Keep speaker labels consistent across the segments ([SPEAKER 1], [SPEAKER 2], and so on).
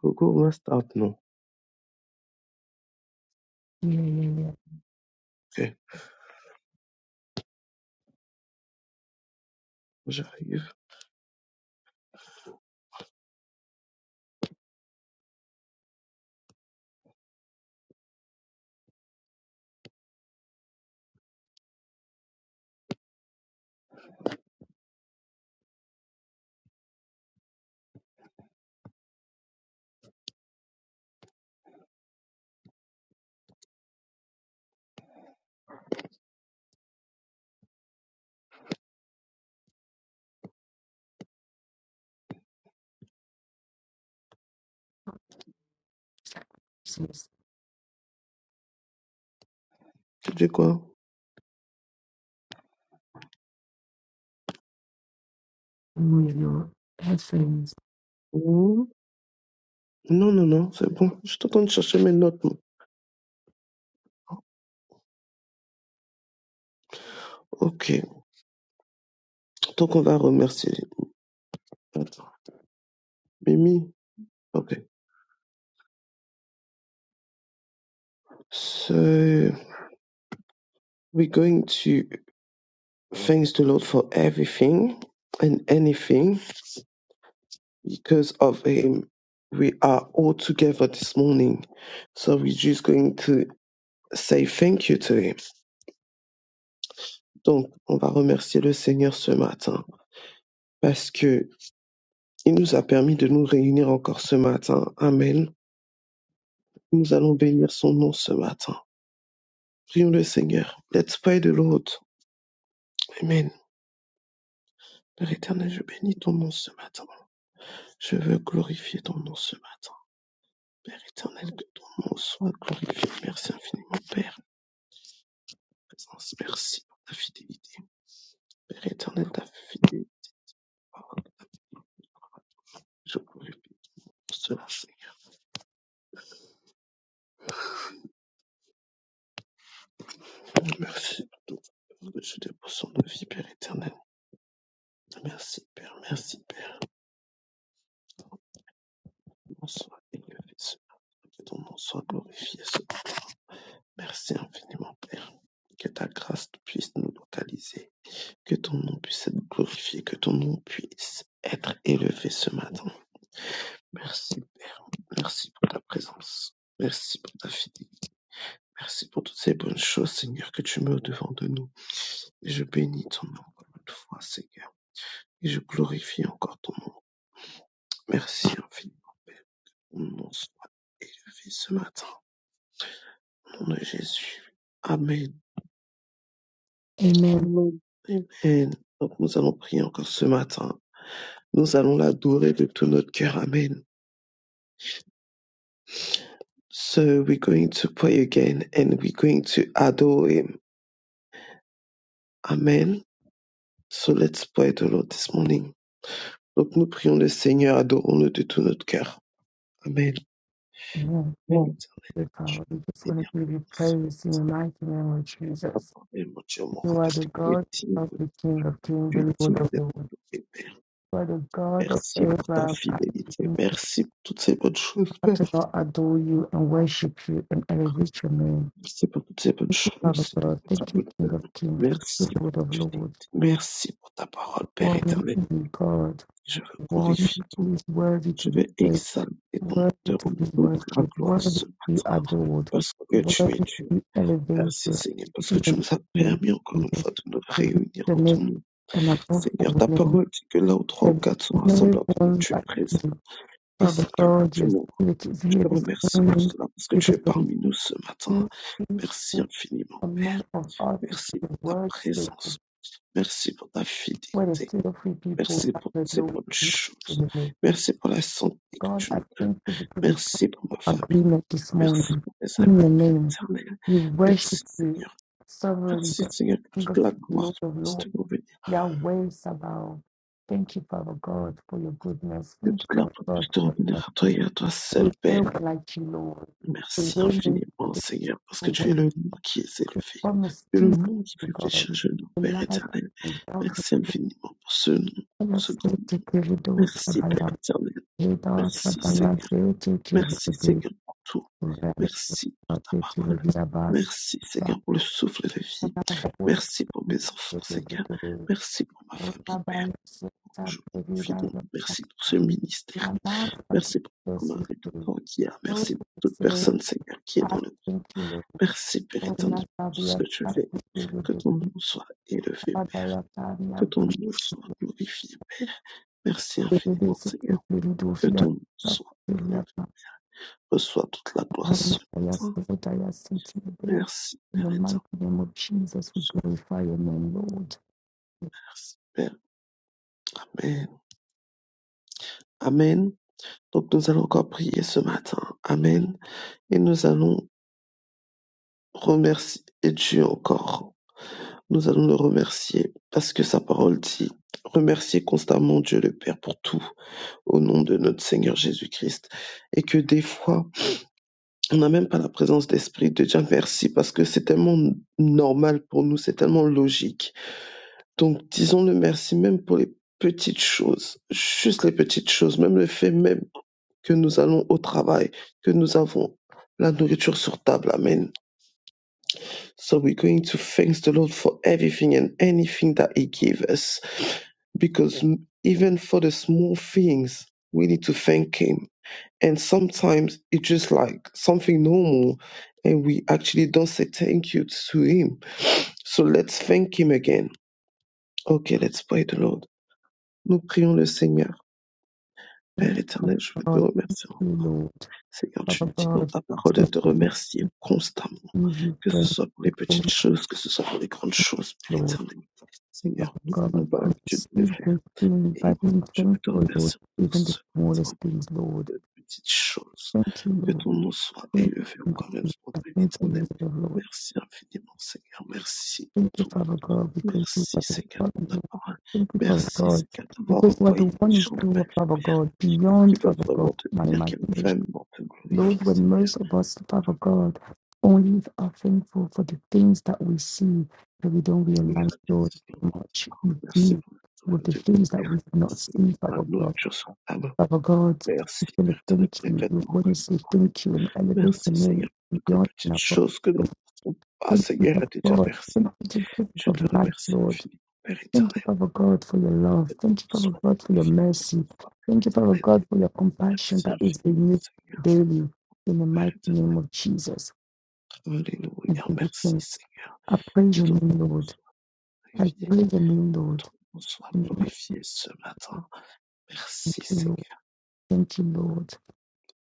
[SPEAKER 1] Gogo must up, non.
[SPEAKER 2] Yeah, yeah,
[SPEAKER 1] Ok, j'arrive.
[SPEAKER 2] yeah. Just
[SPEAKER 1] Tu dis quoi
[SPEAKER 2] remove your headphones.
[SPEAKER 1] Hmm Non, non, non, c'est bon. Je t'entends de chercher mes notes. moi. Ok, donc on va remercier. Attends. Mimi, ok. So, we're going to thanks the Lord for everything and anything. Because of Him, we are all together this morning. So we're just going to say thank you to Him. Donc, on va remercier le Seigneur ce matin. Parce que Il nous a permis de nous réunir encore ce matin. Amen. Nous allons bénir son nom ce matin. Prions le Seigneur. Let's pray the Lord. Amen. Père éternel, je bénis ton nom ce matin. Je veux glorifier ton nom ce matin. Père éternel, que ton nom soit glorifié. Merci infiniment, Père. pour ta Présence, merci pour ta fidélité. Père éternel, ta fidélité, je glorifie pour cela, Seigneur. Merci pour tout. ce que Je dépose son de vie, Père éternel. Merci, Père. Merci, Père. Bonsoir. Que ton nom soit glorifié. Merci infiniment, Père. Que ta grâce puisse nous localiser. Que ton nom puisse être glorifié. Que ton nom puisse être élevé ce matin. Merci, Père. Merci pour ta présence. Merci pour ta fidélité. Merci pour toutes ces bonnes choses, Seigneur, que tu mets au devant de nous. Et je bénis ton nom encore une fois, Seigneur. Et je glorifie encore ton nom. Merci infiniment, Père. Ton nom soit élevé ce matin. Au nom de Jésus. Amen.
[SPEAKER 2] Amen.
[SPEAKER 1] Et donc nous allons prier encore ce matin. Nous allons l'adorer de tout notre cœur. Amen. So we're going to pray again and we're going to adore him. Amen. So let's pray the Lord this morning. Donc nous prions le Seigneur, adorons-le de tout notre cœur. Amen.
[SPEAKER 2] Yeah,
[SPEAKER 1] Amen.
[SPEAKER 2] Dear
[SPEAKER 1] Je
[SPEAKER 2] God,
[SPEAKER 1] veux
[SPEAKER 2] we just want
[SPEAKER 1] bénir
[SPEAKER 2] to give
[SPEAKER 1] ton
[SPEAKER 2] you
[SPEAKER 1] ce
[SPEAKER 2] praise in the
[SPEAKER 1] matin.
[SPEAKER 2] mighty name of
[SPEAKER 1] Je veux
[SPEAKER 2] Jesus.
[SPEAKER 1] t'adorer, mon Dieu, mon
[SPEAKER 2] You
[SPEAKER 1] roi,
[SPEAKER 2] are
[SPEAKER 1] parce
[SPEAKER 2] the
[SPEAKER 1] que tu es
[SPEAKER 2] God
[SPEAKER 1] digne
[SPEAKER 2] of
[SPEAKER 1] de nous.
[SPEAKER 2] the King of Kings,
[SPEAKER 1] Tu es
[SPEAKER 2] the Lord
[SPEAKER 1] digne
[SPEAKER 2] of
[SPEAKER 1] d'être
[SPEAKER 2] Lords.
[SPEAKER 1] adoré, Père.
[SPEAKER 2] You are the God of
[SPEAKER 1] Merci pour ta
[SPEAKER 2] Abraham, Isaac,
[SPEAKER 1] fidélité.
[SPEAKER 2] and
[SPEAKER 1] Merci pour toutes ces bonnes choses,
[SPEAKER 2] Jacob. I
[SPEAKER 1] Père.
[SPEAKER 2] to not adore you and worship you and elevate your name.
[SPEAKER 1] Merci pour toutes ces bonnes choses.
[SPEAKER 2] Father
[SPEAKER 1] c'est tout
[SPEAKER 2] God,
[SPEAKER 1] ce que tu
[SPEAKER 2] thank
[SPEAKER 1] me
[SPEAKER 2] you, King of
[SPEAKER 1] donnes.
[SPEAKER 2] Kings, the
[SPEAKER 1] Merci pour
[SPEAKER 2] Lord of
[SPEAKER 1] ta
[SPEAKER 2] Lords,
[SPEAKER 1] fidélité. Merci pour ta parole, Père
[SPEAKER 2] one
[SPEAKER 1] éternel.
[SPEAKER 2] in God,
[SPEAKER 1] Je veux
[SPEAKER 2] one
[SPEAKER 1] glorifier ton
[SPEAKER 2] who
[SPEAKER 1] nom.
[SPEAKER 2] is worthy to
[SPEAKER 1] Je
[SPEAKER 2] be
[SPEAKER 1] veux
[SPEAKER 2] praised.
[SPEAKER 1] exalter ton nom.
[SPEAKER 2] Worthy
[SPEAKER 1] Te
[SPEAKER 2] to
[SPEAKER 1] rendre
[SPEAKER 2] be
[SPEAKER 1] toute la
[SPEAKER 2] worshipped,
[SPEAKER 1] gloire
[SPEAKER 2] worthy
[SPEAKER 1] ce
[SPEAKER 2] to be
[SPEAKER 1] matin.
[SPEAKER 2] adored,
[SPEAKER 1] Parce que
[SPEAKER 2] worthy
[SPEAKER 1] tu es
[SPEAKER 2] to
[SPEAKER 1] Dieu.
[SPEAKER 2] be elevated
[SPEAKER 1] Merci
[SPEAKER 2] in
[SPEAKER 1] Seigneur, parce que tu
[SPEAKER 2] the
[SPEAKER 1] nous as
[SPEAKER 2] name of
[SPEAKER 1] permis encore une
[SPEAKER 2] Jesus.
[SPEAKER 1] fois de nous
[SPEAKER 2] We lift
[SPEAKER 1] réunir
[SPEAKER 2] your
[SPEAKER 1] en ton
[SPEAKER 2] name
[SPEAKER 1] nom.
[SPEAKER 2] and above
[SPEAKER 1] Seigneur,
[SPEAKER 2] all
[SPEAKER 1] ta
[SPEAKER 2] name.
[SPEAKER 1] parole dit que là où trois ou
[SPEAKER 2] There's
[SPEAKER 1] quatre sont rassemblés
[SPEAKER 2] no
[SPEAKER 1] en ton nom,
[SPEAKER 2] one
[SPEAKER 1] tu es
[SPEAKER 2] like
[SPEAKER 1] présent.
[SPEAKER 2] you.
[SPEAKER 1] Et
[SPEAKER 2] Father
[SPEAKER 1] Seigneur,
[SPEAKER 2] God,
[SPEAKER 1] Dieu
[SPEAKER 2] your
[SPEAKER 1] mon roi,
[SPEAKER 2] spirit is
[SPEAKER 1] je
[SPEAKER 2] here
[SPEAKER 1] te
[SPEAKER 2] this
[SPEAKER 1] remercie pour
[SPEAKER 2] morning
[SPEAKER 1] cela, parce que tu
[SPEAKER 2] because
[SPEAKER 1] es
[SPEAKER 2] there is
[SPEAKER 1] parmi nous ce matin.
[SPEAKER 2] no
[SPEAKER 1] Merci
[SPEAKER 2] peaceful
[SPEAKER 1] infiniment.
[SPEAKER 2] among of us is
[SPEAKER 1] Merci
[SPEAKER 2] the
[SPEAKER 1] pour ta
[SPEAKER 2] word
[SPEAKER 1] présence.
[SPEAKER 2] spoken.
[SPEAKER 1] Merci pour ta
[SPEAKER 2] Where there's
[SPEAKER 1] fidélité.
[SPEAKER 2] two or three people
[SPEAKER 1] Merci
[SPEAKER 2] that
[SPEAKER 1] pour toutes
[SPEAKER 2] the
[SPEAKER 1] ces
[SPEAKER 2] Lord,
[SPEAKER 1] bonnes
[SPEAKER 2] you
[SPEAKER 1] choses.
[SPEAKER 2] deliver.
[SPEAKER 1] Merci pour la santé que
[SPEAKER 2] God,
[SPEAKER 1] tu
[SPEAKER 2] I
[SPEAKER 1] nous donnes.
[SPEAKER 2] thank you because you
[SPEAKER 1] Merci pour ma famille.
[SPEAKER 2] agreement this
[SPEAKER 1] Merci
[SPEAKER 2] morning.
[SPEAKER 1] pour mes
[SPEAKER 2] In your
[SPEAKER 1] amis, Père
[SPEAKER 2] name,
[SPEAKER 1] éternel.
[SPEAKER 2] we worship
[SPEAKER 1] Merci
[SPEAKER 2] you,
[SPEAKER 1] Seigneur.
[SPEAKER 2] sovereign
[SPEAKER 1] Merci
[SPEAKER 2] God,
[SPEAKER 1] Seigneur que
[SPEAKER 2] King
[SPEAKER 1] toute
[SPEAKER 2] of
[SPEAKER 1] la
[SPEAKER 2] the
[SPEAKER 1] gloire
[SPEAKER 2] Lord of
[SPEAKER 1] puisse te
[SPEAKER 2] Lords,
[SPEAKER 1] revenir.
[SPEAKER 2] Yahweh Sabaoth. Thank you, Father God, for your goodness.
[SPEAKER 1] Que toute
[SPEAKER 2] Thank you,
[SPEAKER 1] la gloire
[SPEAKER 2] Father God,
[SPEAKER 1] puisse te
[SPEAKER 2] for your
[SPEAKER 1] revenir à toi
[SPEAKER 2] mercy.
[SPEAKER 1] et à toi
[SPEAKER 2] There
[SPEAKER 1] seul,
[SPEAKER 2] is no
[SPEAKER 1] Père.
[SPEAKER 2] like you, Lord. The
[SPEAKER 1] Merci
[SPEAKER 2] way makes the
[SPEAKER 1] infiniment Seigneur parce que
[SPEAKER 2] different
[SPEAKER 1] tu es le nom qui est élevé.
[SPEAKER 2] Promise,
[SPEAKER 1] Tu es le
[SPEAKER 2] Jesus,
[SPEAKER 1] nom qui
[SPEAKER 2] oh
[SPEAKER 1] fait
[SPEAKER 2] God.
[SPEAKER 1] fléchir le genou,
[SPEAKER 2] The
[SPEAKER 1] Père
[SPEAKER 2] light of
[SPEAKER 1] éternel.
[SPEAKER 2] the darkness.
[SPEAKER 1] Merci infiniment pour ce nom,
[SPEAKER 2] Tell
[SPEAKER 1] ce
[SPEAKER 2] us,
[SPEAKER 1] nom.
[SPEAKER 2] take your doors,
[SPEAKER 1] Merci Père
[SPEAKER 2] Sabaoth.
[SPEAKER 1] éternel.
[SPEAKER 2] Take us,
[SPEAKER 1] Merci Seigneur.
[SPEAKER 2] Sabaoth. Take your
[SPEAKER 1] Merci
[SPEAKER 2] doors,
[SPEAKER 1] Seigneur pour tout.
[SPEAKER 2] Sabaoth.
[SPEAKER 1] Merci pour ta
[SPEAKER 2] Take the
[SPEAKER 1] parole.
[SPEAKER 2] riddles of the
[SPEAKER 1] Merci
[SPEAKER 2] Sabaoth.
[SPEAKER 1] Seigneur pour le souffle de
[SPEAKER 2] But
[SPEAKER 1] vie.
[SPEAKER 2] I'm I'm
[SPEAKER 1] Merci pour mes enfants Seigneur. Merci pour ma famille Père.
[SPEAKER 2] I'm
[SPEAKER 1] Aujourd'hui, merci pour ce ministère. Merci pour ma mère et tout le temps qu'il y a. Merci pour toute personne Seigneur qui est dans le groupe. Merci Père éternel pour tout ce
[SPEAKER 2] I'm
[SPEAKER 1] que tu fais.
[SPEAKER 2] to
[SPEAKER 1] Que
[SPEAKER 2] do
[SPEAKER 1] ton nom soit élevé.
[SPEAKER 2] Adaya
[SPEAKER 1] Que
[SPEAKER 2] Tania,
[SPEAKER 1] ton
[SPEAKER 2] but
[SPEAKER 1] nom soit glorifié. Merci
[SPEAKER 2] the
[SPEAKER 1] infiniment
[SPEAKER 2] basic
[SPEAKER 1] Seigneur.
[SPEAKER 2] little do
[SPEAKER 1] Que
[SPEAKER 2] fear,
[SPEAKER 1] ton nom soit
[SPEAKER 2] Sakilia,
[SPEAKER 1] élevé. reçois toute la gloire
[SPEAKER 2] and
[SPEAKER 1] l'adoration.
[SPEAKER 2] I ask
[SPEAKER 1] Saint.
[SPEAKER 2] that. I ask it to the day.
[SPEAKER 1] Merci,
[SPEAKER 2] In
[SPEAKER 1] Père
[SPEAKER 2] the mighty
[SPEAKER 1] éternel.
[SPEAKER 2] name of Jesus, we glorify your name, Lord.
[SPEAKER 1] Merci, Père. Amen. Amen. Donc, nous allons encore prier ce matin. Amen. Et nous allons remercier Dieu encore. Nous allons le remercier parce que sa parole dit remercier constamment Dieu le Père pour tout au nom de notre Seigneur Jésus-Christ. Et que des fois, on n'a même pas la présence d'esprit de dire merci parce que c'est tellement normal pour nous, c'est tellement logique Donc, disons-le merci même pour les petites choses, juste les petites choses, même le fait même que nous allons au travail, que nous avons la nourriture sur table. Amen. So we're going to thank the Lord for everything and anything that He gave us, because m- even for the small things, we need to thank Him. And sometimes it's just like something normal, and we actually don't say thank you to Him. So let's thank Him again. Okay, let's pray the Lord. Nous prions le Seigneur.
[SPEAKER 2] Thank
[SPEAKER 1] Père éternel, je
[SPEAKER 2] you,
[SPEAKER 1] veux te
[SPEAKER 2] Lord.
[SPEAKER 1] remercier.
[SPEAKER 2] Thank you, Lord.
[SPEAKER 1] Seigneur, tu
[SPEAKER 2] Father
[SPEAKER 1] dis dans ta parole de te
[SPEAKER 2] God,
[SPEAKER 1] remercier constamment,
[SPEAKER 2] give you
[SPEAKER 1] que ce
[SPEAKER 2] thank
[SPEAKER 1] soit pour les
[SPEAKER 2] you, O
[SPEAKER 1] petites choses, que ce soit pour les grandes choses, Père
[SPEAKER 2] Lord.
[SPEAKER 1] éternel. Seigneur, nous
[SPEAKER 2] Father God,
[SPEAKER 1] n'avons pas
[SPEAKER 2] we
[SPEAKER 1] l'habitude de le
[SPEAKER 2] receive
[SPEAKER 1] faire.
[SPEAKER 2] your healing by
[SPEAKER 1] Et
[SPEAKER 2] being
[SPEAKER 1] je veux te
[SPEAKER 2] thankful, Lord,
[SPEAKER 1] remercier pour
[SPEAKER 2] even the
[SPEAKER 1] ce temps
[SPEAKER 2] smallest things, Lord.
[SPEAKER 1] de petites choses.
[SPEAKER 2] Thank you,
[SPEAKER 1] Que
[SPEAKER 2] Lord.
[SPEAKER 1] ton nom soit
[SPEAKER 2] Thank
[SPEAKER 1] élevé au
[SPEAKER 2] you, God.
[SPEAKER 1] grand même pour
[SPEAKER 2] I
[SPEAKER 1] Père
[SPEAKER 2] thank you,
[SPEAKER 1] éternel.
[SPEAKER 2] Mr. Lord.
[SPEAKER 1] Merci infiniment, Seigneur. Merci pour
[SPEAKER 2] Thank you,
[SPEAKER 1] tout.
[SPEAKER 2] Father God, because you
[SPEAKER 1] Merci,
[SPEAKER 2] are the
[SPEAKER 1] Seigneur,
[SPEAKER 2] God.
[SPEAKER 1] pour ta
[SPEAKER 2] Lord.
[SPEAKER 1] parole.
[SPEAKER 2] Thank you, Father
[SPEAKER 1] Merci,
[SPEAKER 2] God,
[SPEAKER 1] Seigneur, d'avoir
[SPEAKER 2] because you are the
[SPEAKER 1] envoyé des
[SPEAKER 2] one who is
[SPEAKER 1] gens dans
[SPEAKER 2] true
[SPEAKER 1] ma vie.
[SPEAKER 2] Father
[SPEAKER 1] Père
[SPEAKER 2] God,
[SPEAKER 1] qui
[SPEAKER 2] beyond,
[SPEAKER 1] va
[SPEAKER 2] Father
[SPEAKER 1] vraiment
[SPEAKER 2] God,
[SPEAKER 1] te
[SPEAKER 2] my
[SPEAKER 1] dire qu'elle va
[SPEAKER 2] imagination.
[SPEAKER 1] vraiment te
[SPEAKER 2] Lord,
[SPEAKER 1] glorifier,
[SPEAKER 2] when
[SPEAKER 1] Seigneur.
[SPEAKER 2] most of us, Father God, only are thankful for the things that we see that we don't
[SPEAKER 1] Alléluia.
[SPEAKER 2] realize, Lord, how much we
[SPEAKER 1] Merci
[SPEAKER 2] do
[SPEAKER 1] pour le sauveur
[SPEAKER 2] with the
[SPEAKER 1] de vie,
[SPEAKER 2] things that we
[SPEAKER 1] Père.
[SPEAKER 2] cannot
[SPEAKER 1] Merci
[SPEAKER 2] see,
[SPEAKER 1] pour la
[SPEAKER 2] Father God.
[SPEAKER 1] nourriture sur ta
[SPEAKER 2] Father God,
[SPEAKER 1] Merci,
[SPEAKER 2] we want to
[SPEAKER 1] Père, pour les
[SPEAKER 2] thank you. We
[SPEAKER 1] prévêtements
[SPEAKER 2] want to
[SPEAKER 1] que nous.
[SPEAKER 2] say thank you and elevate your
[SPEAKER 1] Merci, Seigneur,
[SPEAKER 2] name
[SPEAKER 1] pour toutes les
[SPEAKER 2] beyond and
[SPEAKER 1] petites
[SPEAKER 2] above.
[SPEAKER 1] choses que nous ne
[SPEAKER 2] Lord.
[SPEAKER 1] pouvons pas,
[SPEAKER 2] Thank you,
[SPEAKER 1] Seigneur, à
[SPEAKER 2] Father
[SPEAKER 1] te dire
[SPEAKER 2] God. Thank
[SPEAKER 1] merci.
[SPEAKER 2] you for the gift
[SPEAKER 1] Je te
[SPEAKER 2] of life,
[SPEAKER 1] remercie
[SPEAKER 2] Lord.
[SPEAKER 1] infiniment, Père
[SPEAKER 2] Thank you,
[SPEAKER 1] éternel,
[SPEAKER 2] Father God, for your love.
[SPEAKER 1] que nous
[SPEAKER 2] Thank you, Father
[SPEAKER 1] sois
[SPEAKER 2] God, for your
[SPEAKER 1] glorifiés encore une
[SPEAKER 2] mercy.
[SPEAKER 1] fois. Père
[SPEAKER 2] Thank you, Father
[SPEAKER 1] Éternel,
[SPEAKER 2] God, for your compassion
[SPEAKER 1] merci
[SPEAKER 2] that is
[SPEAKER 1] infiniment,
[SPEAKER 2] renewed
[SPEAKER 1] Seigneur,
[SPEAKER 2] daily in the
[SPEAKER 1] Père
[SPEAKER 2] mighty
[SPEAKER 1] éternel.
[SPEAKER 2] name of Jesus. I
[SPEAKER 1] Alléluia.
[SPEAKER 2] give you
[SPEAKER 1] Merci,
[SPEAKER 2] thanks.
[SPEAKER 1] Seigneur,
[SPEAKER 2] I praise
[SPEAKER 1] que
[SPEAKER 2] your
[SPEAKER 1] ton nom
[SPEAKER 2] name, Lord.
[SPEAKER 1] soit
[SPEAKER 2] I
[SPEAKER 1] glorifié.
[SPEAKER 2] praise your name,
[SPEAKER 1] Ton
[SPEAKER 2] Lord.
[SPEAKER 1] nous soit
[SPEAKER 2] In the mighty
[SPEAKER 1] glorifié ce matin. Merci
[SPEAKER 2] name, Lord.
[SPEAKER 1] Seigneur.
[SPEAKER 2] Thank you, Lord.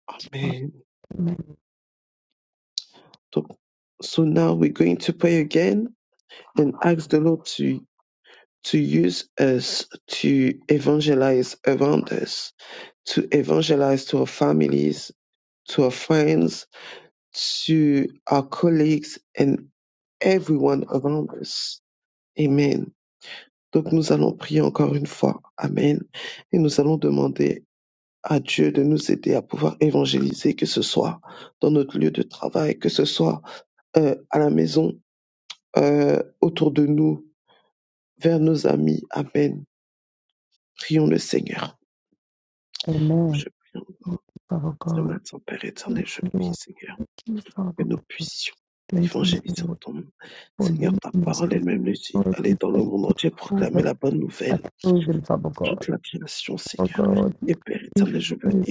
[SPEAKER 1] Amen.
[SPEAKER 2] Amen.
[SPEAKER 1] Donc, So now we're going to pray again and ask the Lord to, to use us to evangelize around us, to evangelize to our families, to our friends, to our colleagues and everyone around us. Amen. Donc nous allons prier encore une fois. Amen. Et nous allons demander à Dieu de nous aider à pouvoir évangéliser, que ce soit dans notre lieu de travail, que ce soit euh, à la maison, euh, autour de nous, vers nos amis. Amen. Prions le Seigneur.
[SPEAKER 2] Amen.
[SPEAKER 1] Je prie en
[SPEAKER 2] Thank you, Father
[SPEAKER 1] ce
[SPEAKER 2] God.
[SPEAKER 1] matin, Père
[SPEAKER 2] Thank
[SPEAKER 1] éternel, je
[SPEAKER 2] you,
[SPEAKER 1] prie,
[SPEAKER 2] Lord.
[SPEAKER 1] Seigneur,
[SPEAKER 2] Thank you, Father
[SPEAKER 1] que nous
[SPEAKER 2] God.
[SPEAKER 1] puissions
[SPEAKER 2] Thank you,
[SPEAKER 1] évangéliser en
[SPEAKER 2] Lord,
[SPEAKER 1] ton nom.
[SPEAKER 2] for
[SPEAKER 1] Seigneur, ta
[SPEAKER 2] leading us
[SPEAKER 1] parole
[SPEAKER 2] with
[SPEAKER 1] elle-même le dit, allez
[SPEAKER 2] authority,
[SPEAKER 1] dans le monde entier,
[SPEAKER 2] faithful,
[SPEAKER 1] proclamer
[SPEAKER 2] but
[SPEAKER 1] la bonne nouvelle
[SPEAKER 2] I praise you, Father God.
[SPEAKER 1] toute la création,
[SPEAKER 2] For
[SPEAKER 1] Seigneur.
[SPEAKER 2] God,
[SPEAKER 1] Et Père
[SPEAKER 2] it
[SPEAKER 1] éternel, je veux
[SPEAKER 2] is praise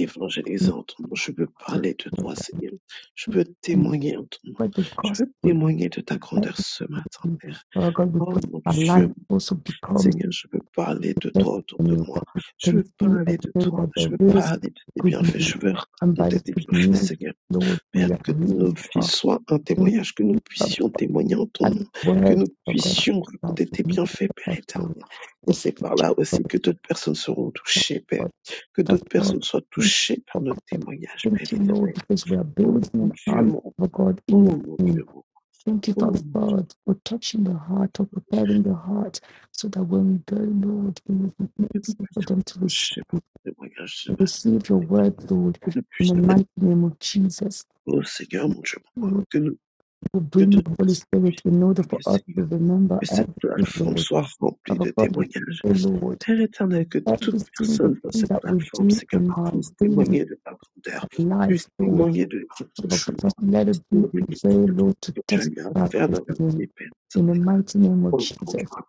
[SPEAKER 2] you
[SPEAKER 1] en ton nom. Je veux parler de toi, Seigneur. Je veux
[SPEAKER 2] and
[SPEAKER 1] témoigner en ton nom.
[SPEAKER 2] spread the
[SPEAKER 1] Je veux
[SPEAKER 2] gospel
[SPEAKER 1] témoigner de ta grandeur ce matin,
[SPEAKER 2] everything.
[SPEAKER 1] Père.
[SPEAKER 2] Lord God, we
[SPEAKER 1] Oh
[SPEAKER 2] put
[SPEAKER 1] mon
[SPEAKER 2] our life
[SPEAKER 1] Dieu,
[SPEAKER 2] also becomes
[SPEAKER 1] Seigneur, je veux parler de
[SPEAKER 2] the
[SPEAKER 1] toi autour de
[SPEAKER 2] testimony that
[SPEAKER 1] moi.
[SPEAKER 2] we
[SPEAKER 1] Je
[SPEAKER 2] can
[SPEAKER 1] veux
[SPEAKER 2] see
[SPEAKER 1] parler de
[SPEAKER 2] every day
[SPEAKER 1] toi.
[SPEAKER 2] that
[SPEAKER 1] Je veux
[SPEAKER 2] there is
[SPEAKER 1] parler de tes
[SPEAKER 2] good
[SPEAKER 1] bienfaits.
[SPEAKER 2] news.
[SPEAKER 1] Je veux
[SPEAKER 2] And by
[SPEAKER 1] raconter
[SPEAKER 2] this
[SPEAKER 1] tes
[SPEAKER 2] good
[SPEAKER 1] bienfaits,
[SPEAKER 2] news,
[SPEAKER 1] Seigneur.
[SPEAKER 2] Lord,
[SPEAKER 1] Père,
[SPEAKER 2] we are
[SPEAKER 1] que
[SPEAKER 2] really
[SPEAKER 1] nos vies
[SPEAKER 2] strong.
[SPEAKER 1] soient un témoignage, que nous
[SPEAKER 2] But
[SPEAKER 1] puissions témoigner en ton nom, que
[SPEAKER 2] words
[SPEAKER 1] nous
[SPEAKER 2] For God,
[SPEAKER 1] puissions
[SPEAKER 2] how
[SPEAKER 1] raconter tes
[SPEAKER 2] we need
[SPEAKER 1] bienfaits, Père
[SPEAKER 2] us, Lord,
[SPEAKER 1] éternel. Et
[SPEAKER 2] it's
[SPEAKER 1] c'est par là
[SPEAKER 2] for
[SPEAKER 1] aussi que d'autres personnes seront touchées, Père.
[SPEAKER 2] God,
[SPEAKER 1] Que d'autres personnes soient
[SPEAKER 2] thank you,
[SPEAKER 1] touchées par
[SPEAKER 2] oh
[SPEAKER 1] notre
[SPEAKER 2] God.
[SPEAKER 1] témoignage, Père
[SPEAKER 2] Thank you, Lord,
[SPEAKER 1] éternel.
[SPEAKER 2] because we are
[SPEAKER 1] Oh
[SPEAKER 2] building
[SPEAKER 1] mon
[SPEAKER 2] an
[SPEAKER 1] Dieu,
[SPEAKER 2] army
[SPEAKER 1] mon,
[SPEAKER 2] for God in your
[SPEAKER 1] oh mon
[SPEAKER 2] name.
[SPEAKER 1] Dieu, mon,
[SPEAKER 2] Thank you,
[SPEAKER 1] oh
[SPEAKER 2] Father
[SPEAKER 1] mon Dieu,
[SPEAKER 2] God, for touching the heart, for preparing the heart, so that when we go, Lord, it will be
[SPEAKER 1] que nous
[SPEAKER 2] easy for
[SPEAKER 1] puissions
[SPEAKER 2] them to
[SPEAKER 1] être
[SPEAKER 2] rec-
[SPEAKER 1] touchés par ton témoignage ce matin.
[SPEAKER 2] receive your word, Lord,
[SPEAKER 1] Que nous
[SPEAKER 2] in the
[SPEAKER 1] puissions être
[SPEAKER 2] mighty name of Jesus.
[SPEAKER 1] beaux, Seigneur, mon Dieu, mon roi.
[SPEAKER 2] Lord,
[SPEAKER 1] Que nous,
[SPEAKER 2] you will
[SPEAKER 1] que
[SPEAKER 2] bring
[SPEAKER 1] d'autres
[SPEAKER 2] the Holy
[SPEAKER 1] personnes
[SPEAKER 2] Spirit
[SPEAKER 1] puissent
[SPEAKER 2] in order
[SPEAKER 1] témoigner,
[SPEAKER 2] for us to
[SPEAKER 1] Seigneur.
[SPEAKER 2] remember
[SPEAKER 1] Que cette
[SPEAKER 2] everything,
[SPEAKER 1] plateforme
[SPEAKER 2] Lord.
[SPEAKER 1] soit remplie
[SPEAKER 2] Father
[SPEAKER 1] de
[SPEAKER 2] God, we
[SPEAKER 1] témoignages
[SPEAKER 2] pray, Lord,
[SPEAKER 1] Père Éternel, que toute
[SPEAKER 2] every single
[SPEAKER 1] personne dans
[SPEAKER 2] thing
[SPEAKER 1] cette
[SPEAKER 2] that we
[SPEAKER 1] plateforme,
[SPEAKER 2] do
[SPEAKER 1] c'est qu'elle
[SPEAKER 2] in our
[SPEAKER 1] puisse
[SPEAKER 2] daily
[SPEAKER 1] témoigner de ta grandeur,
[SPEAKER 2] life,
[SPEAKER 1] puisse
[SPEAKER 2] Lord,
[SPEAKER 1] témoigner de quelque
[SPEAKER 2] Father
[SPEAKER 1] chose,
[SPEAKER 2] God, let it
[SPEAKER 1] puisse
[SPEAKER 2] be
[SPEAKER 1] témoigner de ce
[SPEAKER 2] a way,
[SPEAKER 1] que
[SPEAKER 2] Lord, to
[SPEAKER 1] tu as
[SPEAKER 2] testify
[SPEAKER 1] eu à
[SPEAKER 2] to
[SPEAKER 1] faire dans la
[SPEAKER 2] you.
[SPEAKER 1] vie, Père
[SPEAKER 2] In the
[SPEAKER 1] éternel.
[SPEAKER 2] mighty name of
[SPEAKER 1] Oh mon
[SPEAKER 2] Jesus.
[SPEAKER 1] Dieu,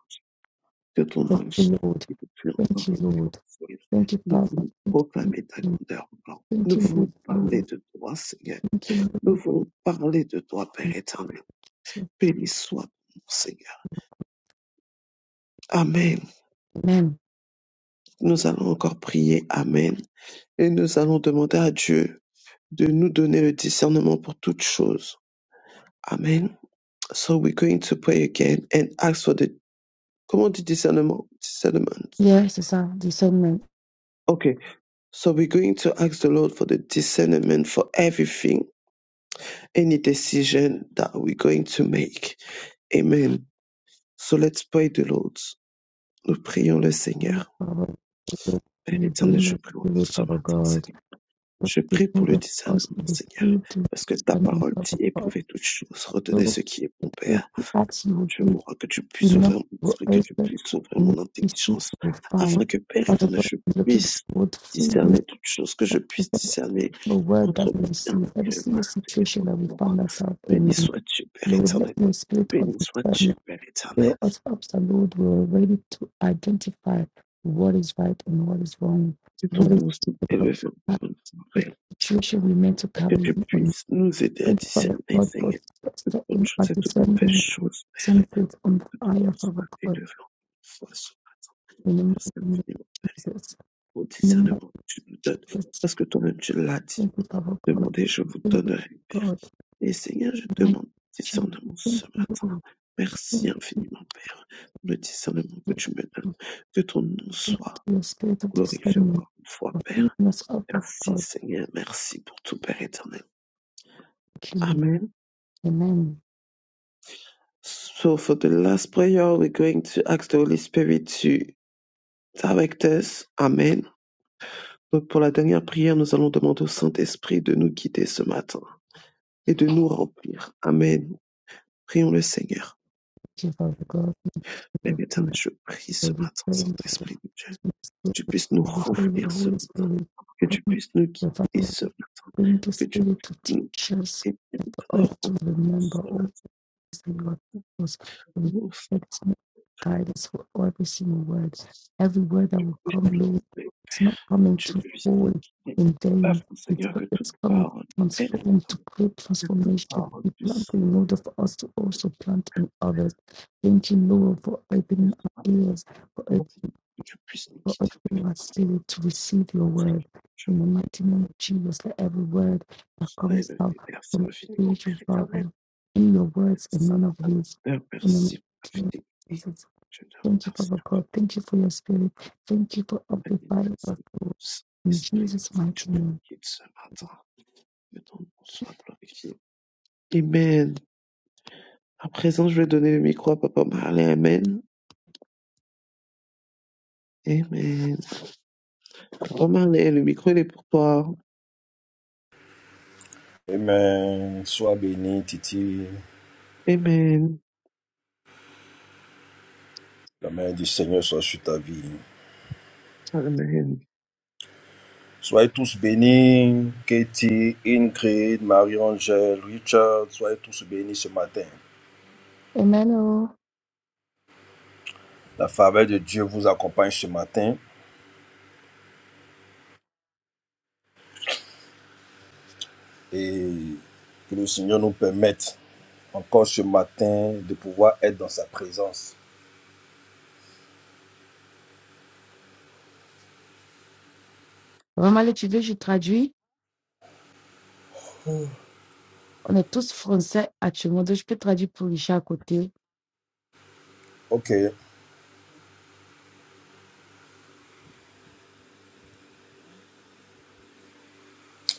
[SPEAKER 1] que ton
[SPEAKER 2] Thank
[SPEAKER 1] nom
[SPEAKER 2] you, Lord.
[SPEAKER 1] et de plus
[SPEAKER 2] Thank
[SPEAKER 1] encore
[SPEAKER 2] you,
[SPEAKER 1] une fois,
[SPEAKER 2] Lord.
[SPEAKER 1] Seigneur.
[SPEAKER 2] Thank you,
[SPEAKER 1] Nous
[SPEAKER 2] Father.
[SPEAKER 1] voulons
[SPEAKER 2] Thank you,
[SPEAKER 1] proclamer ta
[SPEAKER 2] Lord.
[SPEAKER 1] grandeur, oh Lord.
[SPEAKER 2] Thank
[SPEAKER 1] Nous
[SPEAKER 2] you, Lord.
[SPEAKER 1] voulons parler
[SPEAKER 2] Lord.
[SPEAKER 1] de toi, Seigneur.
[SPEAKER 2] Thank you, Lord.
[SPEAKER 1] Nous
[SPEAKER 2] Thank
[SPEAKER 1] voulons parler de toi, Père
[SPEAKER 2] you,
[SPEAKER 1] éternel.
[SPEAKER 2] sir.
[SPEAKER 1] Béni soit ton nom, Seigneur. Amen.
[SPEAKER 2] Amen.
[SPEAKER 1] Nous allons encore prier. Amen. Et nous allons demander à Dieu de nous donner le discernement pour toutes choses. Amen. So we're going to pray again and ask for the, comment on dit discernement? Discernment.
[SPEAKER 2] Yes, it's our discernment.
[SPEAKER 1] Okay. So we're going to ask the Lord for the discernment for everything, any decision that we're going to make. Amen. So let's pray the Lord. Nous prions le
[SPEAKER 2] Heavenly
[SPEAKER 1] Seigneur.
[SPEAKER 2] Father, we pray that
[SPEAKER 1] Père
[SPEAKER 2] you
[SPEAKER 1] éternel,
[SPEAKER 2] bring
[SPEAKER 1] je
[SPEAKER 2] us
[SPEAKER 1] prie
[SPEAKER 2] to
[SPEAKER 1] encore
[SPEAKER 2] the
[SPEAKER 1] ce
[SPEAKER 2] Father
[SPEAKER 1] matin,
[SPEAKER 2] God.
[SPEAKER 1] Seigneur.
[SPEAKER 2] Let
[SPEAKER 1] Je
[SPEAKER 2] the
[SPEAKER 1] prie pour
[SPEAKER 2] food
[SPEAKER 1] le
[SPEAKER 2] of us
[SPEAKER 1] discernement,
[SPEAKER 2] in the
[SPEAKER 1] Seigneur.
[SPEAKER 2] spirit to
[SPEAKER 1] Parce que ta
[SPEAKER 2] stand in the
[SPEAKER 1] parole dit
[SPEAKER 2] Father God.
[SPEAKER 1] éprouver toutes choses,
[SPEAKER 2] So
[SPEAKER 1] retenez
[SPEAKER 2] that
[SPEAKER 1] ce qui est bon, Père.
[SPEAKER 2] if the acts you will
[SPEAKER 1] Dieu
[SPEAKER 2] give
[SPEAKER 1] m'aura que tu puisses
[SPEAKER 2] enough
[SPEAKER 1] ouvrir mon
[SPEAKER 2] for
[SPEAKER 1] esprit, que
[SPEAKER 2] us,
[SPEAKER 1] tu
[SPEAKER 2] and
[SPEAKER 1] puisses ouvrir
[SPEAKER 2] if
[SPEAKER 1] mon
[SPEAKER 2] we seek,
[SPEAKER 1] intelligence,
[SPEAKER 2] we will find.
[SPEAKER 1] afin que Père
[SPEAKER 2] Father
[SPEAKER 1] éternel,
[SPEAKER 2] God,
[SPEAKER 1] je
[SPEAKER 2] we're looking
[SPEAKER 1] puisse
[SPEAKER 2] forward freely.
[SPEAKER 1] discerner toutes choses, que je puisse discerner
[SPEAKER 2] the word
[SPEAKER 1] entre
[SPEAKER 2] that
[SPEAKER 1] le
[SPEAKER 2] we
[SPEAKER 1] bien
[SPEAKER 2] receive, every
[SPEAKER 1] et le
[SPEAKER 2] single
[SPEAKER 1] mal, Seigneur,
[SPEAKER 2] situation
[SPEAKER 1] mon
[SPEAKER 2] that we
[SPEAKER 1] amour.
[SPEAKER 2] find ourselves
[SPEAKER 1] Béni
[SPEAKER 2] in.
[SPEAKER 1] sois-tu, Père
[SPEAKER 2] Lord, let
[SPEAKER 1] éternel.
[SPEAKER 2] your spirit of
[SPEAKER 1] Béni sois-tu,
[SPEAKER 2] discernment
[SPEAKER 1] Père éternel.
[SPEAKER 2] fill us up, so Lord, we're ready to identify what is right and what is wrong,
[SPEAKER 1] Que
[SPEAKER 2] what
[SPEAKER 1] ton
[SPEAKER 2] is
[SPEAKER 1] nom soit
[SPEAKER 2] what
[SPEAKER 1] élevé pour une
[SPEAKER 2] is the
[SPEAKER 1] soirée,
[SPEAKER 2] situation we meant to
[SPEAKER 1] et que
[SPEAKER 2] carry
[SPEAKER 1] tu
[SPEAKER 2] on.
[SPEAKER 1] puisses nous aider à
[SPEAKER 2] Thank you, Father
[SPEAKER 1] discerner,
[SPEAKER 2] God,
[SPEAKER 1] Seigneur,
[SPEAKER 2] for
[SPEAKER 1] toute bonne
[SPEAKER 2] setting our
[SPEAKER 1] chose et toute mauvaise
[SPEAKER 2] discernment
[SPEAKER 1] chose. Père,
[SPEAKER 2] senses on fire, Father
[SPEAKER 1] sois
[SPEAKER 2] God,
[SPEAKER 1] élevé en nous, sois ce matin.
[SPEAKER 2] in the mighty
[SPEAKER 1] Merci
[SPEAKER 2] name
[SPEAKER 1] infiniment.
[SPEAKER 2] of Jesus.
[SPEAKER 1] Au
[SPEAKER 2] In the mighty
[SPEAKER 1] discernement, tu nous donnes.
[SPEAKER 2] name of Jesus.
[SPEAKER 1] Parce que toi-même, tu l'as dit.
[SPEAKER 2] Thank you, Father God.
[SPEAKER 1] Demandez, je vous
[SPEAKER 2] Thank you,
[SPEAKER 1] donnerai.
[SPEAKER 2] God.
[SPEAKER 1] Et Seigneur, je
[SPEAKER 2] Mighty
[SPEAKER 1] demande
[SPEAKER 2] Jesus.
[SPEAKER 1] discernement ce
[SPEAKER 2] Thank you, Lord.
[SPEAKER 1] matin.
[SPEAKER 2] Thank
[SPEAKER 1] Merci infiniment, Père, pour le discernement que
[SPEAKER 2] you,
[SPEAKER 1] tu me donnes.
[SPEAKER 2] Lord,
[SPEAKER 1] Que ton nom
[SPEAKER 2] thank
[SPEAKER 1] soit
[SPEAKER 2] you for the spirit of
[SPEAKER 1] glorifié
[SPEAKER 2] discernment
[SPEAKER 1] encore une fois,
[SPEAKER 2] of
[SPEAKER 1] Père.
[SPEAKER 2] goodness up of
[SPEAKER 1] Merci,
[SPEAKER 2] God
[SPEAKER 1] Seigneur. Merci pour tout, Père éternel.
[SPEAKER 2] truly.
[SPEAKER 1] Amen.
[SPEAKER 2] Amen.
[SPEAKER 1] So for the last prayer, we're going to ask the Holy Spirit to direct us. Amen. Donc pour la dernière prière, nous allons demander au Saint-Esprit de nous guider ce matin. et de nous remplir. Amen. Prions le Seigneur.
[SPEAKER 2] Give of God, give
[SPEAKER 1] Père
[SPEAKER 2] of
[SPEAKER 1] éternel,
[SPEAKER 2] God,
[SPEAKER 1] je prie ce
[SPEAKER 2] every
[SPEAKER 1] matin,
[SPEAKER 2] prayer, every prayer,
[SPEAKER 1] Saint-Esprit de Dieu, que tu puisses nous
[SPEAKER 2] of the
[SPEAKER 1] remplir ce
[SPEAKER 2] Holy
[SPEAKER 1] matin,
[SPEAKER 2] Spirit,
[SPEAKER 1] que tu
[SPEAKER 2] according to
[SPEAKER 1] puisses nous
[SPEAKER 2] the
[SPEAKER 1] guider
[SPEAKER 2] Father,
[SPEAKER 1] ce matin,
[SPEAKER 2] bring the
[SPEAKER 1] que tu
[SPEAKER 2] Spirit to
[SPEAKER 1] puisses nous
[SPEAKER 2] teach us
[SPEAKER 1] et Père
[SPEAKER 2] and to us to
[SPEAKER 1] remplir ce
[SPEAKER 2] remember
[SPEAKER 1] matin.
[SPEAKER 2] Lord, us. We
[SPEAKER 1] Nous
[SPEAKER 2] thank you, guidance for every single word. Every word that will
[SPEAKER 1] prions,
[SPEAKER 2] come,
[SPEAKER 1] mais
[SPEAKER 2] Lord, it's
[SPEAKER 1] Père,
[SPEAKER 2] not coming
[SPEAKER 1] tu
[SPEAKER 2] to
[SPEAKER 1] puisses
[SPEAKER 2] fall
[SPEAKER 1] nous guider.
[SPEAKER 2] in vain.
[SPEAKER 1] Afin,
[SPEAKER 2] It's,
[SPEAKER 1] Seigneur, que
[SPEAKER 2] it's
[SPEAKER 1] toute
[SPEAKER 2] coming
[SPEAKER 1] parole, Père
[SPEAKER 2] transformed to
[SPEAKER 1] éternel,
[SPEAKER 2] create
[SPEAKER 1] que toute
[SPEAKER 2] transformation.
[SPEAKER 1] parole
[SPEAKER 2] We
[SPEAKER 1] puisse
[SPEAKER 2] plant
[SPEAKER 1] sortir
[SPEAKER 2] in order for us to also plant in others. Thank you, Lord, for opening
[SPEAKER 1] ce
[SPEAKER 2] our ears, for
[SPEAKER 1] matin, que tu puisses nous
[SPEAKER 2] Lord,
[SPEAKER 1] guider,
[SPEAKER 2] open my
[SPEAKER 1] Père.
[SPEAKER 2] spirit to receive your word.
[SPEAKER 1] Seigneur, je
[SPEAKER 2] In
[SPEAKER 1] m'en
[SPEAKER 2] the mighty name of Jesus, let every word that
[SPEAKER 1] sors et
[SPEAKER 2] comes out
[SPEAKER 1] Père,
[SPEAKER 2] from
[SPEAKER 1] c'est
[SPEAKER 2] a
[SPEAKER 1] infiniment,
[SPEAKER 2] spiritual
[SPEAKER 1] Père éternel.
[SPEAKER 2] father in your words and
[SPEAKER 1] Merci,
[SPEAKER 2] none
[SPEAKER 1] ma
[SPEAKER 2] of
[SPEAKER 1] femme de
[SPEAKER 2] his.
[SPEAKER 1] Père,
[SPEAKER 2] In the
[SPEAKER 1] merci pour la
[SPEAKER 2] mighty name
[SPEAKER 1] fidélité.
[SPEAKER 2] of Jesus.
[SPEAKER 1] Je te
[SPEAKER 2] Thank you,
[SPEAKER 1] remercie,
[SPEAKER 2] Father God. Thank you for your spirit. Thank you for
[SPEAKER 1] la fidélité.
[SPEAKER 2] amplifying
[SPEAKER 1] Merci
[SPEAKER 2] us.
[SPEAKER 1] pour
[SPEAKER 2] Lord.
[SPEAKER 1] le
[SPEAKER 2] In
[SPEAKER 1] Saint-Esprit
[SPEAKER 2] Jesus' mighty name.
[SPEAKER 1] qui est ce matin. Que ton nom soit glorifié. Amen. À présent, je vais donner le micro à Papa Marley. Amen. Amen. Papa Marley, le micro, il est pour toi.
[SPEAKER 3] Amen. Sois béni, Titi.
[SPEAKER 1] Amen.
[SPEAKER 3] La main du Seigneur soit sur ta vie.
[SPEAKER 1] Amen.
[SPEAKER 3] Soyez tous bénis, Katie, Ingrid, Marie-Angèle, Richard, soyez tous bénis ce matin.
[SPEAKER 2] Amen. oh.
[SPEAKER 3] La faveur de Dieu vous accompagne ce matin et que le Seigneur nous permette encore ce matin de pouvoir être dans sa présence.
[SPEAKER 2] Vraiment, là, tu veux, je traduis. On est tous français actuellement, donc je peux traduire pour Richard à côté.
[SPEAKER 3] Ok,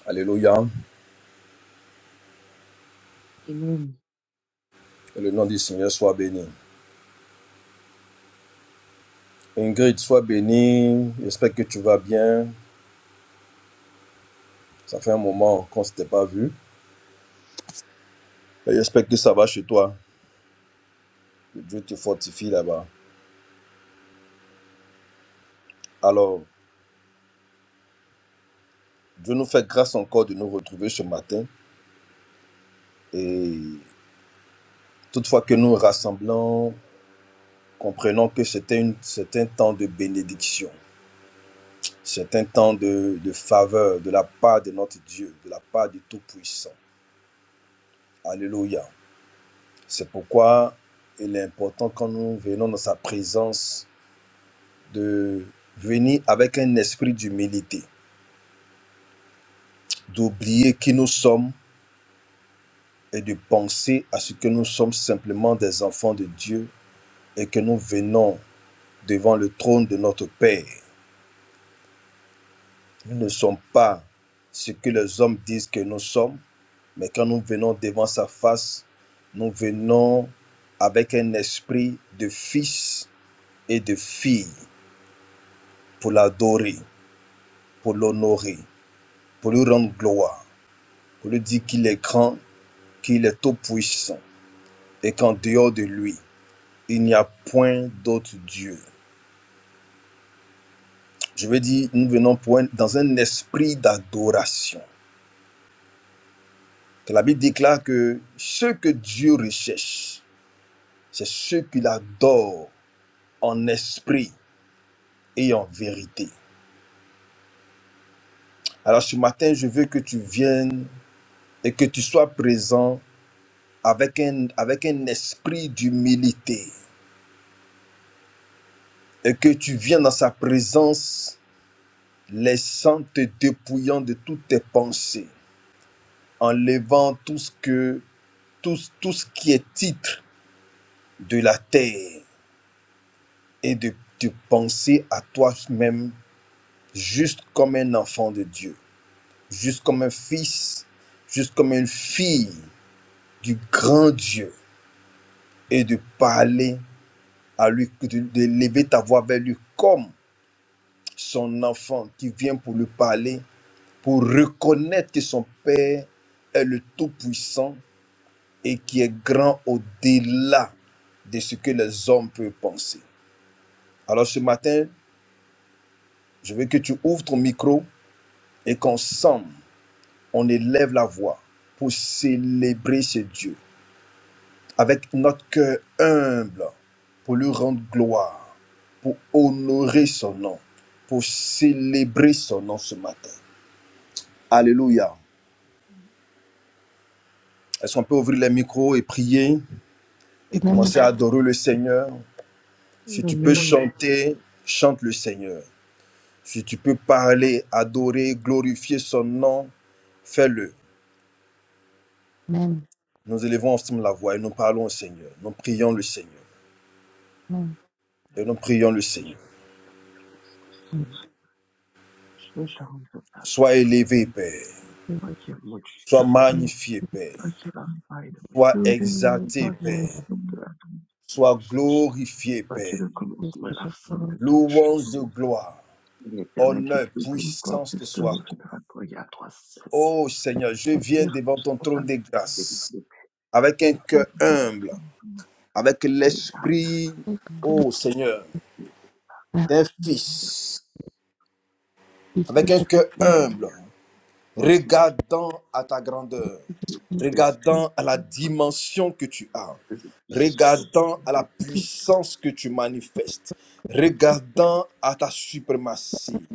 [SPEAKER 3] Alléluia.
[SPEAKER 1] Amen.
[SPEAKER 3] Que le nom du Seigneur soit béni. Ingrid, sois bénie. J'espère que tu vas bien. Ça fait un moment qu'on ne s'était pas vu. Et J'espère que ça va chez toi. Que Dieu te fortifie là-bas. Alors, Dieu nous fait grâce encore de nous retrouver ce matin. Et toutefois que nous rassemblons, comprenons que c'est un c'est un temps de bénédiction. C'est un temps de, de faveur de la part de notre Dieu, de la part du Tout-Puissant. Alléluia. C'est pourquoi il est important quand nous venons dans sa présence de venir avec un esprit d'humilité, d'oublier qui nous sommes et de penser à ce que nous sommes simplement des enfants de Dieu et que nous venons devant le trône de notre Père. Nous ne sommes pas ce que les hommes disent que nous sommes, mais quand nous venons devant sa face, nous venons avec un esprit de fils et de fille pour l'adorer, pour l'honorer, pour lui rendre gloire, pour lui dire qu'il est grand, qu'il est tout puissant et qu'en dehors de lui, il n'y a point d'autre Dieu. Je veux dire, nous venons pour un- dans un esprit d'adoration. la Bible déclare que ce que Dieu recherche, c'est ceux qui l'adorent en esprit et en vérité. Alors ce matin, je veux que tu viennes et que tu sois présent avec un, avec un esprit d'humilité et que tu viennes dans sa présence, laissant te dépouillant de toutes tes pensées, enlevant tout ce que tout, tout ce qui est titre de la terre et de, de penser à toi-même juste comme un enfant de Dieu, juste comme un fils, juste comme une fille du grand Dieu et de parler à lui, de, de lever ta voix vers lui comme son enfant qui vient pour lui parler, pour reconnaître que son Père est le Tout-Puissant et qui est grand au-delà de ce que les hommes peuvent penser. Alors ce matin, je veux que tu ouvres ton micro et qu'ensemble, on élève la voix pour célébrer ce Dieu avec notre cœur humble, pour lui rendre gloire, pour honorer son nom, pour célébrer son nom ce matin. Alléluia. Est-ce qu'on peut ouvrir les micros et prier et
[SPEAKER 2] Amen.
[SPEAKER 3] commencer à adorer le Seigneur Si tu peux
[SPEAKER 1] Amen.
[SPEAKER 3] chanter, chante le Seigneur. Si tu peux parler, adorer, glorifier son nom, fais-le.
[SPEAKER 2] Amen.
[SPEAKER 3] Nous élevons ensemble la voix et nous parlons au Seigneur. Nous prions le Seigneur. Et nous prions le Seigneur.
[SPEAKER 1] Ce matin, je vais te rendre ta
[SPEAKER 3] Sois élevé,
[SPEAKER 1] gloire.
[SPEAKER 3] Père.
[SPEAKER 1] Toi qui es mon
[SPEAKER 3] Sois
[SPEAKER 1] Dieu,
[SPEAKER 2] Amen.
[SPEAKER 3] magnifié, Père.
[SPEAKER 1] toi qui es la paille de mes
[SPEAKER 3] Sois
[SPEAKER 1] cœurs,
[SPEAKER 3] exalté,
[SPEAKER 1] toi qui es
[SPEAKER 3] Père.
[SPEAKER 1] le Dieu de la
[SPEAKER 3] Sois glorifié, Père.
[SPEAKER 1] Bakire konuslar
[SPEAKER 2] Amen.
[SPEAKER 1] afsanka
[SPEAKER 3] Louange
[SPEAKER 1] tučių
[SPEAKER 3] de gloire,
[SPEAKER 1] rietenai
[SPEAKER 3] honneur,
[SPEAKER 1] kitokių
[SPEAKER 3] puissance te
[SPEAKER 1] kopėstų
[SPEAKER 3] soit. accordée.
[SPEAKER 1] fotografų jatruose
[SPEAKER 3] Ô Seigneur, je viens
[SPEAKER 1] ir
[SPEAKER 3] devant ton trône de
[SPEAKER 1] padaryti
[SPEAKER 3] grâce avec
[SPEAKER 1] tai
[SPEAKER 3] un cœur humble, avec
[SPEAKER 1] darė
[SPEAKER 3] l'esprit,
[SPEAKER 2] Thank
[SPEAKER 3] ô Seigneur, d'un fils, avec un cœur humble,
[SPEAKER 1] tokį
[SPEAKER 3] regardant à ta grandeur,
[SPEAKER 1] tokį viską
[SPEAKER 3] regardant à la dimension que tu as,
[SPEAKER 1] visų
[SPEAKER 3] regardant à la
[SPEAKER 1] bet
[SPEAKER 3] puissance que tu manifestes, regardant à ta suprématie,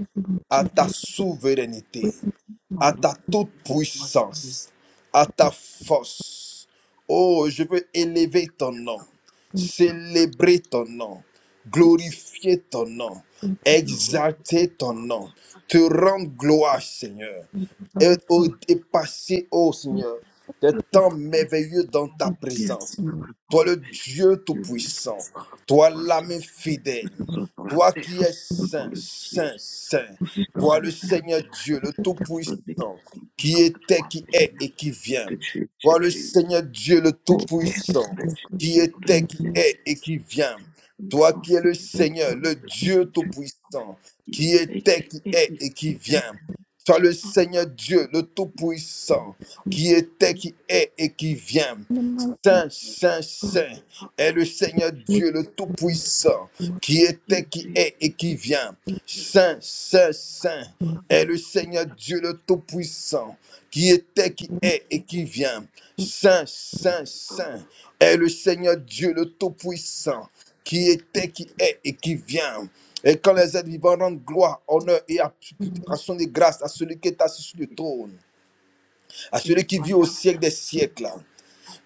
[SPEAKER 3] à ta souveraineté, à
[SPEAKER 1] mano
[SPEAKER 3] ta toute
[SPEAKER 1] masinų
[SPEAKER 3] puissance, à ta force. Oh, je veux élever ton nom, célébrer ton nom, glorifier ton nom, exalter ton nom, te rendre gloire, Seigneur, et, oh, et passer, oh Seigneur, des temps merveilleux dans ta
[SPEAKER 1] Yes,
[SPEAKER 3] présence.
[SPEAKER 1] Robert
[SPEAKER 3] Toi
[SPEAKER 1] Bond.
[SPEAKER 3] le Dieu
[SPEAKER 1] Yes,
[SPEAKER 3] Tout-Puissant,
[SPEAKER 1] Robert
[SPEAKER 3] toi
[SPEAKER 1] Bond.
[SPEAKER 3] l'âme
[SPEAKER 1] que
[SPEAKER 3] fidèle,
[SPEAKER 1] ce soit sur la
[SPEAKER 3] toi qui
[SPEAKER 1] terre
[SPEAKER 3] es
[SPEAKER 1] ou dans
[SPEAKER 3] saint,
[SPEAKER 1] le ciel
[SPEAKER 3] saint, saint,
[SPEAKER 1] ou sur
[SPEAKER 3] toi
[SPEAKER 1] la
[SPEAKER 3] le
[SPEAKER 1] terre.
[SPEAKER 3] Seigneur Dieu, le
[SPEAKER 1] Personne ne
[SPEAKER 3] Tout-Puissant, qui
[SPEAKER 1] comprendra pas
[SPEAKER 3] était,
[SPEAKER 1] toi,
[SPEAKER 3] qui est
[SPEAKER 1] Seigneur,
[SPEAKER 3] et qui
[SPEAKER 1] parce
[SPEAKER 3] vient.
[SPEAKER 1] que tu, tu,
[SPEAKER 3] Toi le
[SPEAKER 1] tu es,
[SPEAKER 3] Seigneur Dieu, le
[SPEAKER 1] oh Père, tu
[SPEAKER 3] Tout-Puissant,
[SPEAKER 1] es
[SPEAKER 3] qui
[SPEAKER 1] dans le
[SPEAKER 3] était, qui
[SPEAKER 1] ciel,
[SPEAKER 3] est et qui vient.
[SPEAKER 1] dans le
[SPEAKER 3] Toi qui es
[SPEAKER 1] sens,
[SPEAKER 3] le
[SPEAKER 1] le
[SPEAKER 3] Seigneur,
[SPEAKER 1] ciel,
[SPEAKER 3] le
[SPEAKER 1] le
[SPEAKER 3] Dieu
[SPEAKER 1] tu
[SPEAKER 3] Tout-Puissant,
[SPEAKER 1] qui
[SPEAKER 3] qui
[SPEAKER 1] est
[SPEAKER 3] était, qui
[SPEAKER 1] et
[SPEAKER 3] est
[SPEAKER 1] éternel,
[SPEAKER 3] et qui vient. Toi le Seigneur
[SPEAKER 1] et et
[SPEAKER 3] Dieu, le Tout-Puissant, qui était, qui est et qui vient. Saint, Saint, Saint est le Seigneur Dieu, le Tout-Puissant, qui était, qui est et qui vient. Saint, Saint, Saint est le Seigneur Dieu, le Tout-Puissant, qui était, qui est et qui vient. Saint, Saint, Saint est le Seigneur Dieu, le Tout-Puissant, qui était, qui est et qui vient. Et quand les êtres vivants rendent gloire, honneur et application de grâce à celui qui est assis sur le trône, à celui qui vit au siècle des
[SPEAKER 1] et et
[SPEAKER 3] siècles.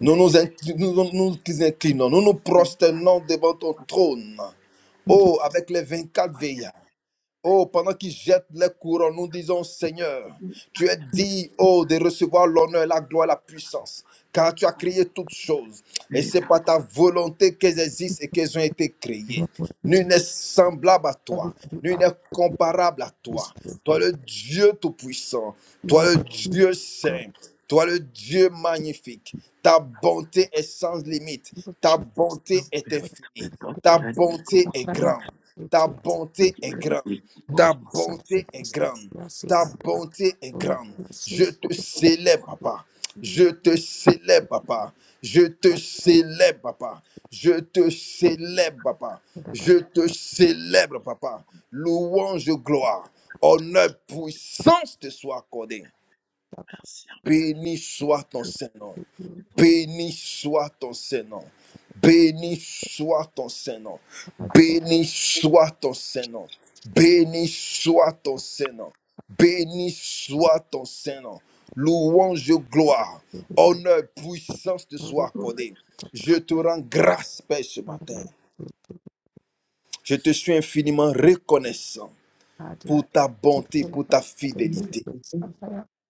[SPEAKER 3] Nous
[SPEAKER 1] et
[SPEAKER 3] nous, incli- nous, nous nous inclinons, nous nous
[SPEAKER 1] It has
[SPEAKER 3] prosternons devant ton trône. Oh, avec les 24
[SPEAKER 1] à
[SPEAKER 3] veillards. Oh, pendant qu'ils jettent les couronnes, nous disons, Seigneur,
[SPEAKER 1] qui
[SPEAKER 3] tu es dit, oh, de recevoir l'honneur, la gloire, la puissance,
[SPEAKER 1] a
[SPEAKER 3] car tu as
[SPEAKER 1] passé
[SPEAKER 3] créé toutes choses. Et
[SPEAKER 1] la
[SPEAKER 3] c'est par ta volonté qu'elles existent et qu'elles ont été créées. Nul n'est semblable à toi, nul n'est comparable à toi. Toi le Dieu Tout-Puissant, toi le Dieu Saint, toi le Dieu magnifique. Ta bonté est sans limite, ta bonté est
[SPEAKER 1] vers le
[SPEAKER 3] infinie, ta
[SPEAKER 1] document du
[SPEAKER 3] bonté est
[SPEAKER 1] commencement, le
[SPEAKER 3] grande. Ta bonté est
[SPEAKER 1] document
[SPEAKER 3] grande.
[SPEAKER 1] du
[SPEAKER 3] Ta
[SPEAKER 1] commencement.
[SPEAKER 3] bonté est grande. Ta bonté est grande. Je
[SPEAKER 1] Que ton
[SPEAKER 3] te célèbre, papa. Je te célèbre, papa. Je te célèbre, papa. Je te célèbre, papa. Je te célèbre, papa. Louange, gloire, honneur, puissance te soit accordée.
[SPEAKER 1] merci,
[SPEAKER 3] Béni soit ton Saint-Nom.
[SPEAKER 1] que ton
[SPEAKER 3] Béni soit ton Saint-Nom. Béni soit ton Saint-Nom. Béni soit ton Saint-Nom. Béni soit ton Saint-Nom. Béni soit ton Saint-Nom. Louange, gloire, honneur, puissance te soient accordés. Je te rends grâce, Père, ce matin. Je te suis infiniment reconnaissant pour ta bonté, pour ta fidélité.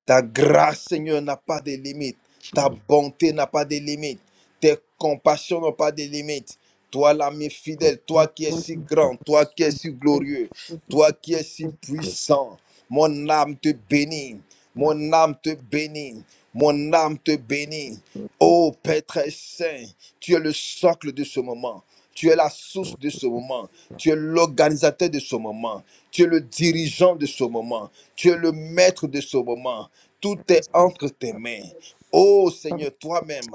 [SPEAKER 3] Ta grâce, Seigneur, n'a pas de limite. Ta
[SPEAKER 2] you.
[SPEAKER 3] bonté n'a pas de limite. Tes compassions n'ont pas de limite. Toi, l'ami fidèle, toi
[SPEAKER 2] establishing
[SPEAKER 3] qui es si grand, toi qui es si glorieux, toi qui es si puissant, mon âme te bénit. Mon âme te bénit. Mon âme te bénit. Ô Père très saint, tu es le socle de ce moment. Tu es la source de ce moment. Tu es l'organisateur de ce moment. Tu es le dirigeant de ce moment. Tu es le maître de ce moment. Tout est entre tes mains. Ô Seigneur, toi-même,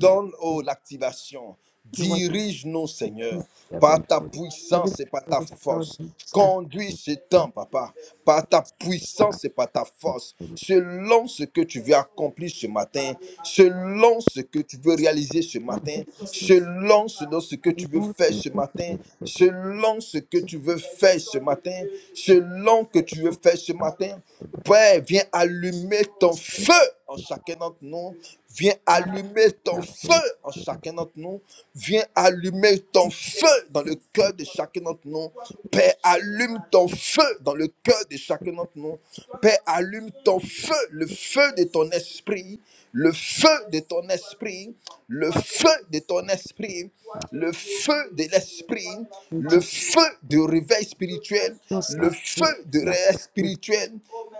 [SPEAKER 3] donne oh, l'activation.
[SPEAKER 2] you want
[SPEAKER 3] Dirige-nous,
[SPEAKER 2] to
[SPEAKER 3] Seigneur, par
[SPEAKER 2] heaven
[SPEAKER 3] ta
[SPEAKER 2] with everything
[SPEAKER 3] puissance et par ta
[SPEAKER 2] is God
[SPEAKER 3] force.
[SPEAKER 2] which acting
[SPEAKER 3] Conduis ce temps, papa, par ta puissance et par ta force,
[SPEAKER 2] acting
[SPEAKER 3] selon ce que tu veux accomplir ce matin, selon ce que tu veux réaliser ce
[SPEAKER 2] not
[SPEAKER 3] matin,
[SPEAKER 2] this is
[SPEAKER 3] selon ce, dans ce que tu
[SPEAKER 2] the
[SPEAKER 3] veux
[SPEAKER 2] Lord
[SPEAKER 3] faire
[SPEAKER 2] with
[SPEAKER 3] ce
[SPEAKER 2] the
[SPEAKER 3] matin,
[SPEAKER 2] Lord with the
[SPEAKER 3] selon ce que tu veux faire ce matin, selon que tu veux faire ce matin. Père, viens allumer ton feu en chacun d'entre nous. Viens
[SPEAKER 2] Father
[SPEAKER 3] allumer ton
[SPEAKER 2] that
[SPEAKER 3] feu
[SPEAKER 2] Lord
[SPEAKER 3] en chacun d'entre nous. Viens allumer ton feu dans le cœur de chacun d'entre nous. Père, allume ton feu dans le cœur de chacun d'entre nous. Père, allume ton feu, le feu de ton esprit le feu de ton esprit, le feu de ton esprit, le feu de l'esprit,
[SPEAKER 2] which
[SPEAKER 3] le
[SPEAKER 2] is
[SPEAKER 3] feu de réveil spirituel,
[SPEAKER 2] so
[SPEAKER 3] le
[SPEAKER 2] sad
[SPEAKER 3] feu
[SPEAKER 2] with
[SPEAKER 3] de
[SPEAKER 2] the
[SPEAKER 3] réveil
[SPEAKER 2] appetite
[SPEAKER 3] spirituel.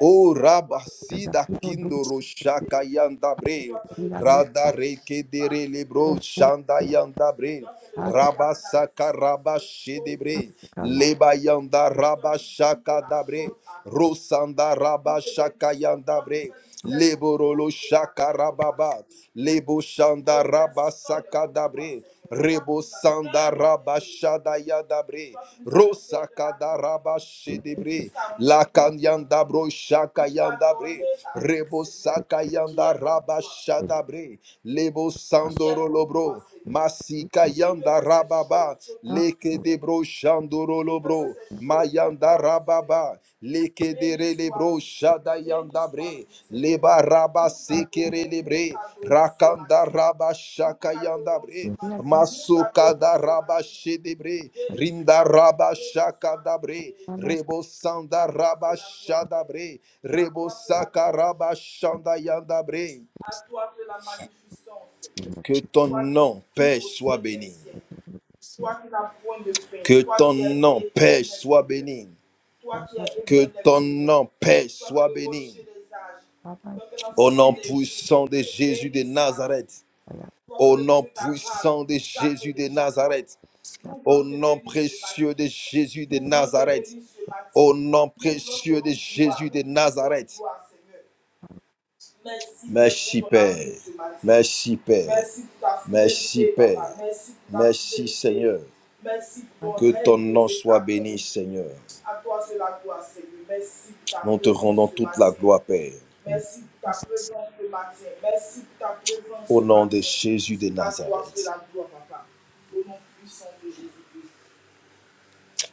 [SPEAKER 3] Oh
[SPEAKER 2] that the
[SPEAKER 3] Rabasida
[SPEAKER 2] people do
[SPEAKER 3] Kindoro Shaka Yandabre,
[SPEAKER 2] we are not
[SPEAKER 3] Rada Reke Dere Lebro
[SPEAKER 2] at all with
[SPEAKER 3] Shanda
[SPEAKER 2] the
[SPEAKER 3] Yandabre,
[SPEAKER 2] Father to
[SPEAKER 3] Rabasaka Rabashedebre,
[SPEAKER 2] carry
[SPEAKER 3] Leba Yanda Rabashaka Dabre, Rosanda Rabashaka Yandabre. Leborolo shakarababa. Lebo shanda raba sakadabre. Rebo sanda raba shada yadabre. Rosa kadaraba shedebre. Lakanyanda bro shaka yandabre. Rebo saka yanda raba shadabre. Lebo sandoro lobro. Masika yanda rababa
[SPEAKER 2] out
[SPEAKER 3] leke de bro shandoro lobro mayanda rababa leke de relebro shada yanda bre leba raba sekere lebre rakanda raba shaka yanda bre
[SPEAKER 2] we are the
[SPEAKER 3] masuka da raba shedebre rinda raba shaka da bre
[SPEAKER 2] Father's
[SPEAKER 3] rebo sanda raba shada bre rebo saka raba shanda yanda bre que ton nom, Père, soit béni.
[SPEAKER 2] Father
[SPEAKER 3] Que ton nom, Père, soit béni.
[SPEAKER 2] the
[SPEAKER 3] Que ton nom, Père, soit béni.
[SPEAKER 2] Father
[SPEAKER 3] Au nom puissant de Jésus de Nazareth.
[SPEAKER 2] I
[SPEAKER 3] Au nom puissant de Jésus de Nazareth.
[SPEAKER 2] am
[SPEAKER 3] Au nom précieux de Jésus de Nazareth. Au nom précieux de Jésus de Nazareth. Merci Père. Merci Père. Merci Père. Merci Seigneur.
[SPEAKER 2] Father,
[SPEAKER 3] Que ton nom soit béni Seigneur. Nous te rendons toute la gloire Père.
[SPEAKER 2] in
[SPEAKER 3] Merci pour ta
[SPEAKER 2] Jesus'
[SPEAKER 3] présence ce matin. Merci pour ta présence. Au nom de Jésus de Nazareth.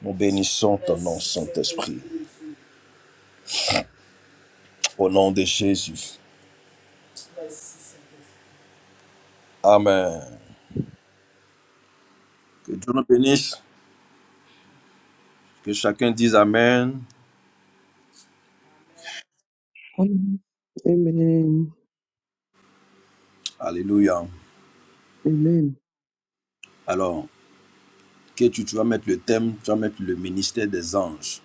[SPEAKER 3] Nous bénissons ton nom Saint-Esprit. Au nom de Jésus. Amen. Que Dieu nous bénisse. Que chacun dise Amen.
[SPEAKER 4] Oui,
[SPEAKER 1] Amen.
[SPEAKER 3] Alléluia.
[SPEAKER 1] Amen.
[SPEAKER 3] Alors, que tu, tu vas mettre le thème, tu vas mettre le ministère des anges.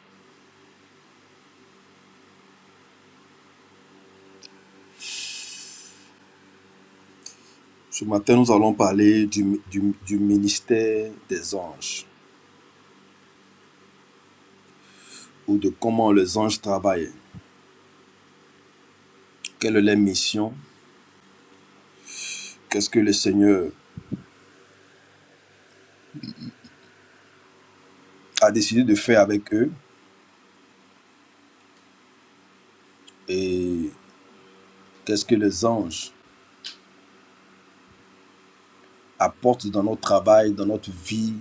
[SPEAKER 3] Ce matin, nous allons parler du, du- du ministère des anges ou de comment les anges travaillent. Quelle est leur mission Qu'est-ce que le Seigneur a décidé de faire avec eux Et qu'est-ce que les anges apportent dans notre travail, dans notre vie